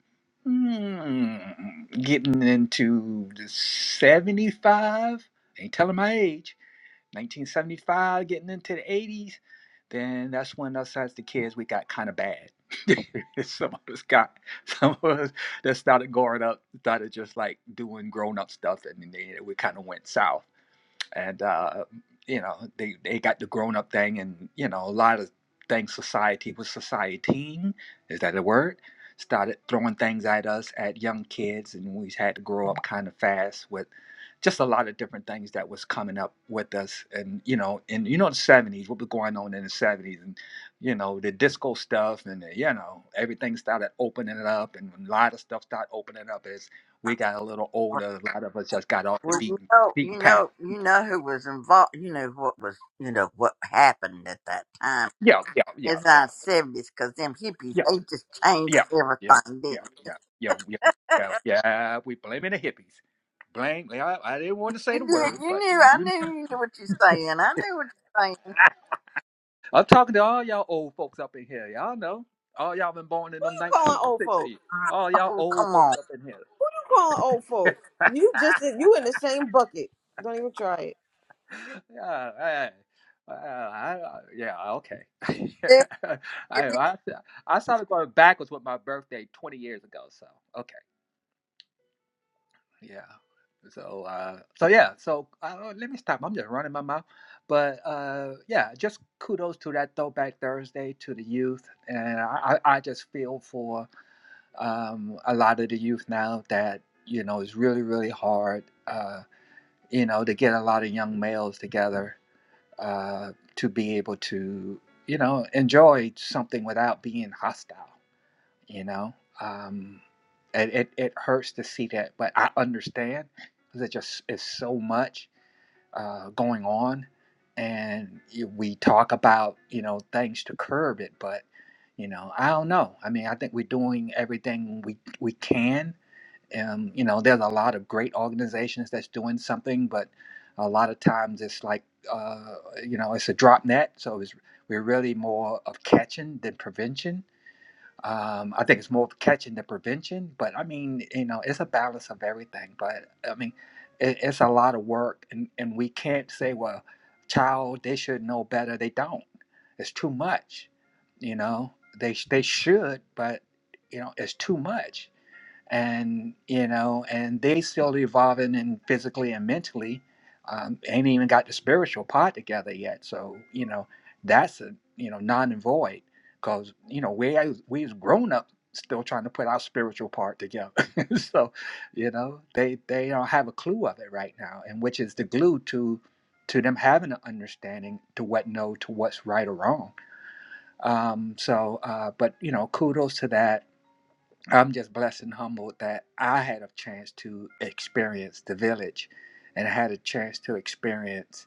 mm, getting into the 75 ain't telling my age 1975 getting into the 80s then that's when us as the kids we got kind of bad some of us got some of us that started growing up started just like doing grown-up stuff and then we kind of went south and uh, you know they, they got the grown up thing and you know a lot of things society was societying is that a word started throwing things at us at young kids and we had to grow up kind of fast with just a lot of different things that was coming up with us and you know and you know the 70s what was going on in the 70s and you know the disco stuff and you know everything started opening it up and a lot of stuff started opening up as we got a little older a lot of us just got off the Well, beaten well, beaten you know, you path know, you know who was involved. You know what was, you know what happened at that time. Yeah, yeah, yeah, It's yeah, our seventies, cause them hippies yeah, they just changed yeah, yeah, yeah, everything, didn't? yeah, yeah, yeah, yeah, yeah. We blaming the hippies. Blame. I, I didn't want to They? say You the knew, word, you but knew. I you. knew you knew what you're saying. I knew what you're saying. I'm talking to all y'all old folks up in here. Y'all know. All y'all been born in them you calling old folk. 1960s. All y'all Oh, old come on. folks up in here. You calling old folk. You just you in the same bucket. Don't even try it. Yeah. Hey. Uh, I, I- yeah, okay. I, I I started going backwards with my birthday 20 years ago. So okay. Yeah. So uh so yeah, so uh, let me stop. I'm just running my mouth. But uh yeah, just kudos to that throwback Thursday to the youth. And I, I I just feel for um a lot of the youth now that, you know, it's really, really hard uh, you know, to get a lot of young males together uh to be able to, you know, enjoy something without being hostile you know um it, it, it hurts to see that but i understand because it just is so much uh, going on and you- we talk about you know things to curb it but you know i don't know i mean i think we're doing everything we we can um, you know there's a lot of great organizations that's doing something but a lot of times it's like uh, you know it's a drop net so it's, we're really more of catching than prevention um, I think it's more of catching the prevention, but I mean, you know, it's a balance of everything. But I mean, it, it's a lot of work, and, and we can't say, well, child, they should know better. They don't. It's too much. You know, they sh- they should, but you know, it's too much and you know, and they still evolving and physically and mentally. Um, ain't even got the spiritual part together yet. So you know, that's a you know non and void because you know we as- we as grown up still trying to put our spiritual part together. so you know they they don't have a clue of it right now, and which is the glue to to them having an understanding to what no to what's right or wrong. Um, so, uh, but you know, kudos to that I'm just blessed and humbled that I had a chance to experience the village and I had a chance to experience,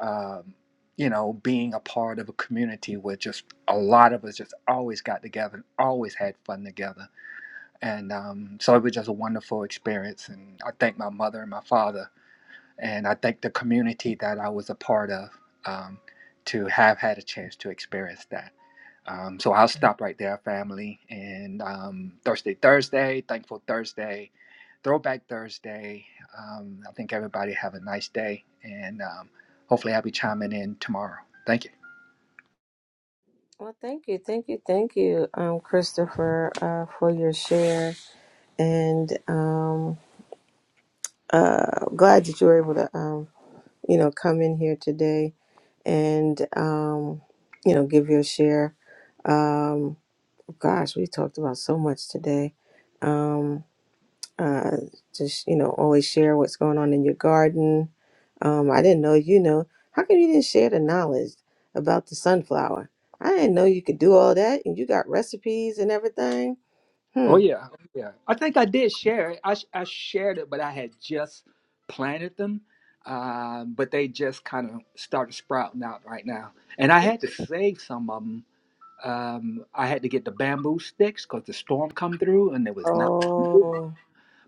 um, you know, being a part of a community where just a lot of us just always got together and always had fun together. And um, so it was just a wonderful experience. And I thank my mother and my father, and I thank the community that I was a part of um, to have had a chance to experience that. Um, so I'll stop right there, family. And um, Thursday, Thursday, Thankful Thursday, Throwback Thursday. Um, I think everybody have a nice day, and um, hopefully I'll be chiming in tomorrow. Thank you. Well, thank you, thank you, thank you, um, Christopher, uh, for your share. and um, uh, glad that you were able to, um, you know, come in here today and, um, you know, give your share. Um, gosh, we talked about so much today. Um, uh, just, you know, always share what's going on in your garden. Um, I didn't know, you know, how come you didn't share the knowledge about the sunflower? I didn't know you could do all that and you got recipes and everything. Hmm. Oh yeah, oh, yeah. I think I did share it. I sh- I shared it, but I had just planted them, um, but they just kind of started sprouting out right now. And I had to save some of them. Um, I had to get the bamboo sticks because the storm come through and there was not over. Oh,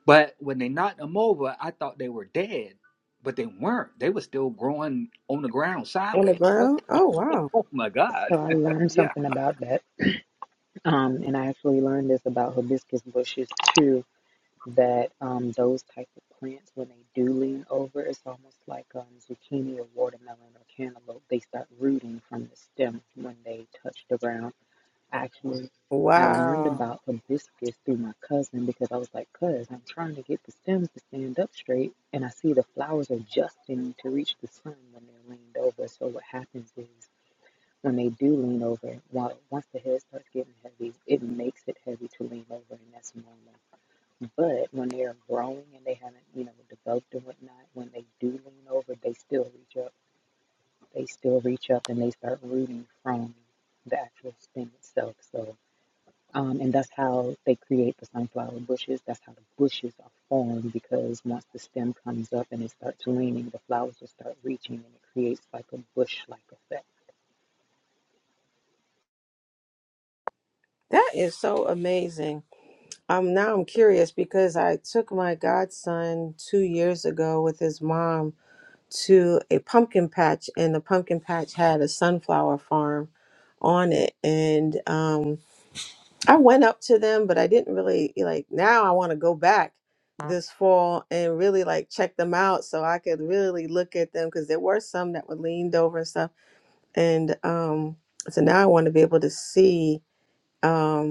But when they knocked them over, I thought they were dead, but they weren't. They were still growing on the ground on the sideways. I was ground? Oh, wow. like, oh my God. So I learned yeah. something about that. Um, and I actually learned this about hibiscus bushes too, that um, those type of plants, when they do lean over, it's almost like um, zucchini or watermelon or cantaloupe. They start rooting from the stem when they touch the ground. Actually, I learned Wow. about hibiscus through my cousin because I was like, cuz I'm trying to get the stems to stand up straight, and I see the flowers adjusting to reach the sun when they're leaned over. So what happens is when they do lean over, while once the head starts getting heavy, it makes it heavy to lean over, and that's normal. But when they are growing and they haven't, you know, developed and whatnot, when they do lean over, they still reach up. They still reach up and they start rooting from the actual stem itself. So um, and that's how they create the sunflower bushes. That's how the bushes are formed because once the stem comes up and it starts raining, the flowers will start reaching and it creates like a bush like effect. That is so amazing. Um now I'm curious because I took my godson 2 years ago with his mom to a pumpkin patch and the pumpkin patch had a sunflower farm on it and um I went up to them but I didn't really like now I want to go back this fall and really like check them out so I could really look at them cuz there were some that were leaned over and stuff and um so now I want to be able to see um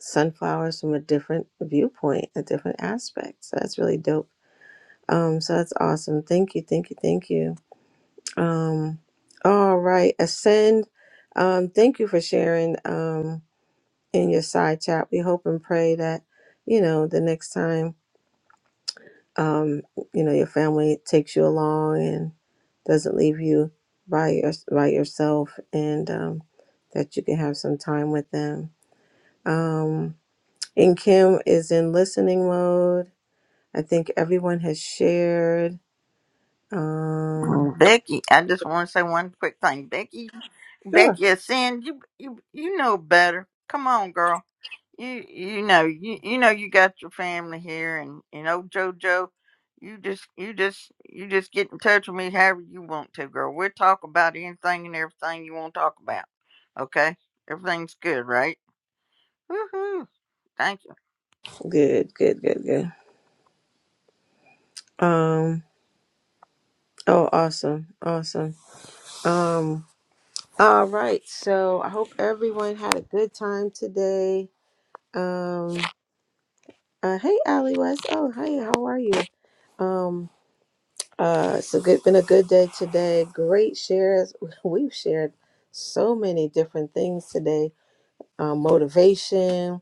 sunflowers from a different viewpoint, a different aspect. So that's really dope. Um, so that's awesome. Thank you, thank you, thank you. Um, all right, ascend. Um, thank you for sharing um, in your side chat. We hope and pray that you know the next time um, you know your family takes you along and doesn't leave you by your by yourself, and um, that you can have some time with them. Um, and Kim is in listening mode I think everyone has shared. Um, Mm, Becky, I just want to say one quick thing. Becky, sure. Becky is saying you you you know better. Come on, girl. You you know you you know you got your family here, and and old JoJo, you just you just you just get in touch with me however you want to, girl. We'll talk about anything and everything you want to talk about. Okay, everything's good, right? Woohoo! Thank you. Good, good, good, good. Um, oh, awesome, awesome. Um, all right. So I hope everyone had a good time today. Um, uh, hey, Allie West. Oh, hey, how are you? Um, uh, it's a good, been a good day today. Great shares. We've shared so many different things today. Um, motivation,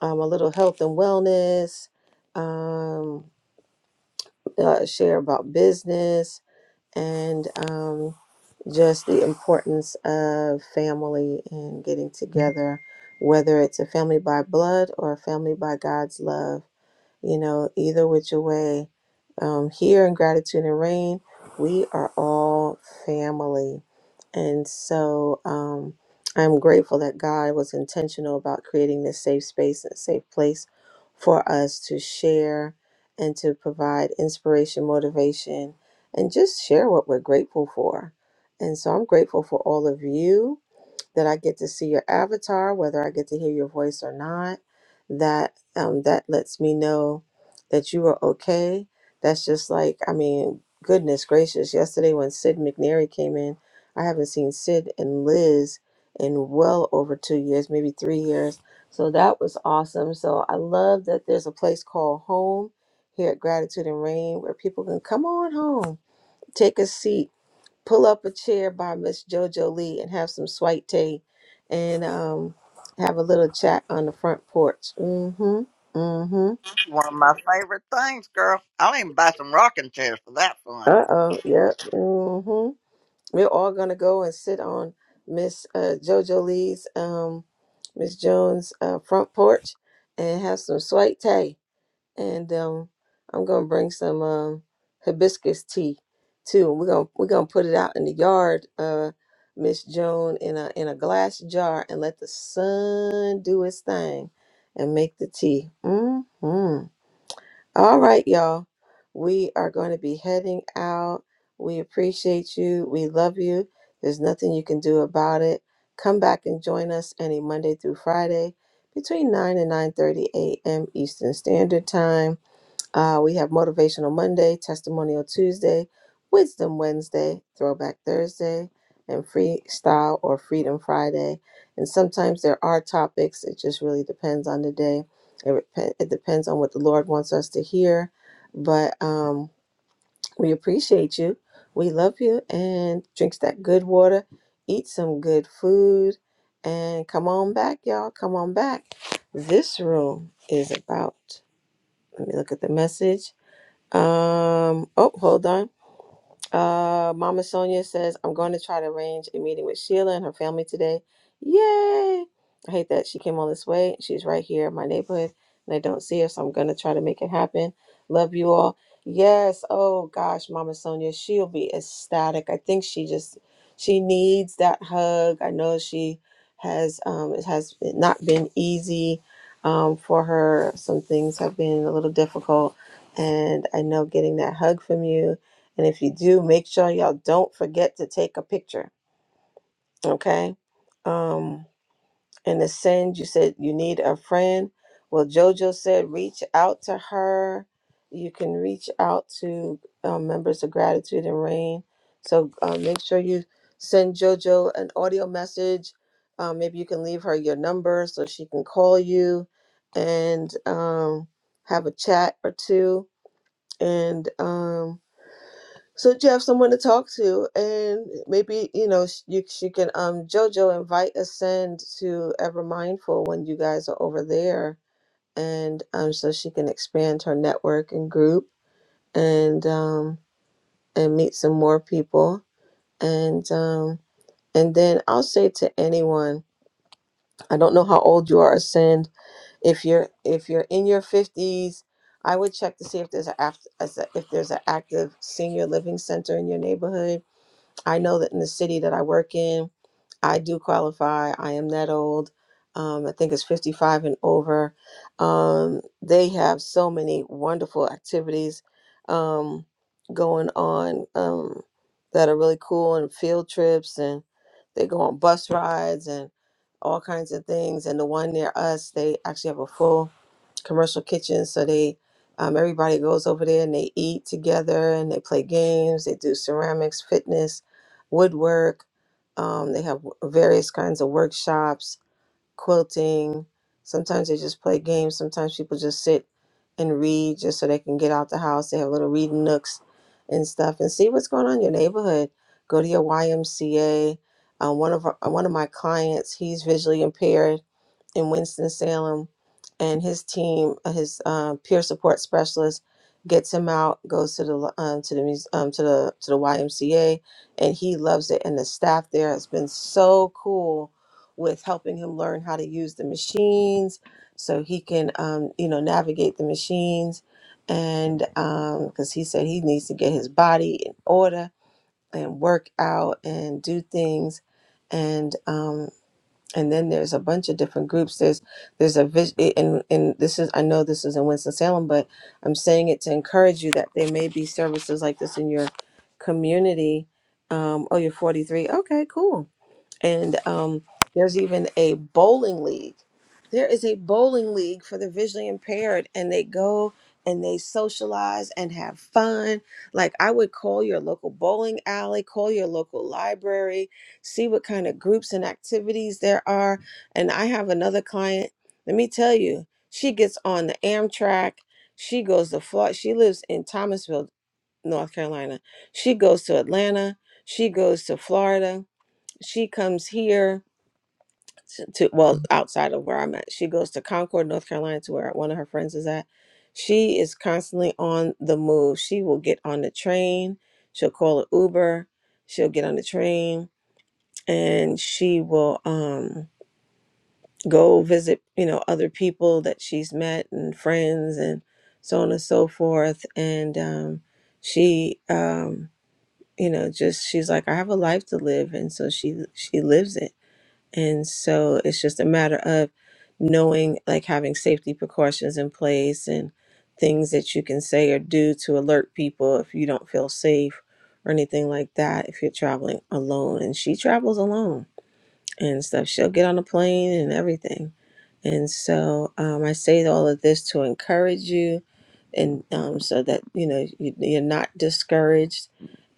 um, a little health and wellness. Um, uh, share about business and um, just the importance of family and getting together, whether it's a family by blood or a family by God's love you know, either which way, um, here in Gratitude and Rain, we are all family. And so um, I'm grateful that God was intentional about creating this safe space and safe place for us to share and to provide inspiration, motivation, and just share what we're grateful for. And so I'm grateful for all of you that I get to see your avatar, whether I get to hear your voice or not. That um, that lets me know that you are okay. That's just like I mean, goodness gracious! Yesterday when Sid McNary came in, I haven't seen Sid and Liz in well over two years, maybe three years. So that was awesome. So I love that there's a place called home here at Gratitude and Rain where people can come on home, take a seat, pull up a chair by Miss Jojo Lee and have some sweet tea and um have a little chat on the front porch. Mm-hmm. Mm-hmm. It's one of my favorite things, girl. I'll even buy some rocking chairs for that fun. Uh-oh. Yep. Mm-hmm. We're all gonna go and sit on Miss uh, Jojo Lee's um Miss Jones' uh, front porch and have some sweet tea. and um, I'm gonna bring some um, hibiscus tea too. We're gonna we're gonna put it out in the yard, uh, Miss Joan, in a in a glass jar and let the sun do its thing and make the tea. Mm-hmm. All right, y'all. We are going to be heading out. We appreciate you. We love you. There's nothing you can do about it. Come back and join us any Monday through Friday between 9 and 9:30 a.m. Eastern Standard Time uh, we have Motivational Monday, Testimonial Tuesday, Wisdom Wednesday, Throwback Thursday, and Freestyle or Freedom Friday. And sometimes there are topics. It just really depends on the day. It, rep- it depends on what the Lord wants us to hear. But um, we appreciate you. We love you. And drinks that good water, eat some good food, and come on back, y'all. Come on back. This room is about, let me look at the message. Um, oh, hold on. Uh, Mama Sonia says, I'm going to try to arrange a meeting with Sheila and her family today. Yay! I hate that she came all this way. She's right here in my neighborhood and I don't see her, so I'm going to try to make it happen. Love you all. Yes. Oh gosh, Mama Sonia, she'll be ecstatic. I think she just she needs that hug. I know she has um it has not been easy um for her. Some things have been a little difficult and I know getting that hug from you and if you do, make sure y'all don't forget to take a picture. Okay. Um, and the send, you said you need a friend. Well, JoJo said reach out to her. You can reach out to um, members of Gratitude and Rain. So uh, make sure you send JoJo an audio message. Um, maybe you can leave her your number so she can call you and um, have a chat or two. And um, so that you have someone to talk to, and maybe you know sh- you she can um JoJo invite Ascend to Ever Mindful when you guys are over there, and um so she can expand her network and group and um and meet some more people and um and then I'll say to anyone I don't know how old you are Ascend if you're if you're in your fifties I would check to see if there's a act- as a if there's an active senior living center in your neighborhood I know that in the city that I work in, I do qualify. I am that old. Um, I think it's 55 and over. Um, they have so many wonderful activities um, going on um, that are really cool and field trips, and they go on bus rides and all kinds of things. And the one near us, they actually have a full commercial kitchen. So they, um, everybody goes over there and they eat together and they play games. They do ceramics, fitness, woodwork. Um, they have various kinds of workshops quilting. Sometimes they just play games. Sometimes people just sit and read just so they can get out the house. They have little reading nooks and stuff and see what's going on in your neighborhood. Go to your YMCA. Um, one of our, uh, one of my clients, he's visually impaired in Winston Salem, and his team, uh, his uh, peer support specialist, gets him out. Goes to the um, to the muse- um, to the to the YMCA, and he loves it. And the staff there has been so cool with helping him learn how to use the machines so he can um, you know navigate the machines and because he said he needs to get his body in order and work out and do things and um, and then there's a bunch of different groups there's there's a vis- and and this is i know this is in winston-salem but i'm saying it to encourage you that there may be services like this in your community um, oh you're 43 okay cool and um, there's even a bowling league. There is a bowling league for the visually impaired, and they go and they socialize and have fun. Like I would call your local bowling alley, call your local library, see what kind of groups and activities there are. And I have another client. Let me tell you, she gets on the Amtrak. She goes to Florida. She lives in Thomasville, North Carolina. She goes to Atlanta. She goes to Florida she comes here t- to well outside of where I'm at. She goes to Concord, North Carolina, to where one of her friends is at. She is constantly on the move. She will get on the train. She'll call an Uber. She'll get on the train and she will um, go visit, you know, other people that she's met and friends and so on and so forth. And um, she, um, you know, just she's like, I have a life to live, and so she she lives it And so it's just a matter of knowing, like having safety precautions in place and things that you can say or do to alert people if you don't feel safe or anything like that if you're traveling alone. And she travels alone and stuff. She'll get on a plane and everything. And so um, I say all of this to encourage you, and um, so that you know you, you're not discouraged,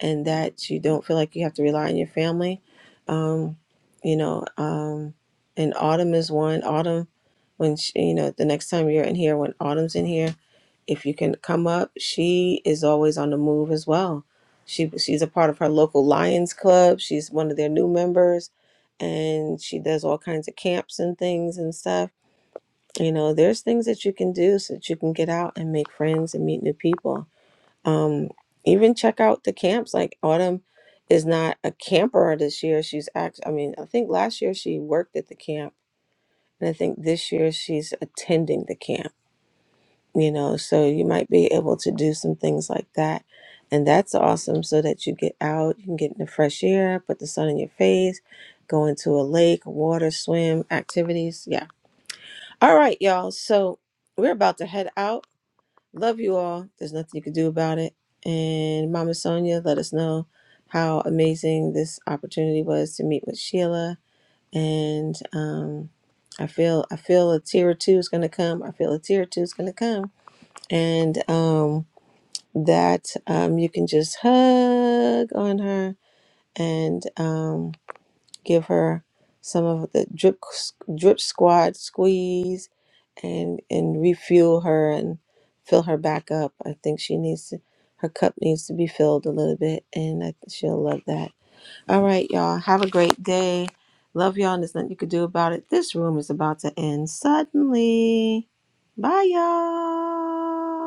and that you don't feel like you have to rely on your family. Um, you know, um, and autumn is one autumn when she, you know the next time you're in here when autumn's in here if you can come up, she is always on the move as well. She she's a part of her local Lions Club. She's one of their new members and she does all kinds of camps and things and stuff. You know, there's things that you can do so that you can get out and make friends and meet new people. Um, even check out the camps. Like Autumn is not a camper this year. She's act. I mean, I think last year she worked at the camp, and I think this year she's attending the camp you know so you might be able to do some things like that and that's awesome so that you get out you can get in the fresh air put the sun in your face go into a lake water swim activities yeah all right y'all so we're about to head out love you all there's nothing you can do about it and mama sonia let us know how amazing this opportunity was to meet with sheila and um I feel I feel a tear or two is gonna come. I feel a tear or two is gonna come and um, that um, you can just hug on her and um, give her some of the drip drip squad squeeze and and refuel her and fill her back up. I think she needs to, her cup needs to be filled a little bit, and I, she'll love that. All right, y'all, have a great day. Love y'all, and there's nothing you could do about it. This room is about to end suddenly. Bye, y'all.